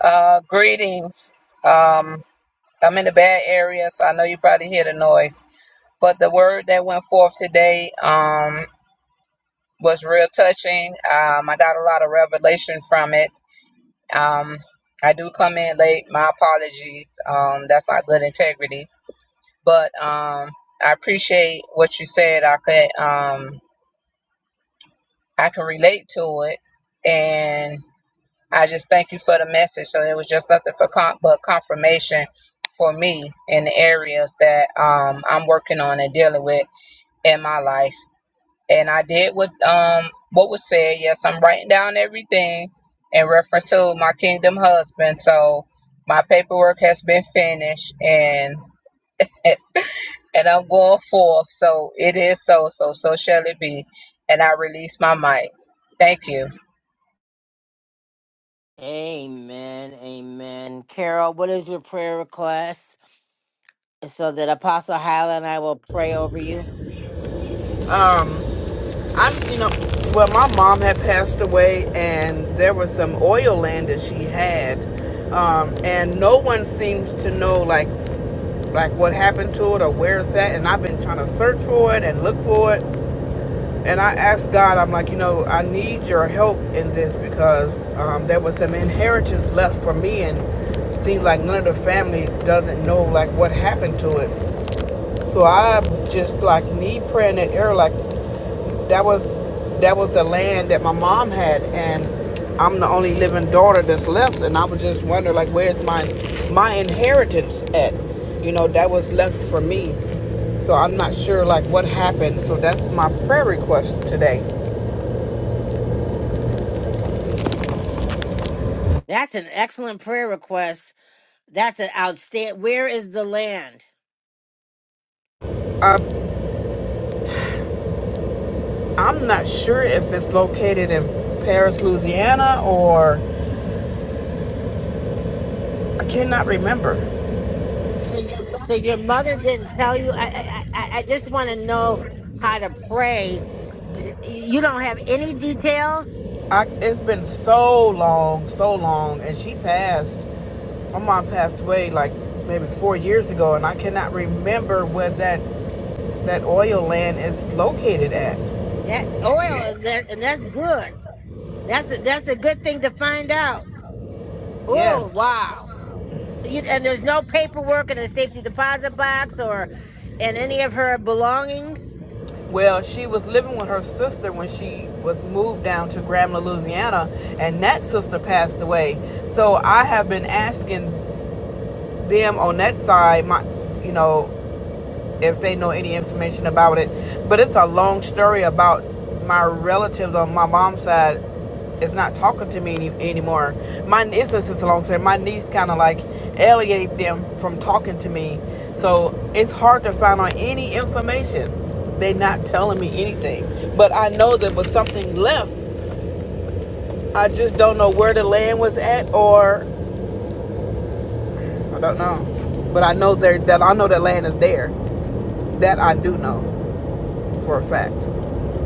[SPEAKER 4] uh, greetings. Um, I'm in the bad area, so I know you probably hear the noise. But the word that went forth today, um. was real touching. Um, I got a lot of revelation from it. Um, I do come in late. My apologies. Um, that's not good integrity. But um, I appreciate what you said. I could um, I can relate to it, and I just thank you for the message. So it was just nothing for con- but confirmation for me in the areas that um, I'm working on and dealing with in my life. and I did what um what was said. Yes, I'm writing down everything in reference to my kingdom husband. So my paperwork has been finished, and and I'm going forth. So it is so so so shall it be. And I release my mic. Thank you.
[SPEAKER 3] Um, I'm, you know, well, my mom had passed away, and there was some oil land that she had, um, and no one seems to know like, like what happened to it or where it's at. And I've been trying to search for it and look for it. And I asked God, I'm like, you know, I need your help in this because um, there was some inheritance left for me, and it seems like none of the family doesn't know like what happened to it. So I just like knee praying in the air, like that was that was the land that my mom had and I'm the only living daughter that's left and I was just wondering like where's my my inheritance at you know that was left for me so I'm not sure like what happened so that's my prayer request today I, I'm not sure if it's located in Paris Louisiana or I cannot remember I, it's been so long so long and she passed My mom passed away like maybe four years ago, and I cannot remember where that that oil land is located at. Yes. Well, she was living with her sister when she was moved down to Graham, Louisiana, and that sister passed away. So I have been asking them on that side, my, you know, if they know any information about it. But it's a long story about my relatives on my mom's side is not talking to me any, anymore. My it's just it's a long story. My niece kind of like alienated them from talking to me, so it's hard to find out any information. They are not telling me anything, but I know there was something left. I just don't know where the land was at, or I don't know. But I know there that I know the land is there. That I do know. for a fact.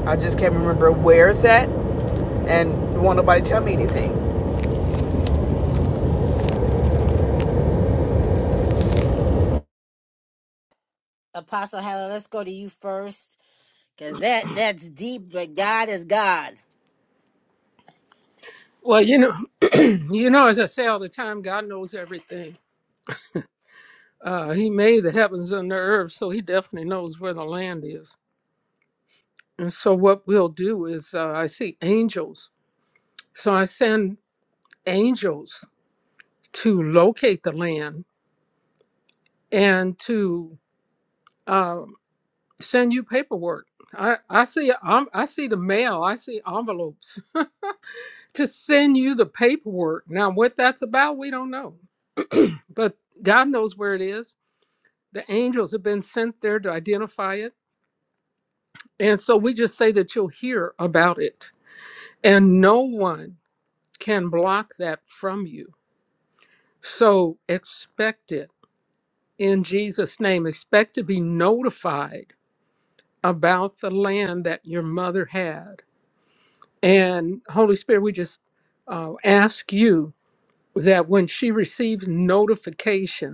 [SPEAKER 3] I just can't remember where it's at, and won't nobody tell me anything.
[SPEAKER 5] Well, you know, [CLEARS THROAT] you know, as I say all the time, God knows everything. Uh, he made the heavens and the earth, so He definitely knows where the land is. And so, what we'll do is, uh, I see angels, so I send angels to locate the land and to uh, send you paperwork. I, I see, um, I see the mail. I see envelopes. to send you the paperwork. Now, what that's about, we don't know, but God knows where it is. The angels have been sent there to identify it. And so we just say that you'll hear about it, and no one can block that from you. So expect it in Jesus' name. Expect to be notified about the land that your mother had. And Holy Spirit, we just uh, ask you that when she receives notification,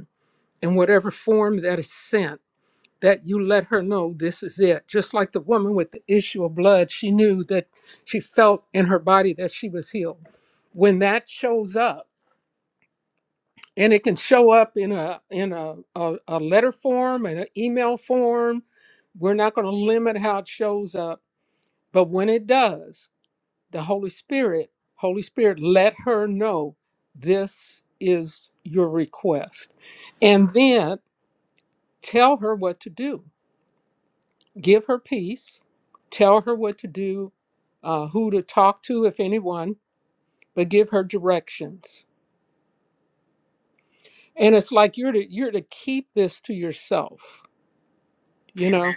[SPEAKER 5] in whatever form that is sent, that you let her know this is it. Just like the woman with the issue of blood, she knew that she felt in her body that she was healed. When that shows up, and it can show up in a in a, a, a letter form and an email form. We're not going to limit how it shows up, but when it does, the Holy Spirit, Holy Spirit, let her know this is your request. And then tell her what to do give her peace, tell her what to do, uh, who to talk to, if anyone, but give her directions. And it's like you're to you're to keep this to yourself. You know, Amen.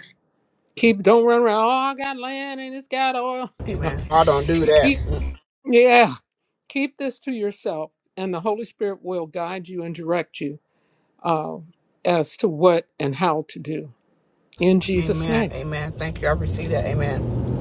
[SPEAKER 5] keep don't run around. Oh, I got land and it's got oil. [LAUGHS] You know,
[SPEAKER 3] Amen. I don't do that.
[SPEAKER 5] keep
[SPEAKER 3] Mm.
[SPEAKER 5] yeah, keep this to yourself, and the Holy Spirit will guide you and direct you uh, as to what and how to do. In Jesus'
[SPEAKER 3] Amen.
[SPEAKER 5] name,
[SPEAKER 3] Amen. Thank you. I received that. Amen.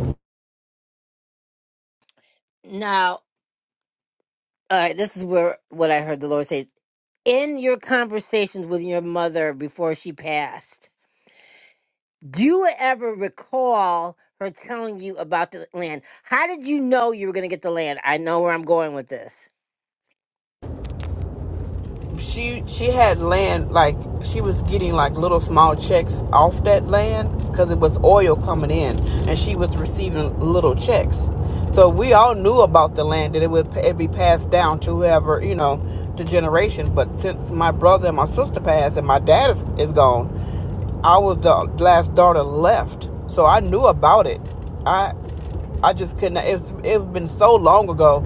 [SPEAKER 3] She she had land like she was getting like little small checks off that land because it was oil coming in, and she was receiving little checks. So we all knew about the land that it would it be passed down to whoever you know the generation. But since my brother and my sister passed and my dad is, is gone, I was the last daughter left, so I knew about it. I I just could not. It's it's been so long ago,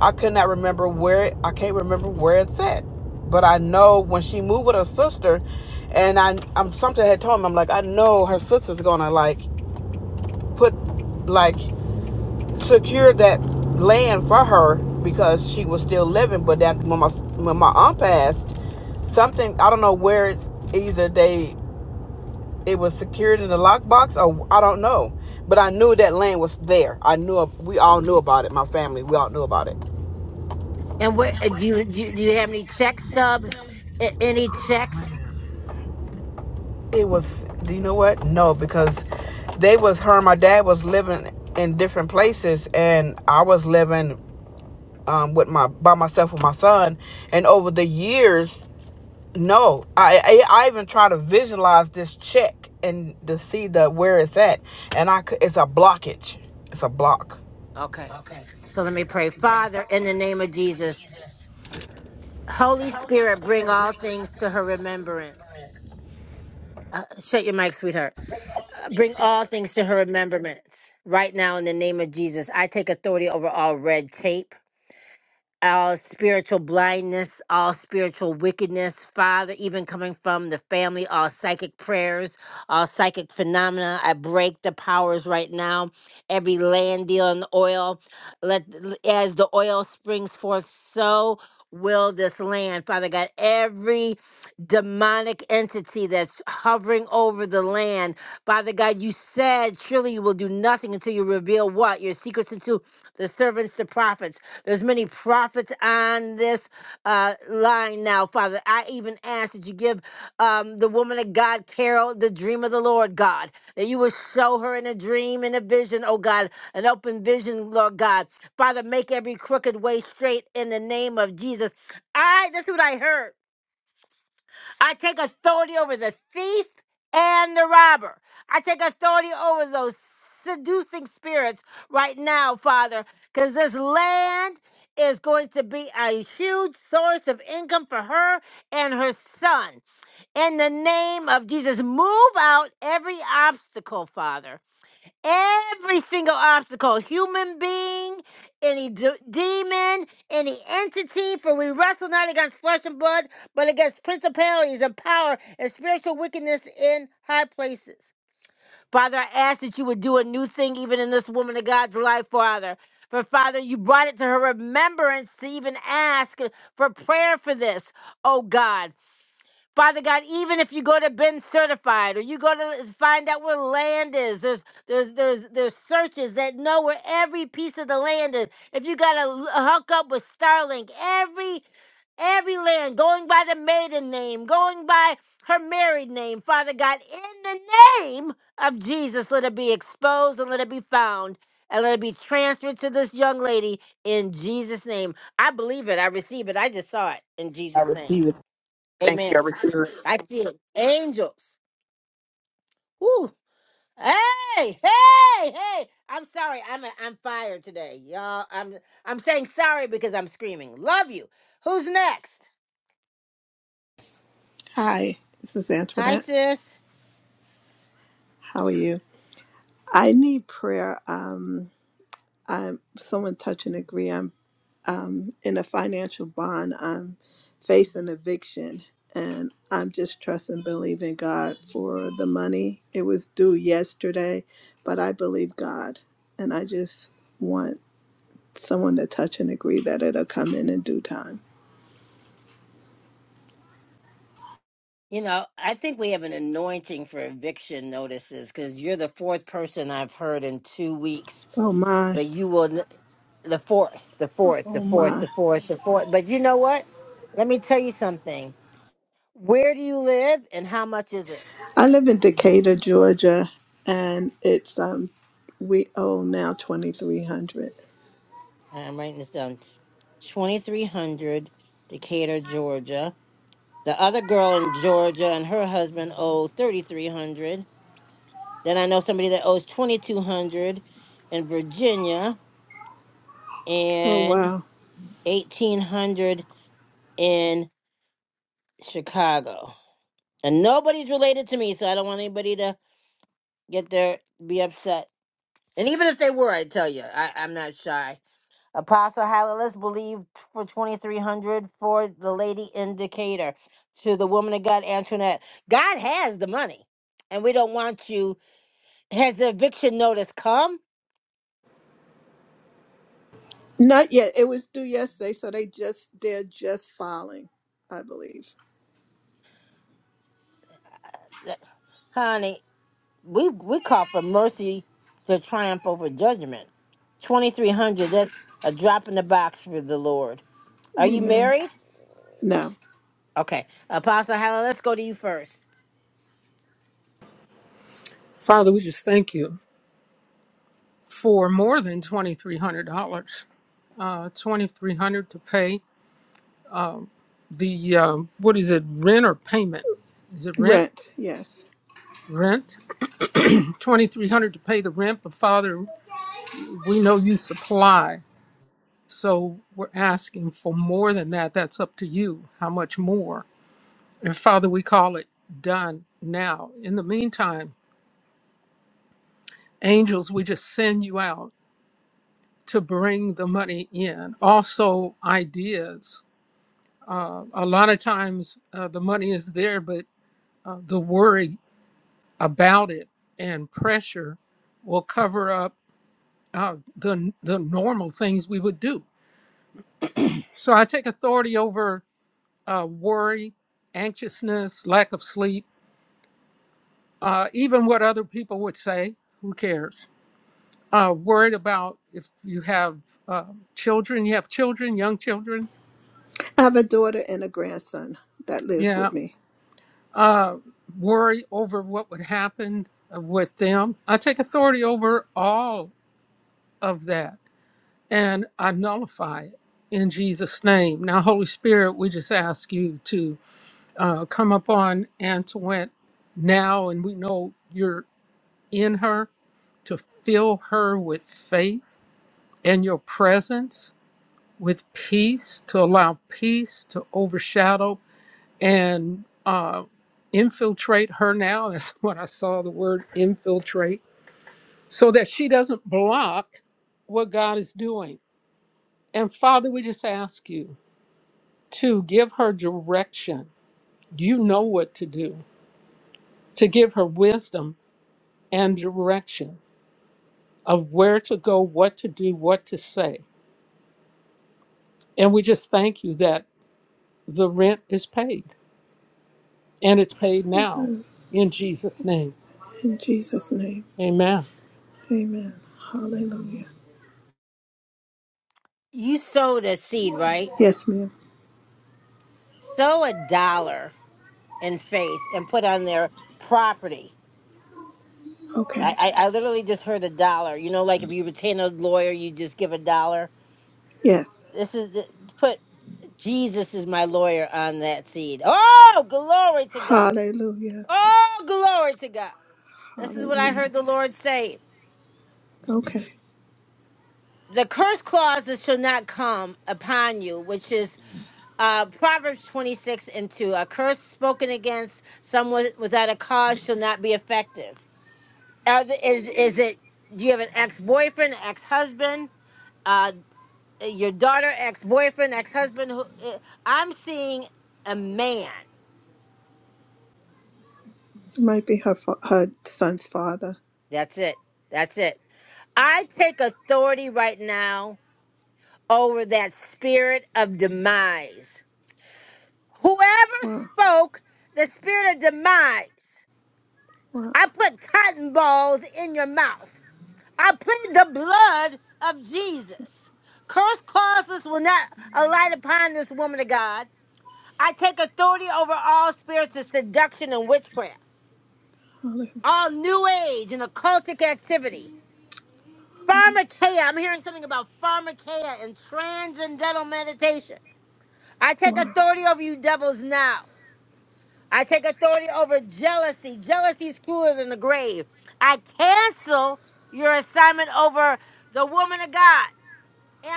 [SPEAKER 3] I could not remember where. It, I can't remember where it's at, but I know when she moved with her sister, and I I'm something had told me I'm like I know her sister's gonna like put like secure that land for her because she was still living. But that when my when my aunt passed, something I don't know where it's either they it was secured in the lockbox or I don't know. But I knew that land was there. I knew we all knew about it. My family, we all knew about it.
[SPEAKER 1] Sh- And what uh, do you do? You, do you have any check stubs?
[SPEAKER 3] It was do you know what? No, because they was her and my dad was living in different places and I was living um, with my by myself with my son and over the years no I, I I even try to visualize this check and to see the where it's at and I could, it's a blockage it's a block I receive it thank you I receive it
[SPEAKER 13] Hi, this is Antoinette. How are you? I need prayer. Um, I'm someone touch and agree. I'm um, in a financial bond. I'm facing eviction, and I'm just trusting, believing God for the money. It was due yesterday, but I believe God, and I just want someone to touch and agree that it'll come in in due time. Oh my, oh my. I live in Decatur, Georgia, and it's um we owe now twenty three hundred. Oh wow. Not yet. It was due yesterday, so they just they're just filing, I believe. Amen. No.
[SPEAKER 5] Father, we just thank you. for more than $2,300. Uh, 2300 to pay um, the, um, what is it, rent or payment? Is it rent?
[SPEAKER 13] Rent, yes.
[SPEAKER 5] Rent. [CLEARS THROAT] 2300 to pay the rent, but Father, we know you supply. So we're asking for more than that. That's up to you. How much more? And Father, we call it done now. In the meantime, angels, we just send you out to bring the money in. Also, ideas Uh, a lot of times uh, the money is there, but uh, the worry about it and pressure will cover up uh, the, the normal things we would do. So I take authority over uh, worry, anxiousness, lack of sleep, uh, even what other people would say. Who cares? Uh, worried about if you have uh, children, you have children, young children.
[SPEAKER 13] I have a daughter and a grandson that lives
[SPEAKER 5] Yeah.
[SPEAKER 13] with me.
[SPEAKER 5] uh, worry over what would happen uh, with them. I take authority over all of that and I nullify it in Jesus' name. Now, Holy Spirit, we just ask you to uh, come upon Antoinette now, and we know you're in her to fill her with faith and your presence, with peace, to allow peace to overshadow and uh, infiltrate her now. [LAUGHS] That's when I saw the word infiltrate, so that she doesn't block what God is doing. And Father, we just ask you to give her direction. You know what to do, to give her wisdom and direction of where to go, what to do, what to say. And we just thank you that the rent is paid and it's paid now in Jesus' name.
[SPEAKER 13] In Jesus' name.
[SPEAKER 5] Amen.
[SPEAKER 13] Amen. Hallelujah. Yes, ma'am. Okay. Yes. Hallelujah. Hallelujah. Okay. Might be her fa- her son's father. Wow. Wow, Jesus. Hallelujah. Wow.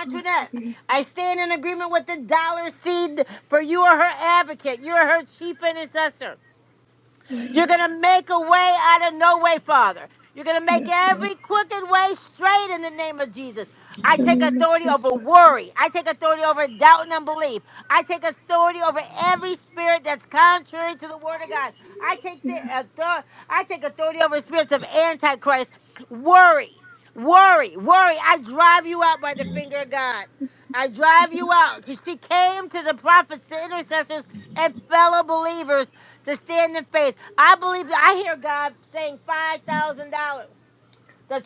[SPEAKER 13] Hallelujah. Yes. Yes, Lord. In the name of Jesus. Yes. In the name of Jesus.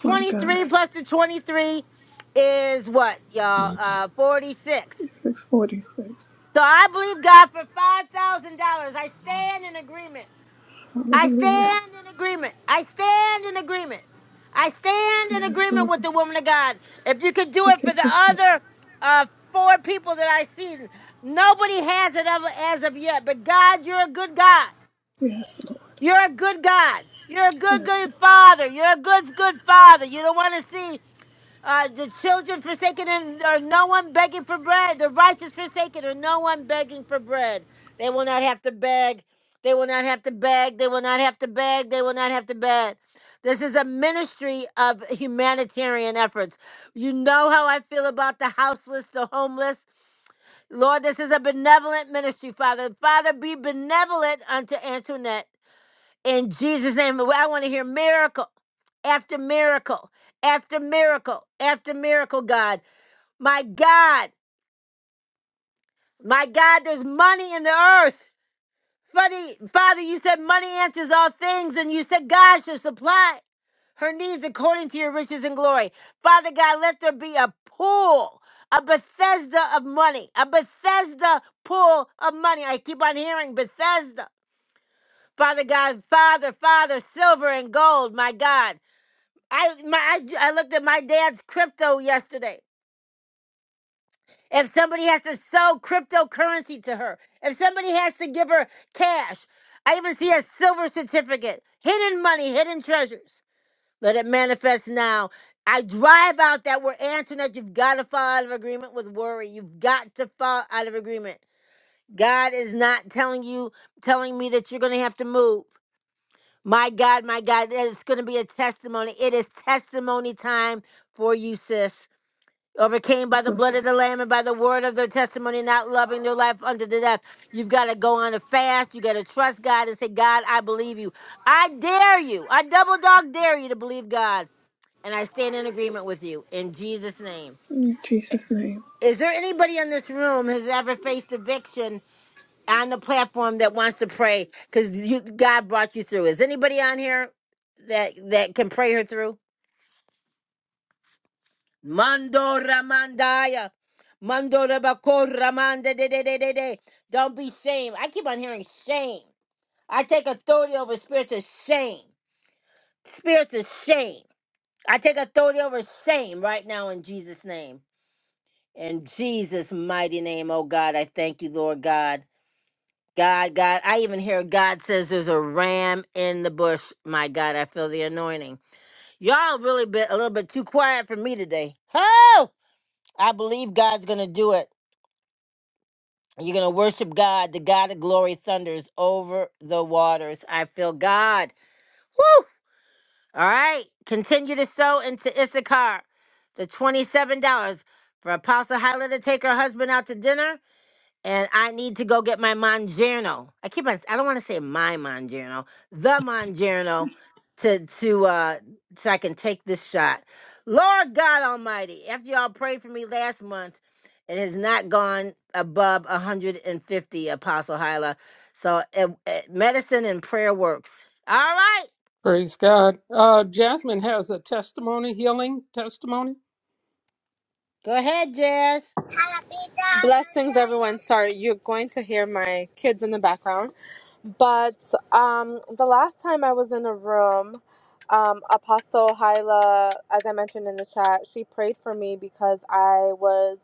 [SPEAKER 13] My God. 646. Hallelujah. Yes, Lord. Thank you, Jesus. Yes, Lord. Yes, Lord. In Jesus' name.
[SPEAKER 5] Praise God. Uh, Jasmine has a testimony, healing testimony.
[SPEAKER 14] Blessings, everyone. Sorry, you're going to hear my kids in the background. But um, the last time I was in a room, um, Apostle Hyla, as I mentioned in the chat, she prayed for me because I was,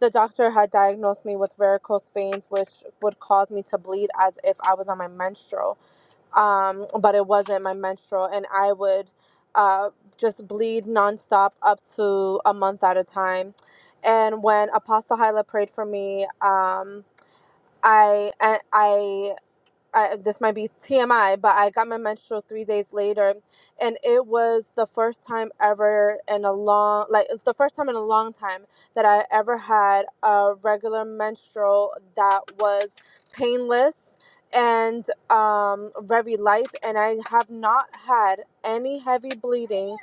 [SPEAKER 14] the doctor had diagnosed me with varicose veins, which would cause me to bleed as if I was on my menstrual um, but it wasn't my menstrual, and I would uh, just bleed nonstop up to a month at a time. And when Apostle Hyla prayed for me, um, I I I, this might be TMI, but I got my menstrual three days later, and it was the first time ever in a long, like it's the first time in a long time that I ever had a regular menstrual that was painless and um, very light, and I have not had any heavy bleeding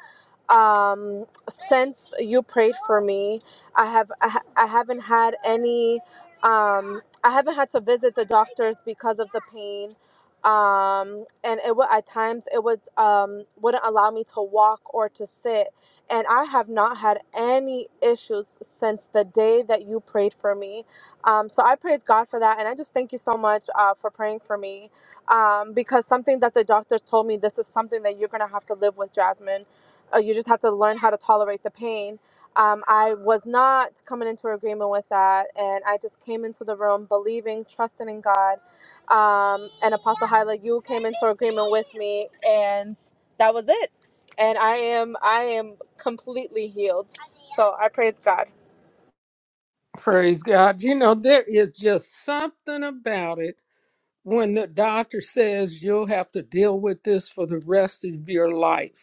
[SPEAKER 14] um since you prayed for me i have i, ha- I haven't had any um I haven't had to visit the doctors because of the pain. Um, and it would at times it would um, wouldn't allow me to walk or to sit. And I have not had any issues since the day that you prayed for me. Um, so I praise God for that, and I just thank you so much uh, for praying for me. Um, because something that the doctors told me, this is something that you're gonna have to live with, Jasmine. Uh, you just have to learn how to tolerate the pain um, I was not coming into agreement with that. And I just came into the room believing, trusting in God. Um, and Apostle Hyla, you came into agreement with me, and that was it. And I am, I am completely healed. So I praise God.
[SPEAKER 5] Praise God. You know, there is just something about it when the doctor says you'll have to deal with this for the rest of your life.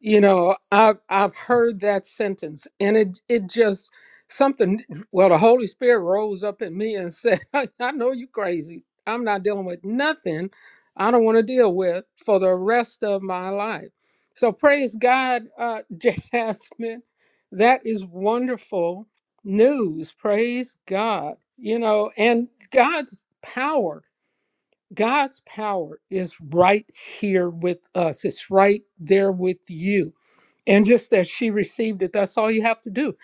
[SPEAKER 5] You know, I've I've heard that sentence, and it it just something. Well, the Holy Spirit rose up in me and said, [LAUGHS] "I, I know you crazy. I'm not dealing with nothing. I don't want to deal with for the rest of my life." So praise God, uh, [LAUGHS] Jasmine. That is wonderful news. Praise God. You know, and God's power. God's power is right here with us. It's right there with you and just that she received it that's all you have to do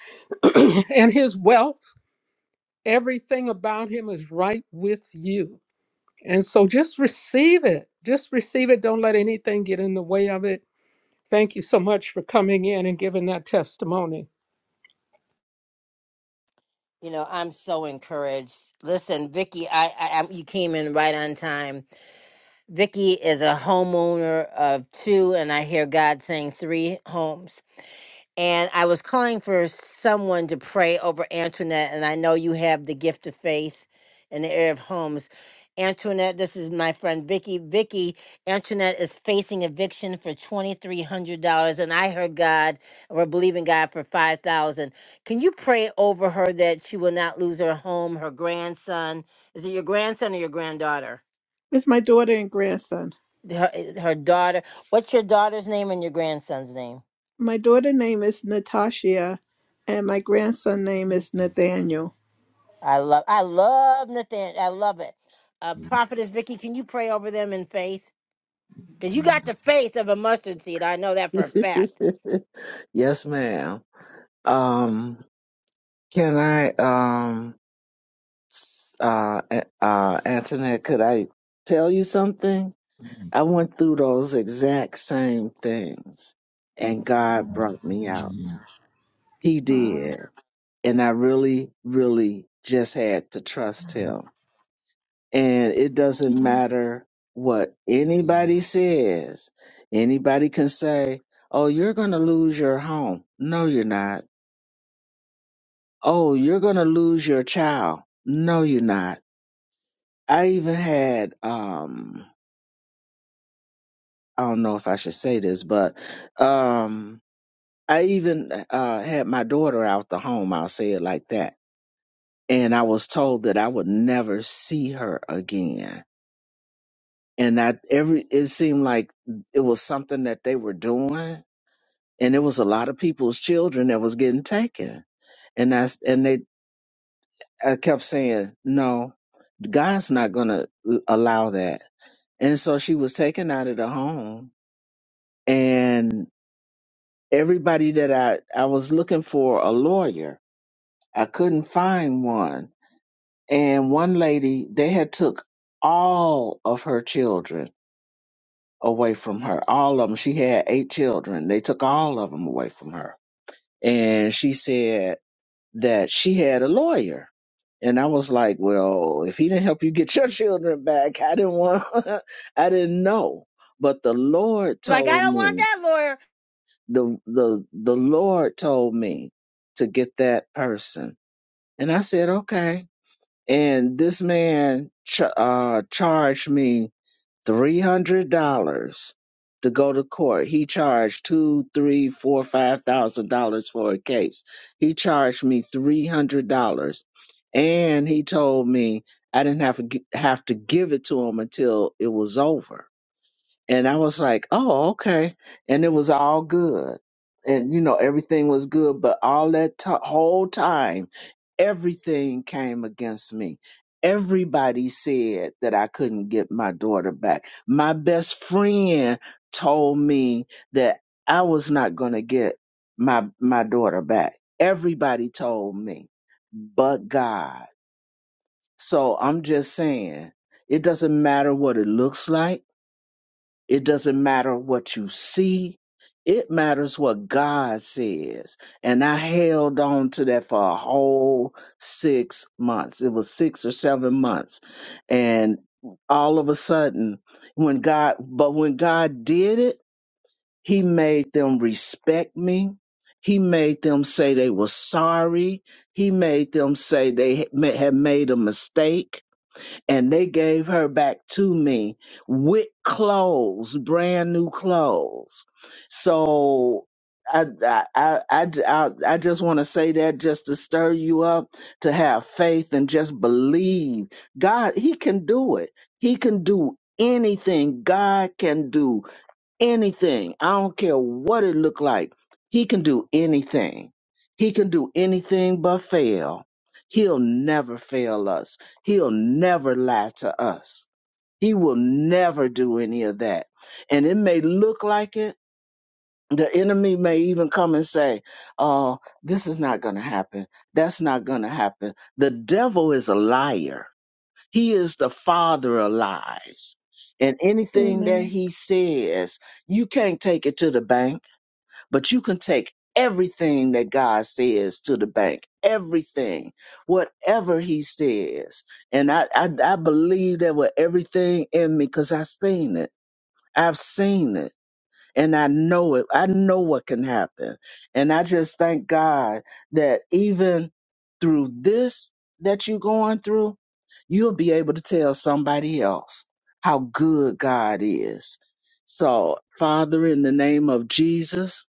[SPEAKER 5] [CLEARS THROAT] and his wealth everything about him is right with you and so just receive it just receive it don't let anything get in the way of it thank you so much for coming in and giving that testimony
[SPEAKER 13] It's my daughter and grandson. My daughter name is Natasha, and my grandson name is Nathaniel.
[SPEAKER 15] [LAUGHS] yes, ma'am. Um, can I, um, s- uh, A- uh, Antoinette, could I tell you something? I went through those exact same things and God brought me out. He
[SPEAKER 13] Wow.
[SPEAKER 15] did. And I really, really just had to trust him. And it doesn't matter what anybody says. Anybody can say, Oh, you're going to lose your home. No, you're not oh, you're going to lose your child. No, you're not. I even had, um, I don't know if I should say this, but, um, I even, uh, had my daughter out the home. I'll say it like that. And I was told that I would never see her again. And I, every, it seemed like it was something that they were doing. And it was a lot of people's children that was getting taken. And that's, and they, I kept saying, no, God's not going to allow that And so she was taken out of the home. And everybody that I, I was looking for a lawyer, I couldn't find one. And one lady, they had took all of her children away from her. All of them. She had eight children. They took all of them away from her. And she said that she had a lawyer. And I was like, well, if he didn't help you get [LAUGHS] your children back, I didn't want, [LAUGHS] I didn't know. But the Lord told me the the the Lord told me to get that person, and I said okay. And this man ch- uh, charged me three hundred dollars to go to court. He charged two, three, four, five thousand dollars for a case. He charged me three hundred dollars, and he told me I didn't have to gi- have to give it to him until it was over. And I was like, oh, okay. And it was all good. And, you know, everything was good. But all that to whole time, everything came against me. Everybody said that I couldn't get my daughter back. My best friend told me that I was not going to get my, my daughter back. Everybody told me, but God. So I'm just saying, it doesn't matter what it looks like it doesn't matter what you see. It matters what God says. And I held on to that for a whole six months. It was six or seven months. And all of a sudden, when God, but when God did it, He made them respect me. He made them say they were sorry. He made them say they had ma- had made a mistake and they gave her back to me with clothes, brand new clothes. So I I I I, I I just want to say that just to stir you up to have faith and just believe God. He can do it. He can do anything. God can do anything. I don't care what it look like. He can do anything. He can do anything but fail. He'll never fail us. He'll never lie to us. He will never do any of that. And it may look like it. The enemy may even come and say, Oh, this is not going to happen. That's not going to happen. The devil is a liar he is the father of lies. And anything that
[SPEAKER 13] Amen.
[SPEAKER 15] he says, you can't take it to the bank, but you can take everything that God says to the bank, everything, whatever he says. And I, I, I believe that with everything in me because I've seen it. I've seen it and I know it. I know what can happen. And I just thank God that even through this that you're going through, you'll be able to tell somebody else how good God is. So, Father, in the name of Jesus,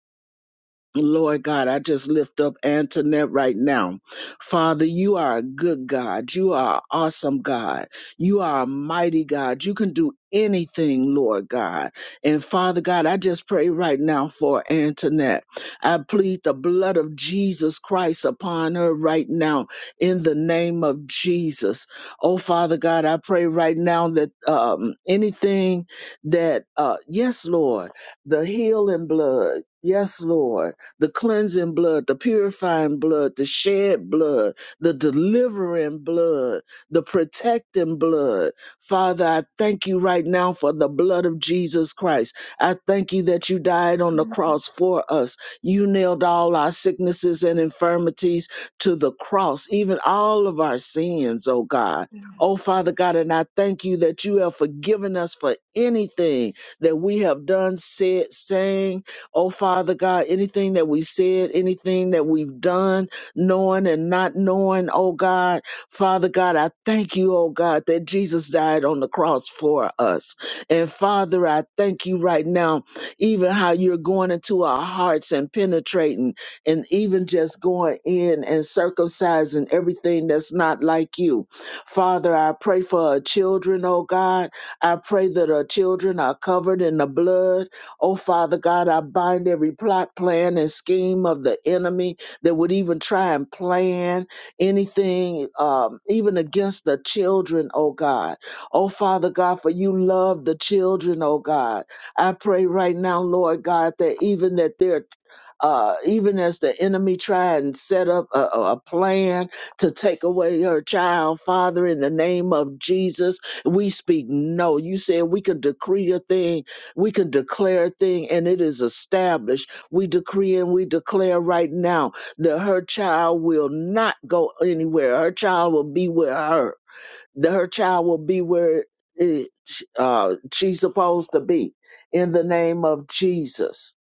[SPEAKER 15] Lord God, I just lift up Antoinette right now. Father, you are a good God. You are an awesome God. You are a mighty God. You can do anything, Lord God. And Father God, I just pray right now for Antoinette. I plead the blood of Jesus Christ upon her right now in the name of Jesus. Oh, Father God, I pray right now that um, anything that, uh, yes, Lord, the healing blood, yes, Lord the cleansing blood, the purifying blood, the shed blood, the delivering blood, the protecting blood. Father, I thank you right now for the blood of Jesus Christ. I thank you that you died on the cross for us. You nailed all our sicknesses and infirmities to the cross, even all of our sins, oh God. Oh, Father God, and I thank you that you have forgiven us for anything that we have done, said, saying, Oh, Father God, anything that we said, anything that we've done, knowing and not knowing, oh God, Father God, I thank you, oh God, that Jesus died on the cross for us. And Father, I thank you right now, even how you're going into our hearts and penetrating and even just going in and circumcising everything that's not like you. Father, I pray for our children, oh God. I pray that our children are covered in the blood. Oh, Father God, I bind every plot, plan, and scheme of the enemy that would even try and plan anything, um, even against the children, oh God. Oh, Father God, for you love the children, oh God. I pray right now, Lord God, that even that they're uh, even as the enemy try and set up a, a a plan to take away her child, Father, in the name of Jesus, we speak no. You said we could decree a thing we can declare a thing and it is established. We decree and we declare right now that her child will not go anywhere. Her child will be with her. That her child will be where it, uh, she's supposed to be in the name of Jesus.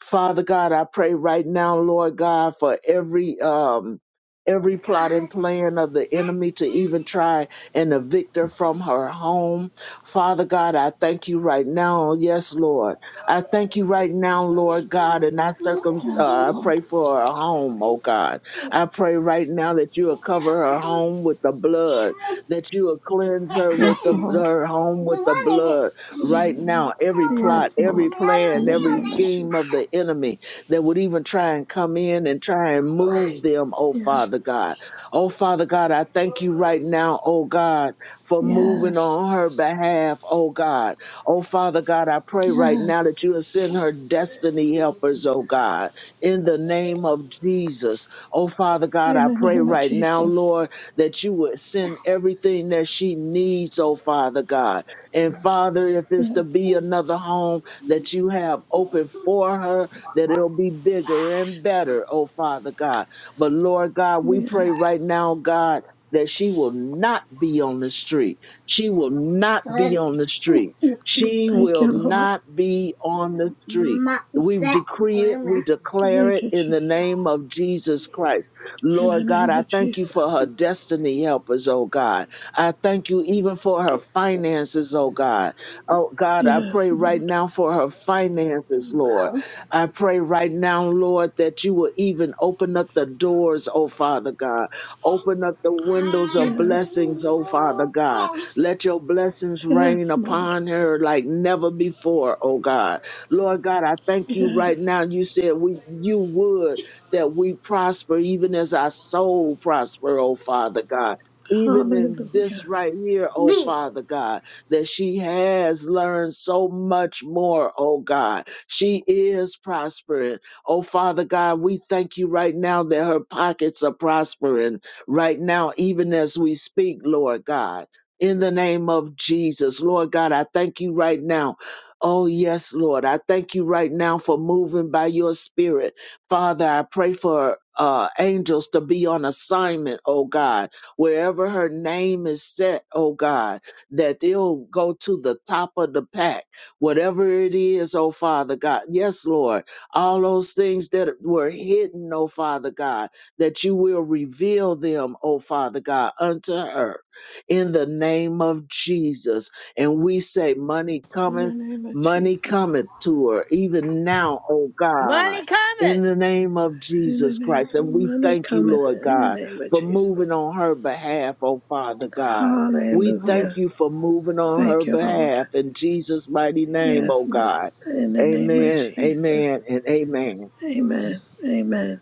[SPEAKER 15] Father God, I pray right now, Lord God, for every um every plot and plan of the enemy to even try and evict her from her home. Father God, I thank you right now. Yes, Lord. I thank you right now, Lord God, and I
[SPEAKER 13] Yes,
[SPEAKER 15] circum uh, I
[SPEAKER 13] Lord.
[SPEAKER 15] pray for her home, oh
[SPEAKER 13] Yes,
[SPEAKER 15] God.
[SPEAKER 13] Lord.
[SPEAKER 15] I pray right now that you will cover her home with the blood, that you will cleanse her with
[SPEAKER 13] Yes,
[SPEAKER 15] the
[SPEAKER 13] Lord.
[SPEAKER 15] her home
[SPEAKER 13] In
[SPEAKER 15] with
[SPEAKER 13] the
[SPEAKER 15] the blood right now every plot, every plan,
[SPEAKER 13] name
[SPEAKER 15] every
[SPEAKER 13] of
[SPEAKER 15] scheme
[SPEAKER 13] Jesus.
[SPEAKER 15] of the enemy that would even try and come in and try and move them, oh Father
[SPEAKER 13] Yes.
[SPEAKER 15] God. Oh Father God, I thank you right now, oh God, for moving
[SPEAKER 13] Yes.
[SPEAKER 15] on her behalf, oh God. Oh Father God, I pray right now
[SPEAKER 13] Yes.
[SPEAKER 15] that you will send her destiny helpers, oh God, in the name of Jesus. Oh Father God,
[SPEAKER 13] In
[SPEAKER 15] I
[SPEAKER 13] the
[SPEAKER 15] pray
[SPEAKER 13] name of
[SPEAKER 15] right now,
[SPEAKER 13] Jesus.
[SPEAKER 15] Lord, that you would send everything that she needs, oh Father God and Father, if it's to
[SPEAKER 13] Yes.
[SPEAKER 15] be another home that you have open for her, that it'll be bigger and better, oh Father God. But Lord God, we pray
[SPEAKER 13] Yes.
[SPEAKER 15] right now, God, that she will not be on the street. She will not be
[SPEAKER 13] Thank
[SPEAKER 15] on the street. She will
[SPEAKER 13] you, Lord.
[SPEAKER 15] not be on the street. We decree it, we declare
[SPEAKER 13] Thank
[SPEAKER 15] it
[SPEAKER 13] you,
[SPEAKER 15] in the name
[SPEAKER 13] Jesus.
[SPEAKER 15] of Jesus Christ.
[SPEAKER 13] In the
[SPEAKER 15] Lord God,
[SPEAKER 13] name
[SPEAKER 15] I
[SPEAKER 13] of
[SPEAKER 15] thank you for
[SPEAKER 13] Jesus.
[SPEAKER 15] her destiny helpers, oh God. I thank you even for her finances, oh God. Oh God, I
[SPEAKER 13] Yes,
[SPEAKER 15] pray right
[SPEAKER 13] Lord.
[SPEAKER 15] now for her finances, Lord. I pray right now, Lord, that you will even open up the doors, oh Father God. Open up the windows of
[SPEAKER 13] Yes.
[SPEAKER 15] blessings, oh Father God. Let your blessings rain
[SPEAKER 13] Yes, Lord.
[SPEAKER 15] upon her like never before, oh God. Lord God, I thank you right
[SPEAKER 13] Yes.
[SPEAKER 15] now. You said we you would that we prosper even as our soul prosper, oh Father God even in this
[SPEAKER 13] Hallelujah.
[SPEAKER 15] right here, oh
[SPEAKER 13] In
[SPEAKER 15] Father God, that she has learned so much more, oh God. She is prospering. Oh Father God, we thank you right now that her pockets are prospering right now, even as we speak, Lord God. In the name of Jesus, Lord God, I thank you right now. Oh, yes, Lord. I thank you right now for moving by your spirit. Father, I pray for uh, angels to be on assignment, oh God wherever her name is set, oh God, that it'll go to the top of the pack, whatever it is, oh Father God. Yes, Lord, all those things that were hidden, oh Father God, that you will reveal them, oh Father God, unto her in the name of Jesus. And we say, Money
[SPEAKER 13] the
[SPEAKER 15] cometh,
[SPEAKER 13] name of
[SPEAKER 15] money
[SPEAKER 13] Jesus.
[SPEAKER 15] cometh to her, even now, oh God. In the name of
[SPEAKER 13] In the
[SPEAKER 15] Jesus
[SPEAKER 13] name
[SPEAKER 15] Christ.
[SPEAKER 13] of
[SPEAKER 15] And we
[SPEAKER 13] money
[SPEAKER 15] thank you,
[SPEAKER 13] cometh
[SPEAKER 15] Lord
[SPEAKER 13] in the
[SPEAKER 15] God
[SPEAKER 13] name of
[SPEAKER 15] for moving
[SPEAKER 13] Jesus.
[SPEAKER 15] on her behalf, oh Father God. We
[SPEAKER 13] Hallelujah.
[SPEAKER 15] thank you for moving on
[SPEAKER 13] Thank
[SPEAKER 15] her
[SPEAKER 13] you, Lord.
[SPEAKER 15] behalf in Jesus' mighty name, oh
[SPEAKER 13] Yes, Lord.
[SPEAKER 15] God.
[SPEAKER 13] In the name of
[SPEAKER 15] Amen,
[SPEAKER 13] Jesus.
[SPEAKER 15] amen, and amen.
[SPEAKER 13] Amen. Amen.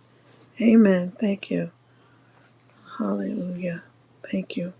[SPEAKER 13] Amen. Thank you. Hallelujah. Thank you.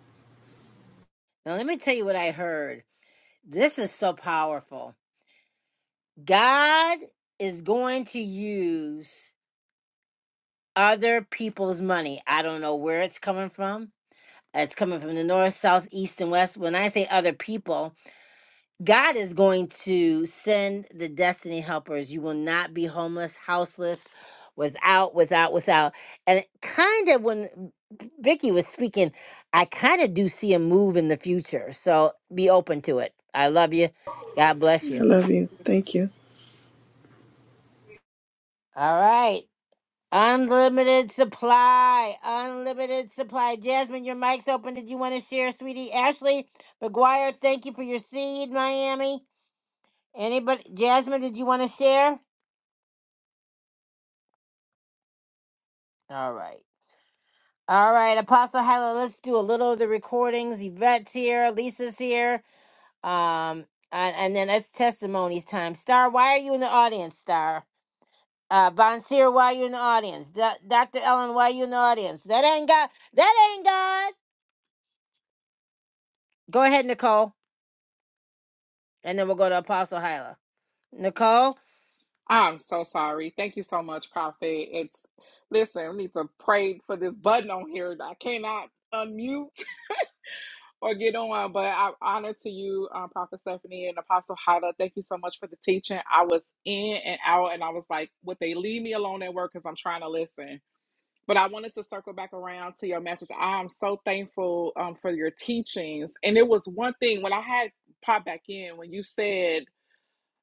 [SPEAKER 13] I love you. Thank you.
[SPEAKER 12] I'm so sorry. Thank you so much, Prophet. It's listen, we need to pray for this button on here. I cannot unmute [LAUGHS] or get on, but I honor to you, uh, Prophet Stephanie and Apostle Hala. Thank you so much for the teaching. I was in and out, and I was like, would they leave me alone at work because I'm trying to listen? But I wanted to circle back around to your message. I'm so thankful um, for your teachings. And it was one thing when I had popped back in when you said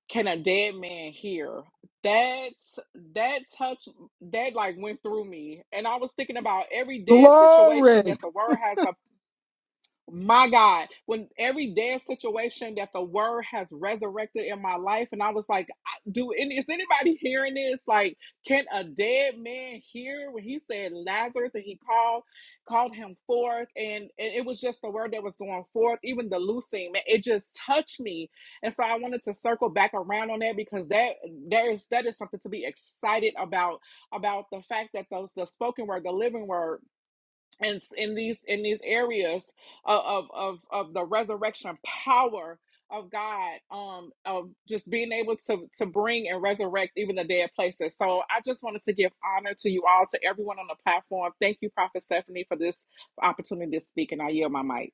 [SPEAKER 12] can a dead man hear that's that touch that like went through me and i was thinking about every dead situation
[SPEAKER 5] Glory.
[SPEAKER 12] that the word has my God, when every dead situation that the word has resurrected in my life, and I was like, I- "Do any is anybody hearing this? Like, can a dead man hear?" When he said Lazarus, and he called called him forth, and, and it was just the word that was going forth. Even the loosing, man, it just touched me, and so I wanted to circle back around on that because that there is that is something to be excited about about the fact that those the spoken word, the living word and in these in these areas of of of, of the resurrection power of God, um, of just being able to to bring and resurrect even the dead places. So I just wanted to give honor to you all, to everyone on the platform. Thank you, Prophet Stephanie, for this opportunity to speak, and I yield my mic.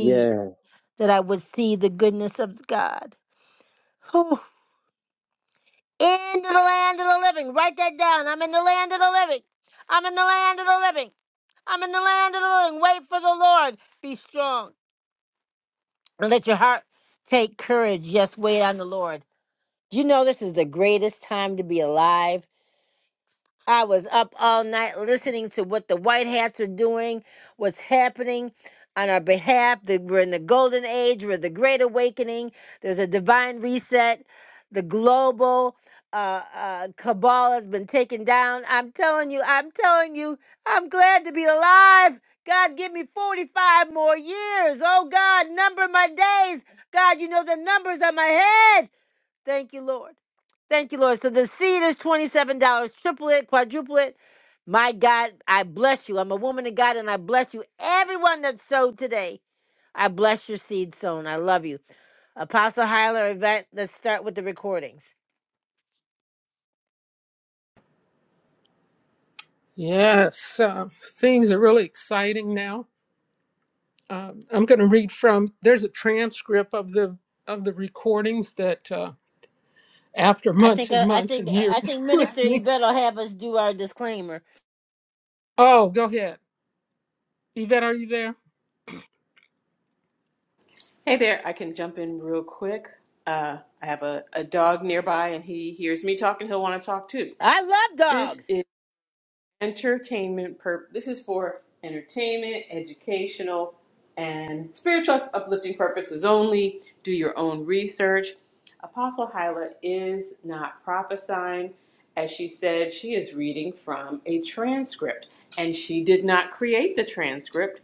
[SPEAKER 15] Yes.
[SPEAKER 5] yes uh, things are really exciting now um, i'm going to read from there's a transcript of the of the recordings that uh, after months and months and years [LAUGHS] listening oh go ahead Yvette, are you there?
[SPEAKER 16] Hey there, I can jump in real quick. Uh, I have a, a dog nearby and he hears me talking, he'll want to talk too. This is entertainment pur- this is for entertainment, educational, and spiritual uplifting purposes only. Do your own research. Apostle Hyla is not prophesying. As she said, she is reading from a transcript, and she did not create the transcript.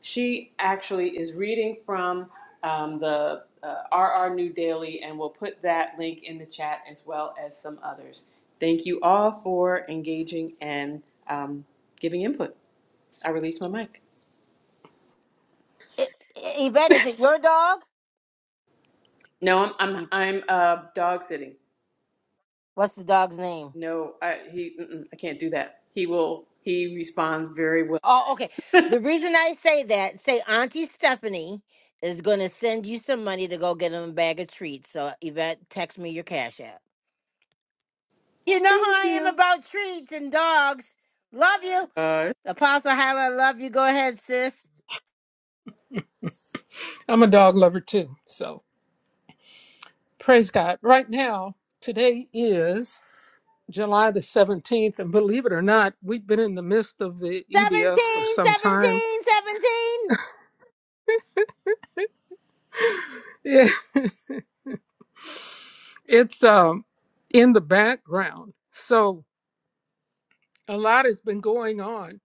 [SPEAKER 16] She actually is reading from um, the uh, RR New Daily, and we'll put that link in the chat as well as some others. Thank you all for engaging and um, giving input. I release my mic. No, I'm I'm I'm uh, dog sitting. No, I he mm-mm, I can't do that. He will. He responds very well. Thank you.
[SPEAKER 5] I'm a dog lover too. So praise God. Right now, today is July the 17th. And believe it or not, we've been in the midst of the EBS for some time. [LAUGHS] Yeah. It's um, in the background. So a lot has been going on.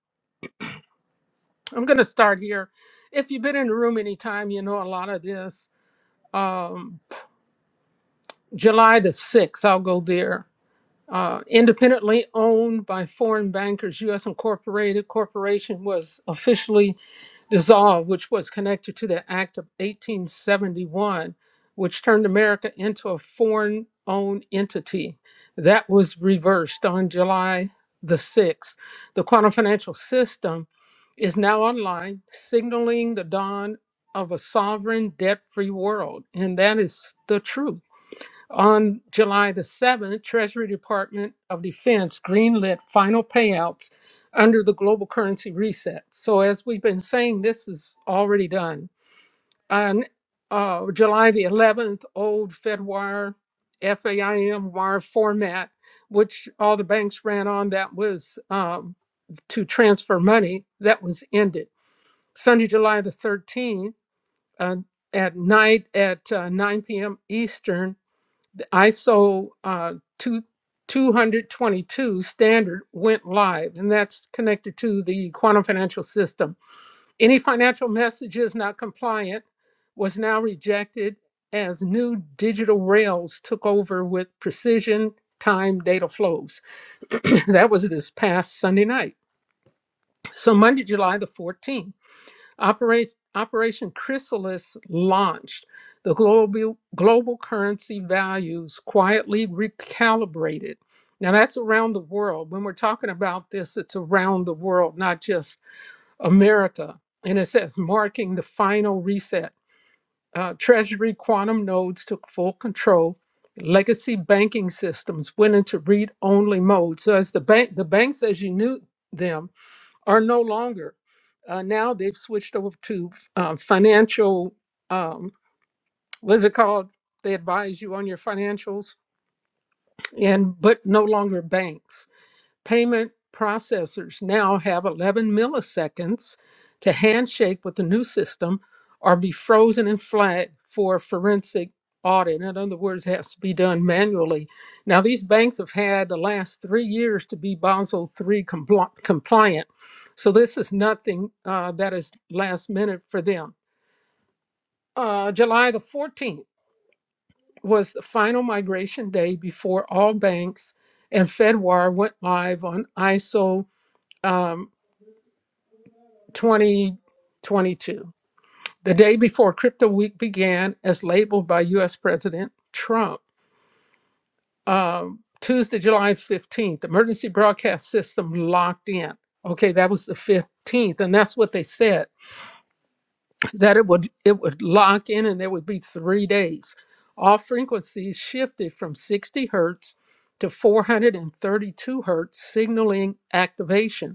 [SPEAKER 5] I'm going to start here. If you've been in the room any time, you know a lot of this. Um, July the 6th, I'll go there uh, independently owned by foreign bankers. U.S. Incorporated Corporation was officially dissolved, which was connected to the Act of 1871, which turned America into a foreign owned entity. That was reversed on July the 6th. The quantum financial system is now online, signaling the dawn of a sovereign debt free world. And that is the truth. On July the 7th, Treasury Department of Defense greenlit final payouts under the global currency reset. So, as we've been saying, this is already done. On uh, July the 11th, old FedWire, FAIM wire format, which all the banks ran on, that was um, to transfer money, that was ended. Sunday, July the 13th, uh, at night at uh, 9 p.m. Eastern, ISO uh, 2, 222 standard went live, and that's connected to the quantum financial system. Any financial messages not compliant was now rejected as new digital rails took over with precision time data flows. [CLEARS THROAT] that was this past Sunday night. So, Monday, July the 14th. Operation, Operation Chrysalis launched, the global, global currency values quietly recalibrated. Now, that's around the world. When we're talking about this, it's around the world, not just America. And it says marking the final reset. Uh, Treasury quantum nodes took full control. Legacy banking systems went into read only mode. So, as the bank, the banks as you knew them, are no longer. Uh, now they've switched over to uh, financial. Um, what is it called? They advise you on your financials, and but no longer banks. Payment processors now have 11 milliseconds to handshake with the new system or be frozen and flat for forensic audit. In other words, it has to be done manually. Now, these banks have had the last three years to be Basel three compli- compliant. So this is nothing uh, that is last minute for them. Uh, July the 14th was the final migration day before all banks and Fedwire went live on ISO 2022, the day before Crypto Week began, as labeled by US President Trump. Um, Tuesday, July 15th, emergency broadcast system locked in. Okay, that was the 15th, and that's what they said that it would it would lock in, and there would be three days. All frequencies shifted from 60 hertz to 432 hertz, signaling activation.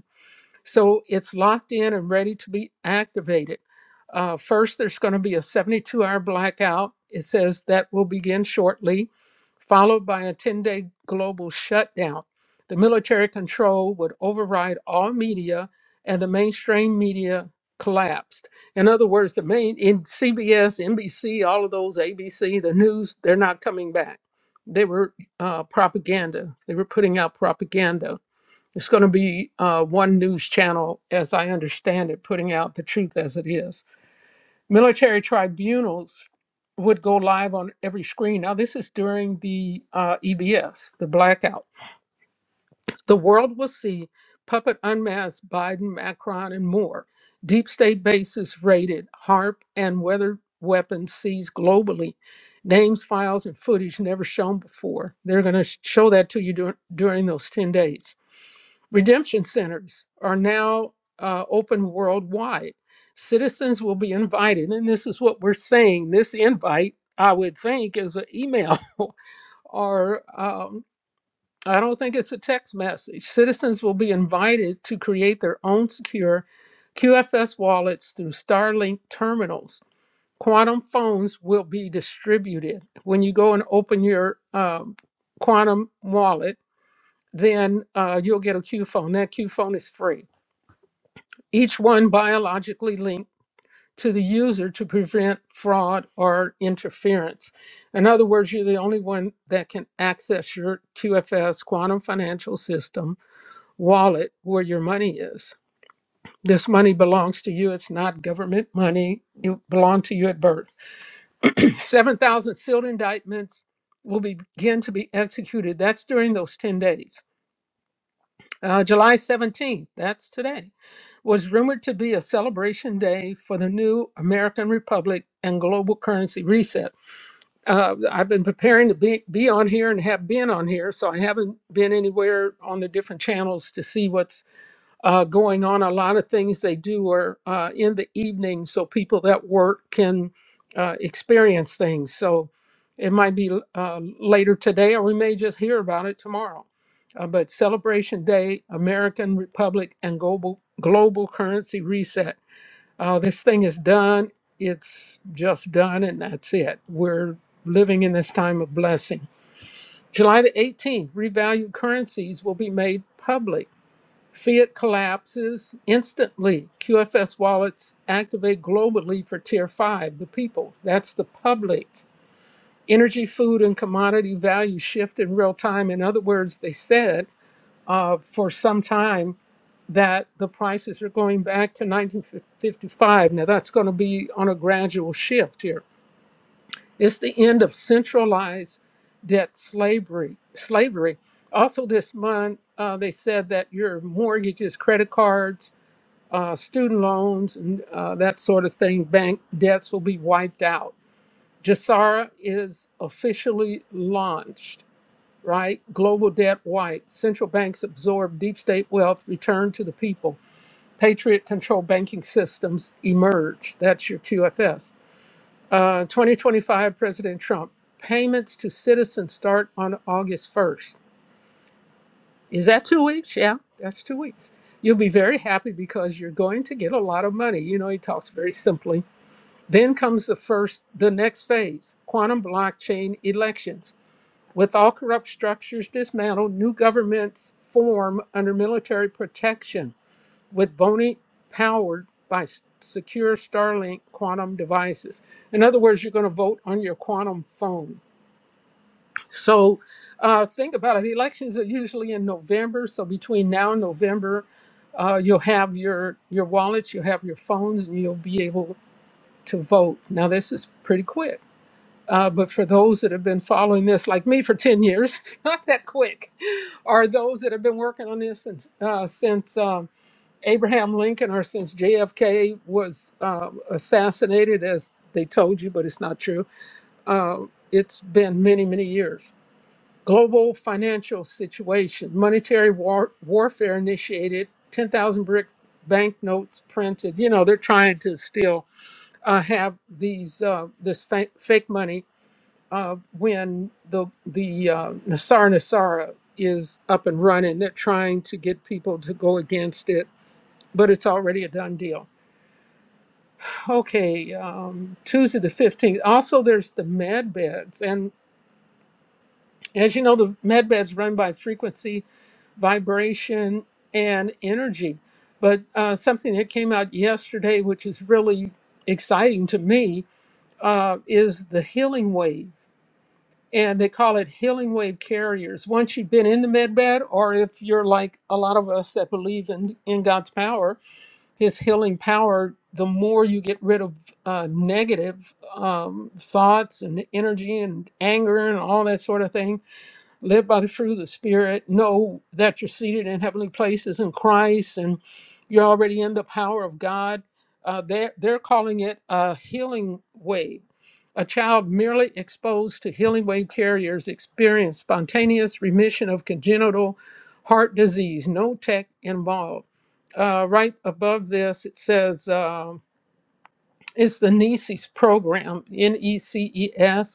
[SPEAKER 5] So it's locked in and ready to be activated. Uh, first, there's going to be a 72 hour blackout. It says that will begin shortly, followed by a 10 day global shutdown. The military control would override all media, and the mainstream media collapsed. In other words, the main in CBS, NBC, all of those, ABC, the news, they're not coming back. They were uh, propaganda. They were putting out propaganda it's going to be uh, one news channel, as I understand it, putting out the truth as it is. Military tribunals would go live on every screen. Now, this is during the uh, EBS, the blackout. The world will see puppet unmasked Biden, Macron, and more. Deep state bases raided, HARP and weather weapons seized globally. Names, files, and footage never shown before. They're going to show that to you dur- during those 10 days Redemption centers are now uh, open worldwide. Citizens will be invited, and this is what we're saying. This invite, I would think, is an email [LAUGHS] or um, I don't think it's a text message. Citizens will be invited to create their own secure QFS wallets through Starlink terminals. Quantum phones will be distributed. When you go and open your um, quantum wallet, then uh, you'll get a Q phone. That Q phone is free each one biologically linked to the user to prevent fraud or interference. In other words, you're the only one that can access your QFS, Quantum Financial System, wallet where your money is. This money belongs to you. It's not government money. It belonged to you at birth. [CLEARS THROAT] 7,000 sealed indictments will begin to be executed. That's during those 10 days. Uh, July 17th, that's today. was rumored to be a celebration day for the new American Republic and global currency reset. Uh, I've been preparing to be, be on here and have been on here, so I haven't been anywhere on the different channels to see what's uh, going on. A lot of things they do are uh, in the evening, so people that work can uh, experience things. So it might be uh, later today, or we may just hear about it tomorrow. Uh, but Celebration Day, American Republic, and Global Global Currency Reset. Uh, this thing is done. It's just done, and that's it. We're living in this time of blessing. July the 18th, revalued currencies will be made public. Fiat collapses instantly. QFS wallets activate globally for tier five, the people. That's the public. Energy, food, and commodity values shift in real time. In other words, they said uh, for some time that the prices are going back to 1955. Now, that's going to be on a gradual shift here. It's the end of centralized debt slavery. Slavery. Also, this month, uh, they said that your mortgages, credit cards, uh, student loans, and uh, that sort of thing, bank debts will be wiped out. JASARA is officially launched, right? Global debt wiped. Central banks absorb deep state wealth, returned to the people. Patriot controlled banking systems emerge. That's your QFS. Uh, 2025 President Trump. Payments to citizens start on August 1st. Is that two weeks? Yeah, that's two weeks. You'll be very happy because you're going to get a lot of money. You know, he talks very simply. Then comes the first, the next phase quantum blockchain elections. With all corrupt structures dismantled, new governments form under military protection, with voting powered by s- secure Starlink quantum devices. In other words, you're going to vote on your quantum phone so uh, think about it. Elections are usually in November. So between now and November, uh, you'll have your your wallets, you'll have your phones, and you'll be able to vote. Now this is pretty quick. Uh, but for those that have been following this, like me, for 10 years, [LAUGHS] it's not that quick. Are those that have been working on this since, uh, since um, Abraham Lincoln or since JFK was uh, assassinated, as they told you, but it's not true. Uh, it's been many, many years. Global financial situation. Monetary war- warfare initiated. 10,000 brick banknotes printed. You know, they're trying to still uh, have these uh, this fa- fake money uh, when the the uh, Nassar Nassara is up and running. They're trying to get people to go against it, but it's already a done deal. Okay, um, Tuesday the 15th. Also, there's the med beds. and. As you know, the med bed's run by frequency, vibration, and energy. But uh, something that came out yesterday, which is really exciting to me, uh, is the healing wave. And they call it healing wave carriers. Once you've been in the med bed, or if you're like a lot of us that believe in, in God's power, His healing power, the more you get rid of uh, negative um, thoughts and energy and anger and all that sort of thing, led by the fruit of the Spirit, know that you're seated in heavenly places in Christ and you're already in the power of God. Uh, they're, they're calling it a healing wave. A child merely exposed to healing wave carriers experienced spontaneous remission of congenital heart disease, no tech involved. Uh, right above this, it says um it's the NECES program, N E C E S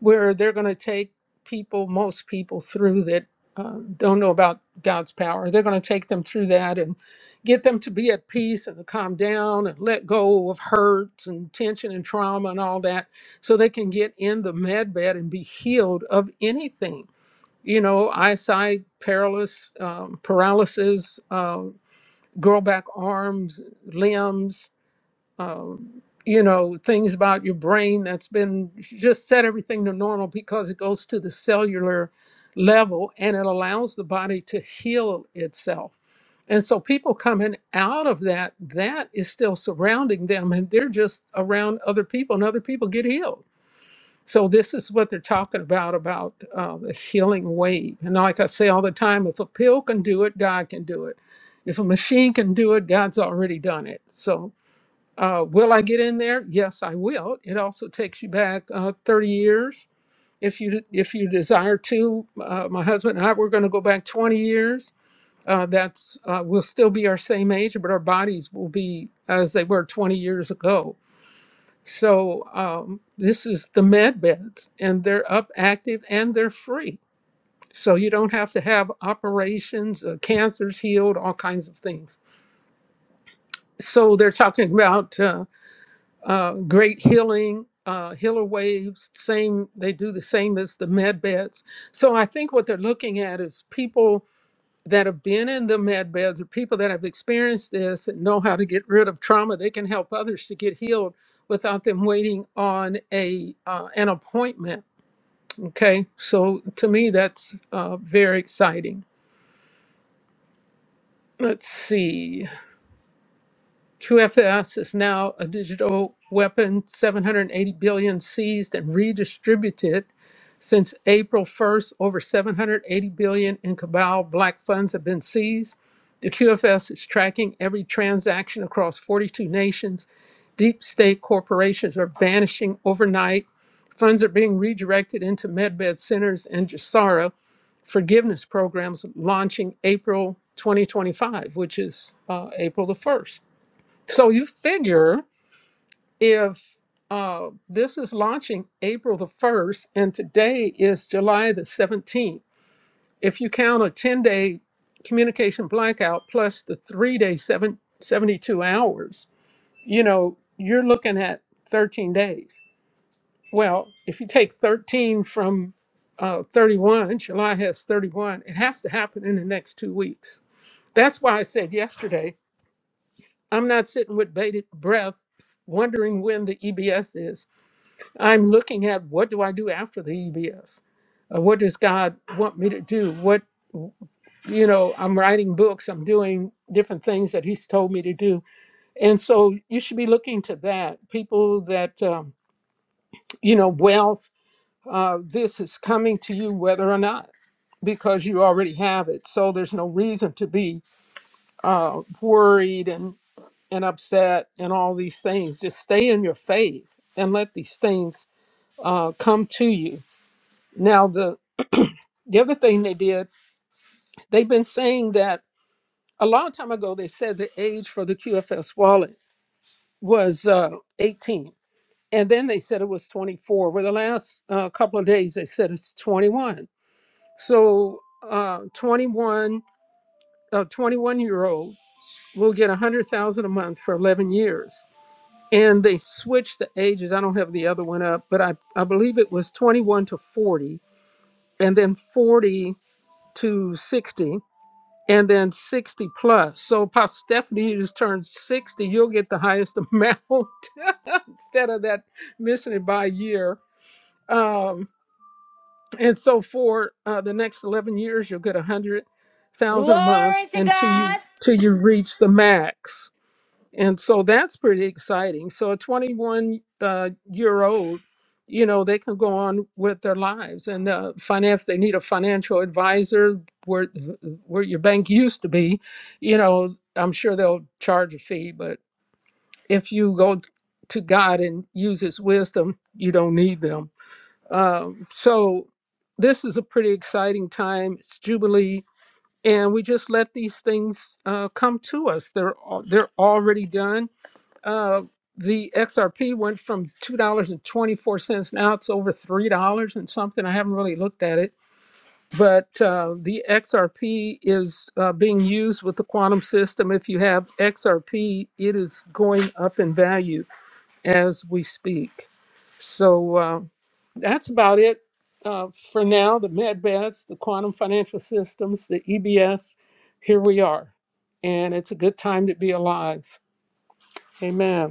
[SPEAKER 5] where they're going to take people, most people, through that uh, don't know about God's power. They're going to take them through that and get them to be at peace and to calm down and let go of hurt and tension and trauma and all that so they can get in the med bed and be healed of anything. You know, eyesight, paralysis, um, paralysis, um, girl back arms, limbs, um, you know, things about your brain that's been just set everything to normal because it goes to the cellular level and it allows the body to heal itself. And so people coming out of that, that is still surrounding them and they're just around other people and other people get healed. So this is what they're talking about, about uh, the healing wave. And like I say all the time, if a pill can do it, God can do it. If a machine can do it, God's already done it. So uh, will I get in there? Yes, I will. It also takes you back uh, 30 years if you if you desire to. Uh, my husband and I we're going to go back 20 years. Uh, that's uh, we'll still be our same age, but our bodies will be as they were 20 years ago. So um, this is the med beds, and they're up active and they're free. So you don't have to have operations, uh, cancers healed, all kinds of things. So they're talking about. Uh, uh, great healing uh, healer waves same they do the same as the med beds so i think what they're looking at is people that have been in the med beds or people that have experienced this and know how to get rid of trauma they can help others to get healed without them waiting on a uh, an appointment okay so to me that's uh, very exciting let's see QFS is now a digital weapon, 780 billion seized and redistributed Since April 1st, over 780 billion dollars in Cabal Black funds have been seized. The QFS is tracking every transaction across 42 nations. Deep state corporations are vanishing overnight. Funds are being redirected into medbed centers and Jasara forgiveness programs launching April 2025, which is uh, April the 1st. So you figure if uh, this is launching April the 1st and today is July the 17th, if you count a 10 day communication blackout plus the three day seven, 72 hours, you know, you're looking at 13 days. Well, if you take 13 from uh, 31, July has 31, it has to happen in the next two weeks. That's why I said yesterday, I'm not sitting with bated breath wondering when the EBS is. I'm looking at what do I do after the EBS? Uh, what does God want me to do? What, you know, I'm writing books, I'm doing different things that He's told me to do. And so you should be looking to that. People that, um, you know, wealth, uh, this is coming to you whether or not, because you already have it. So there's no reason to be uh, worried and, and upset and all these things. Just stay in your faith and let these things uh, come to you. Now, the The other thing they did, they've been saying that a long time ago, they said the age for the QFS wallet was uh, 18. And then they said it was 24. Well, the last uh, couple of days, they said it's 21. So uh, 21, a 21 year old will get 100,000 a month for 11 years. And they switched the ages. I don't have the other one up, but I, I believe it was 21 to 40 and then 40 to 60 and then 60 plus. So Pastor Stephanie you just turned 60, you'll get the highest amount [LAUGHS] instead of that missing it by a year. Um, and so for uh, the next 11 years, you'll get a 100,000 a month until you, till you reach the max and so that's pretty exciting so a 21 uh, year old you know they can go on with their lives and uh, finance they need a financial advisor where where your bank used to be you know i'm sure they'll charge a fee but if you go t- to god and use his wisdom you don't need them um, so this is a pretty exciting time it's jubilee and we just let these things uh, come to us they're al- they're already done uh, the XRP went from two dollars and twenty four cents now it's over three dollars and something. I haven't really looked at it, but uh, the XRP is uh, being used with the quantum system. If you have XRP, it is going up in value as we speak. So uh, that's about it uh, for now. The MedBets, the quantum financial systems, the EBS. Here we are, and it's a good time to be alive. Amen.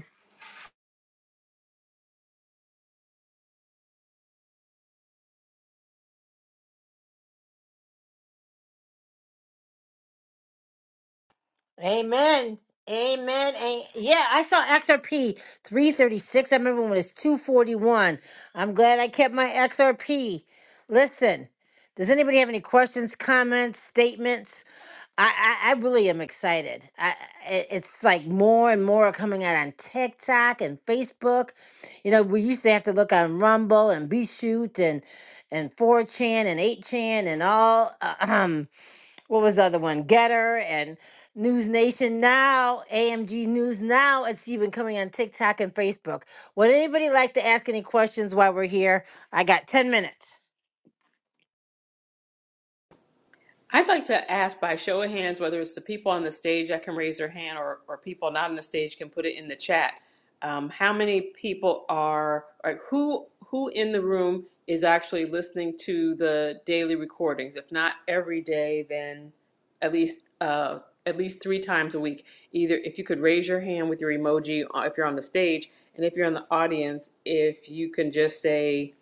[SPEAKER 16] I'd like to ask by show of hands whether it's the people on the stage that can raise their hand or, or people not on the stage can put it in the chat. Um, how many people are, or who, who in the room is actually listening to the daily recordings? If not every day, then at least, uh, at least three times a week. Either if you could raise your hand with your emoji uh, if you're on the stage, and if you're in the audience, if you can just say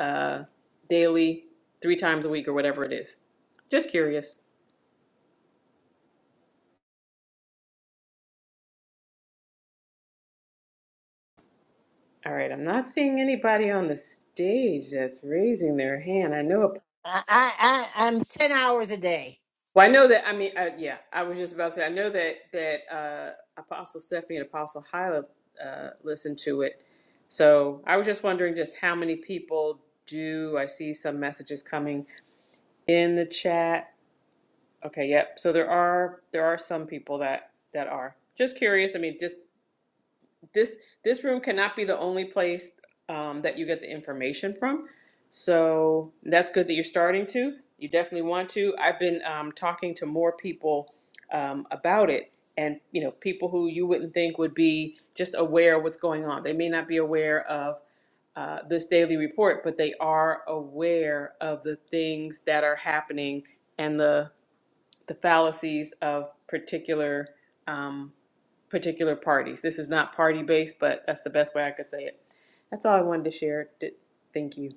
[SPEAKER 16] uh, daily three times a week or whatever it is. Just curious. All right, I'm not seeing anybody on the stage that's raising their hand. I know, well, I know that, I mean, uh, yeah, I was just about to say, I know that, that uh, Apostle Stephanie and Apostle Hyla uh, listened to it. So I was just wondering just how many people do, I see some messages coming in the chat. Okay, yep. So there are, there are some people that, that are. Just curious, I mean, just this this room cannot be the only place um, that you get the information from. So that's good that you're starting to. You definitely want to. I've been um, talking to more people um, about it, and you know, people who you wouldn't think would be just aware of what's going on. They may not be aware of uh, this daily report, but they are aware of the things that are happening and the the fallacies of particular. Um, particular parties. This is not party based, but that's the best way I could say it. That's all I wanted to share. Thank you.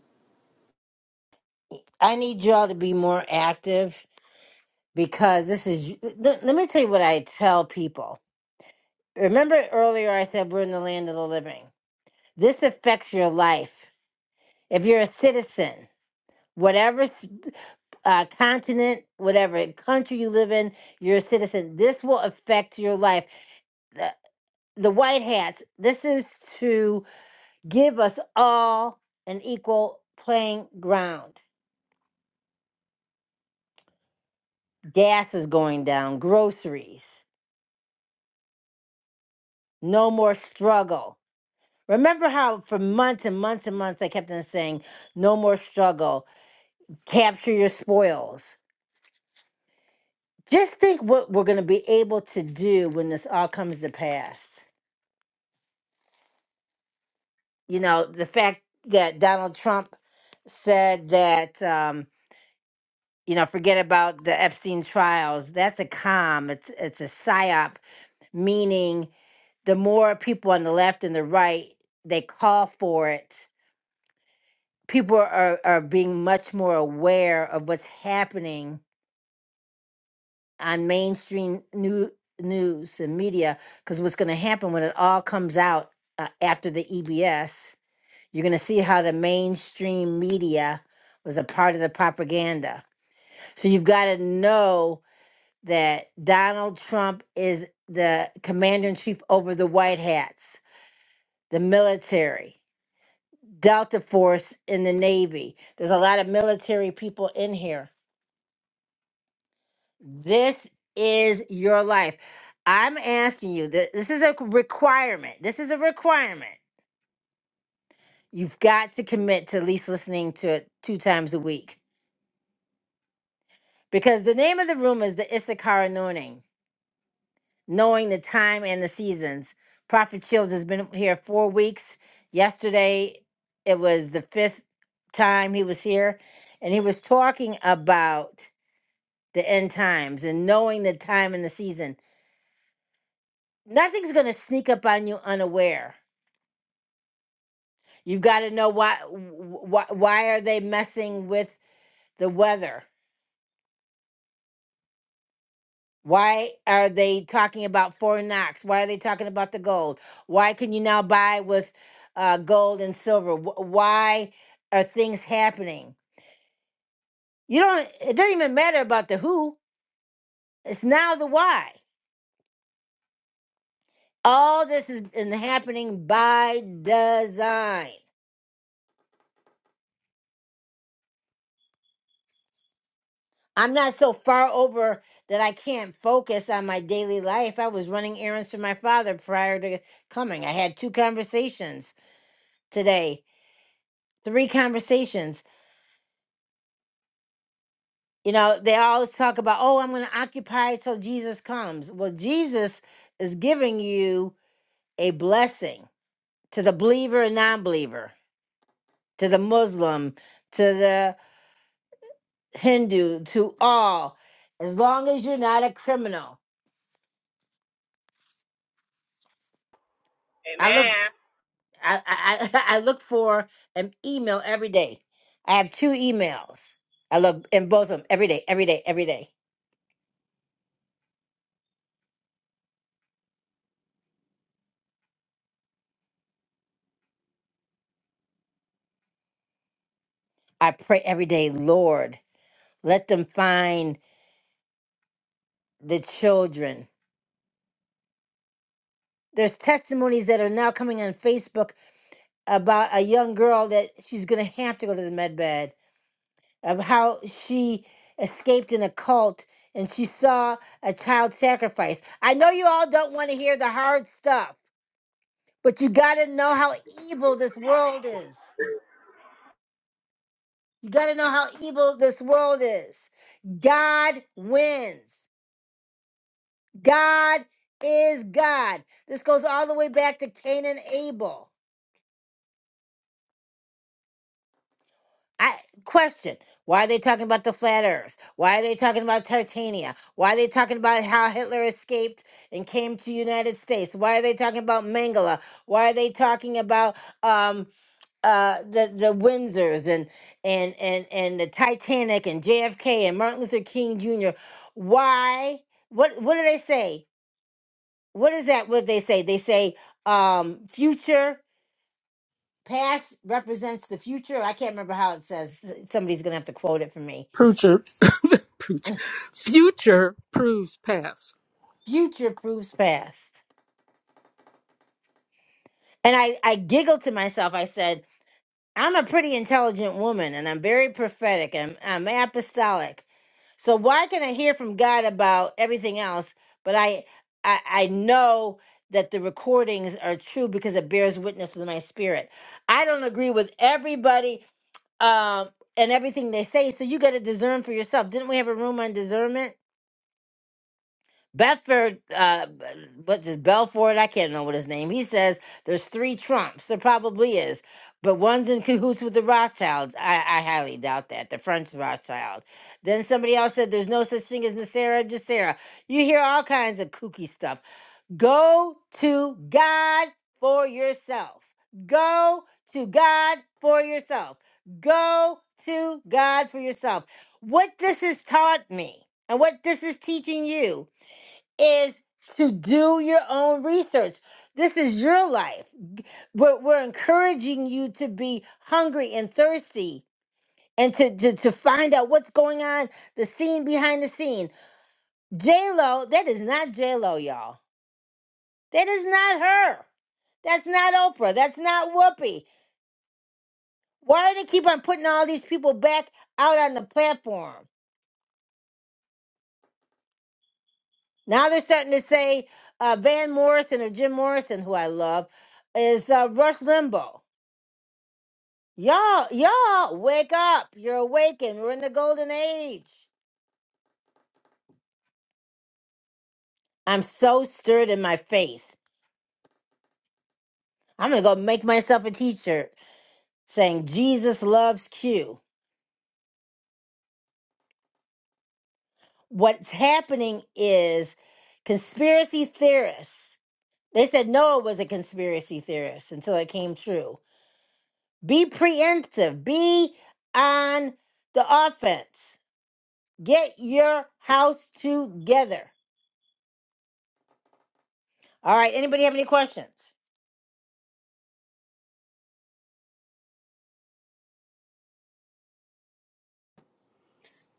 [SPEAKER 5] Future, [LAUGHS] future [COUGHS] future proves past.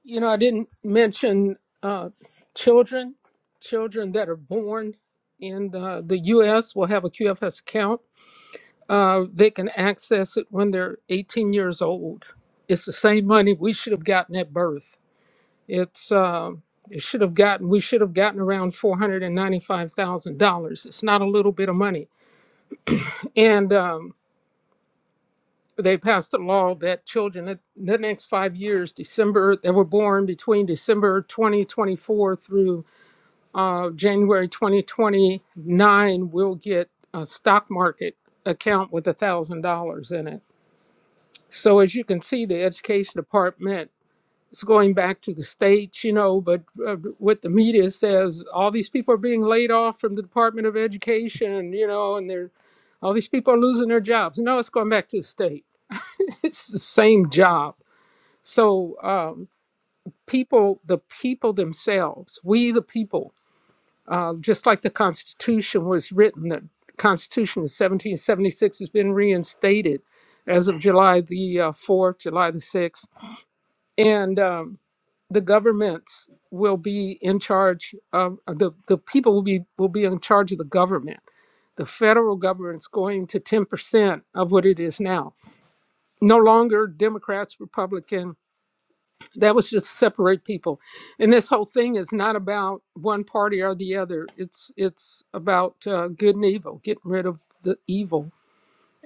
[SPEAKER 5] You know, I didn't mention uh, children. Children that are born in the, the U.S. will have a QFS account. Uh, they can access it when they're 18 years old. It's the same money we should have gotten at birth. It's uh, it should have gotten we should have gotten around four hundred and ninety five thousand dollars. It's not a little bit of money, and um, they passed a law that children at the next five years, December that were born between December twenty twenty four through uh, January twenty twenty nine will get a stock market account with a thousand dollars in it. So as you can see, the education department it's going back to the states, you know, but uh, what the media says, all these people are being laid off from the Department of Education, you know, and they're all these people are losing their jobs. No, it's going back to the state. [LAUGHS] It's the same job. So um, people, the people themselves, we the people, uh, just like the Constitution was written, the Constitution of 1776 has been reinstated as of July the uh, 4th, July the 6th. And um, the governments will be in charge of uh, the, the people will be will be in charge of the government. The federal government's going to 10% of what it is now. No longer Democrats, Republican. That was just separate people. And this whole thing is not about one party or the other. It's it's about uh, good and evil, getting rid of the evil.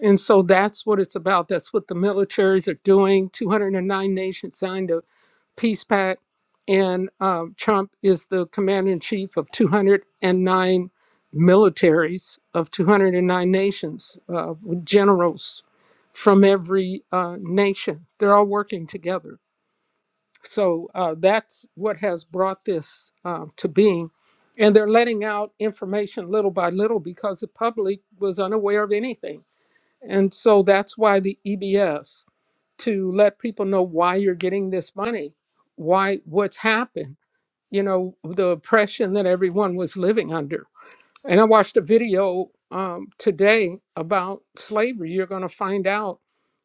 [SPEAKER 5] And so that's what it's about. That's what the militaries are doing. 209 nations signed a peace pact, and um, Trump is the commander in chief of 209 militaries of 209 nations, uh, with generals from every uh, nation. They're all working together. So uh, that's what has brought this uh, to being. And they're letting out information little by little because the public was unaware of anything. And so that's why the EBS to let people know why you're getting this money, why what's happened, you know, the oppression that everyone was living under. And I watched a video um, today about slavery. You're going to find out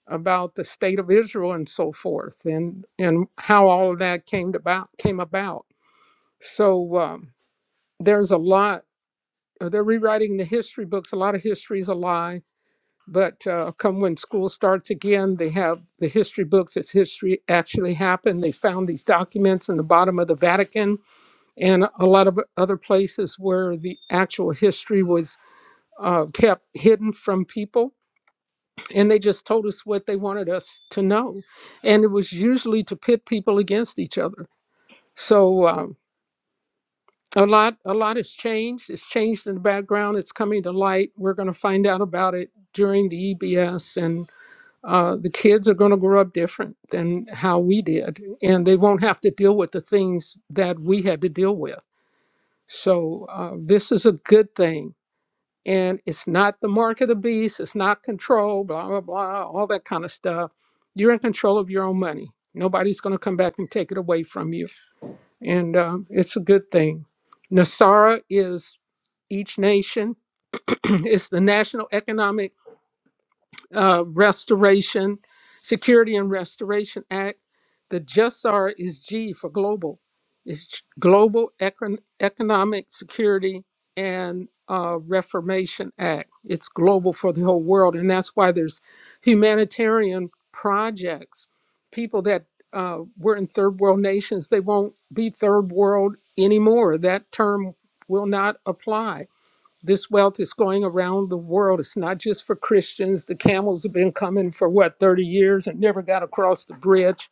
[SPEAKER 5] about the state of Israel and so forth, and and how all of that came about came about. So um, there's a lot. uh, They're rewriting the history books. A lot of history is a lie but uh, come when school starts again, they have the history books as history actually happened. They found these documents in the bottom of the Vatican and a lot of other places where the actual history was uh, kept hidden from people. And they just told us what they wanted us to know. And it was usually to pit people against each other. So, uh, a lot, a lot has changed. It's changed in the background. It's coming to light. We're going to find out about it during the EBS, and. uh, the kids are going to grow up different than how we did, and they won't have to deal with the things that we had to deal with. So, uh, this is a good thing. And it's not the mark of the beast, it's not control, blah, blah, blah, all that kind of stuff. You're in control of your own money. Nobody's going to come back and take it away from you. And um, it's a good thing. Nasara is each nation, [CLEARS THROAT] it's the national economic. uh, Restoration, Security and Restoration Act. The JUSR is G for global. It's Global Econ- Economic Security and uh, Reformation Act. It's global for the whole world, and that's why there's humanitarian projects. People that uh, were in third world nations, they won't be third world anymore. That term will not apply this wealth is going around the world. It's not just for Christians. The camels have been coming for what, 30 years and never got across the bridge.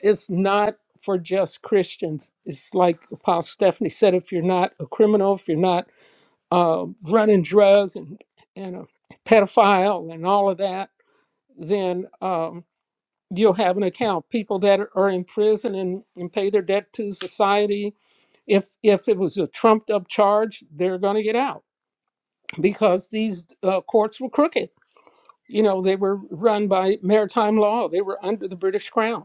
[SPEAKER 5] It's not for just Christians. It's like Apostle Stephanie said if you're not a criminal, if you're not uh, running drugs and, and a pedophile and all of that, then um, you'll have an account. People that are are in prison and, and pay their debt to society, if, if it was a trumped up charge, they're going to get out because these uh, courts were crooked. You know, they were run by maritime law, they were under the British crown.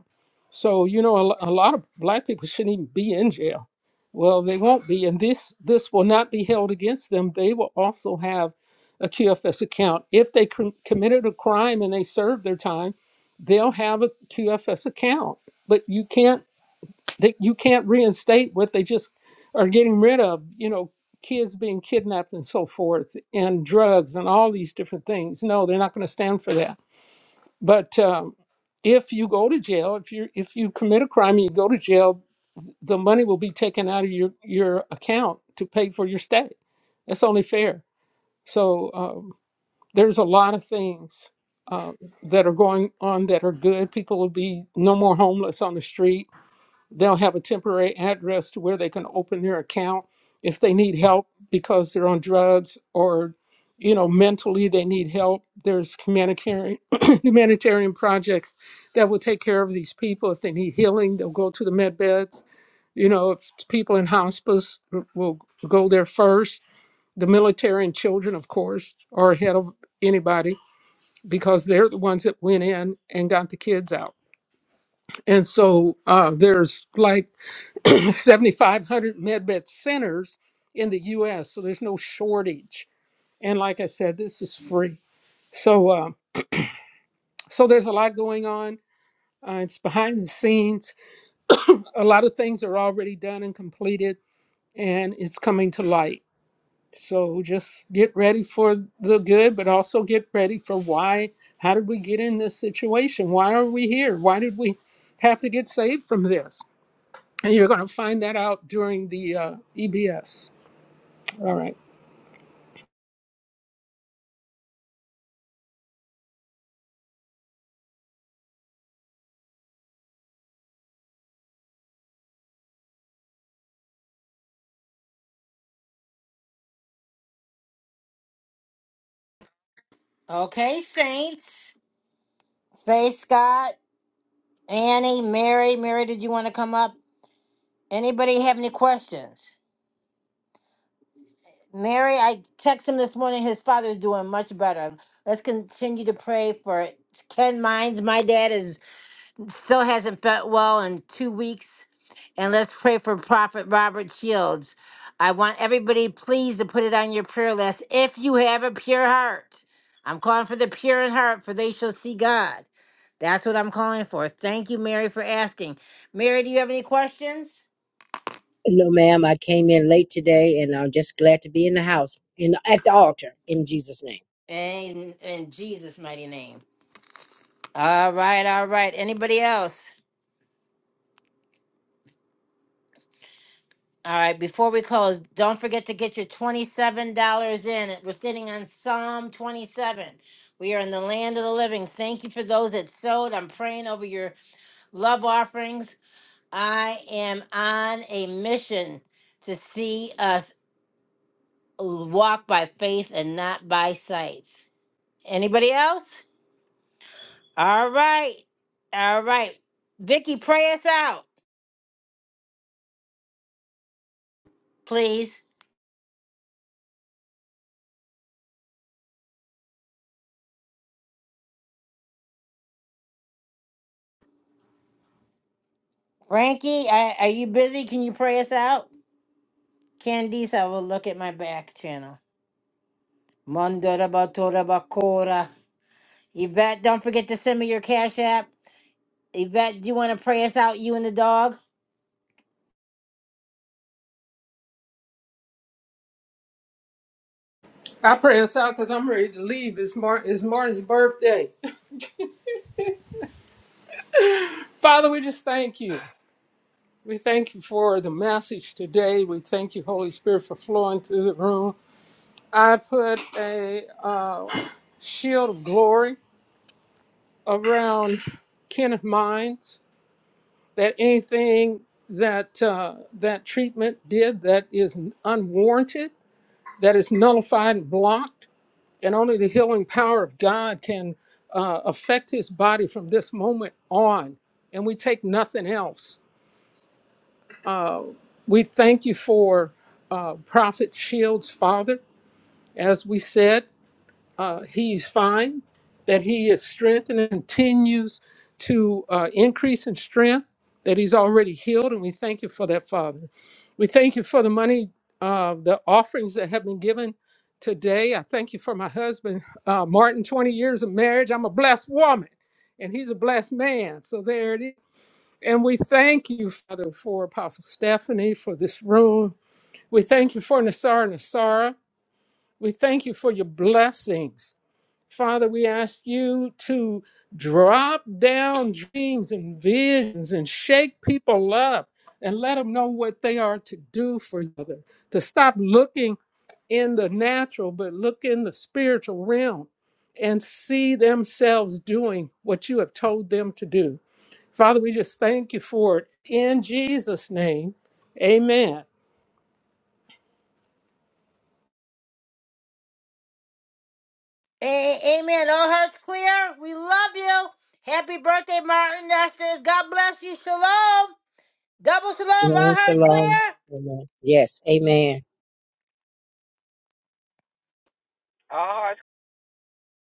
[SPEAKER 5] So, you know, a, lo- a lot of black people shouldn't even be in jail. Well, they won't be, and this this will not be held against them. They will also have a QFS account if they com- committed a crime and they served their time. They'll have a QFS account, but you can't that you can't reinstate what they just are getting rid of you know kids being kidnapped and so forth and drugs and all these different things no they're not going to stand for that but um, if you go to jail if you if you commit a crime and you go to jail the money will be taken out of your your account to pay for your stay that's only fair so um, there's a lot of things uh, that are going on that are good people will be no more homeless on the street They'll have a temporary address to where they can open their account if they need help because they're on drugs or, you know, mentally they need help. There's humanitarian [COUGHS] [CLEARS THROAT] humanitarian projects that will take care of these people. If they need healing, they'll go to the med beds. You know, if it's people in hospice w- will go there first. The military and children, of course, are ahead of anybody because they're the ones that went in and got the kids out. And so uh, there's like [CLEARS THROAT] 7,500 medbed centers in the U.S., so there's no shortage. And like I said, this is free. So, uh, so there's a lot going on. Uh, it's behind the scenes. A lot of things are already done and completed, and it's coming to light. So just get ready for the good, but also get ready for why. How did we get in this situation? Why are we here? Why did we have to get saved from this? And you're going to find that out during the uh, EBS. All right.
[SPEAKER 17] No, ma'am. I came in late today, and I'm just glad to be in the house and at the altar in Jesus' name.
[SPEAKER 5] I pray us out because I'm ready to leave. It's, Mar- it's Martin's birthday. [LAUGHS] Father, we just thank you. We thank you for the message today. We thank you, Holy Spirit, for flowing through the room. I put a uh, shield of glory around Kenneth Mines that anything that uh, that treatment did that is unwarranted, that is nullified and blocked and only the healing power of God can uh, affect his body from this moment on, and we take nothing else. Uh, we thank you for uh, Prophet Shields' father, as we said uh, he's fine, that he is strengthened and continues to uh, increase in strength, that he's already healed. And we thank you for that, Father. We thank you for the money, uh, the offerings that have been given today. I thank you for my husband, uh, Martin, 20 years of marriage. I'm a blessed woman, and he's a blessed man. So there it is. And we thank you, Father, for Apostle Stephanie, for this room. We thank you for Nassar and Nassara. We thank you for your blessings Father, we ask you to drop down dreams and visions and shake people up and let them know what they are to do for each other, to stop looking in the natural, but look in the spiritual realm and see themselves doing what you have told them to do. Father, we just thank you for it in Jesus' name. Amen.
[SPEAKER 17] Shalom, shalom. Amen. Yes, amen.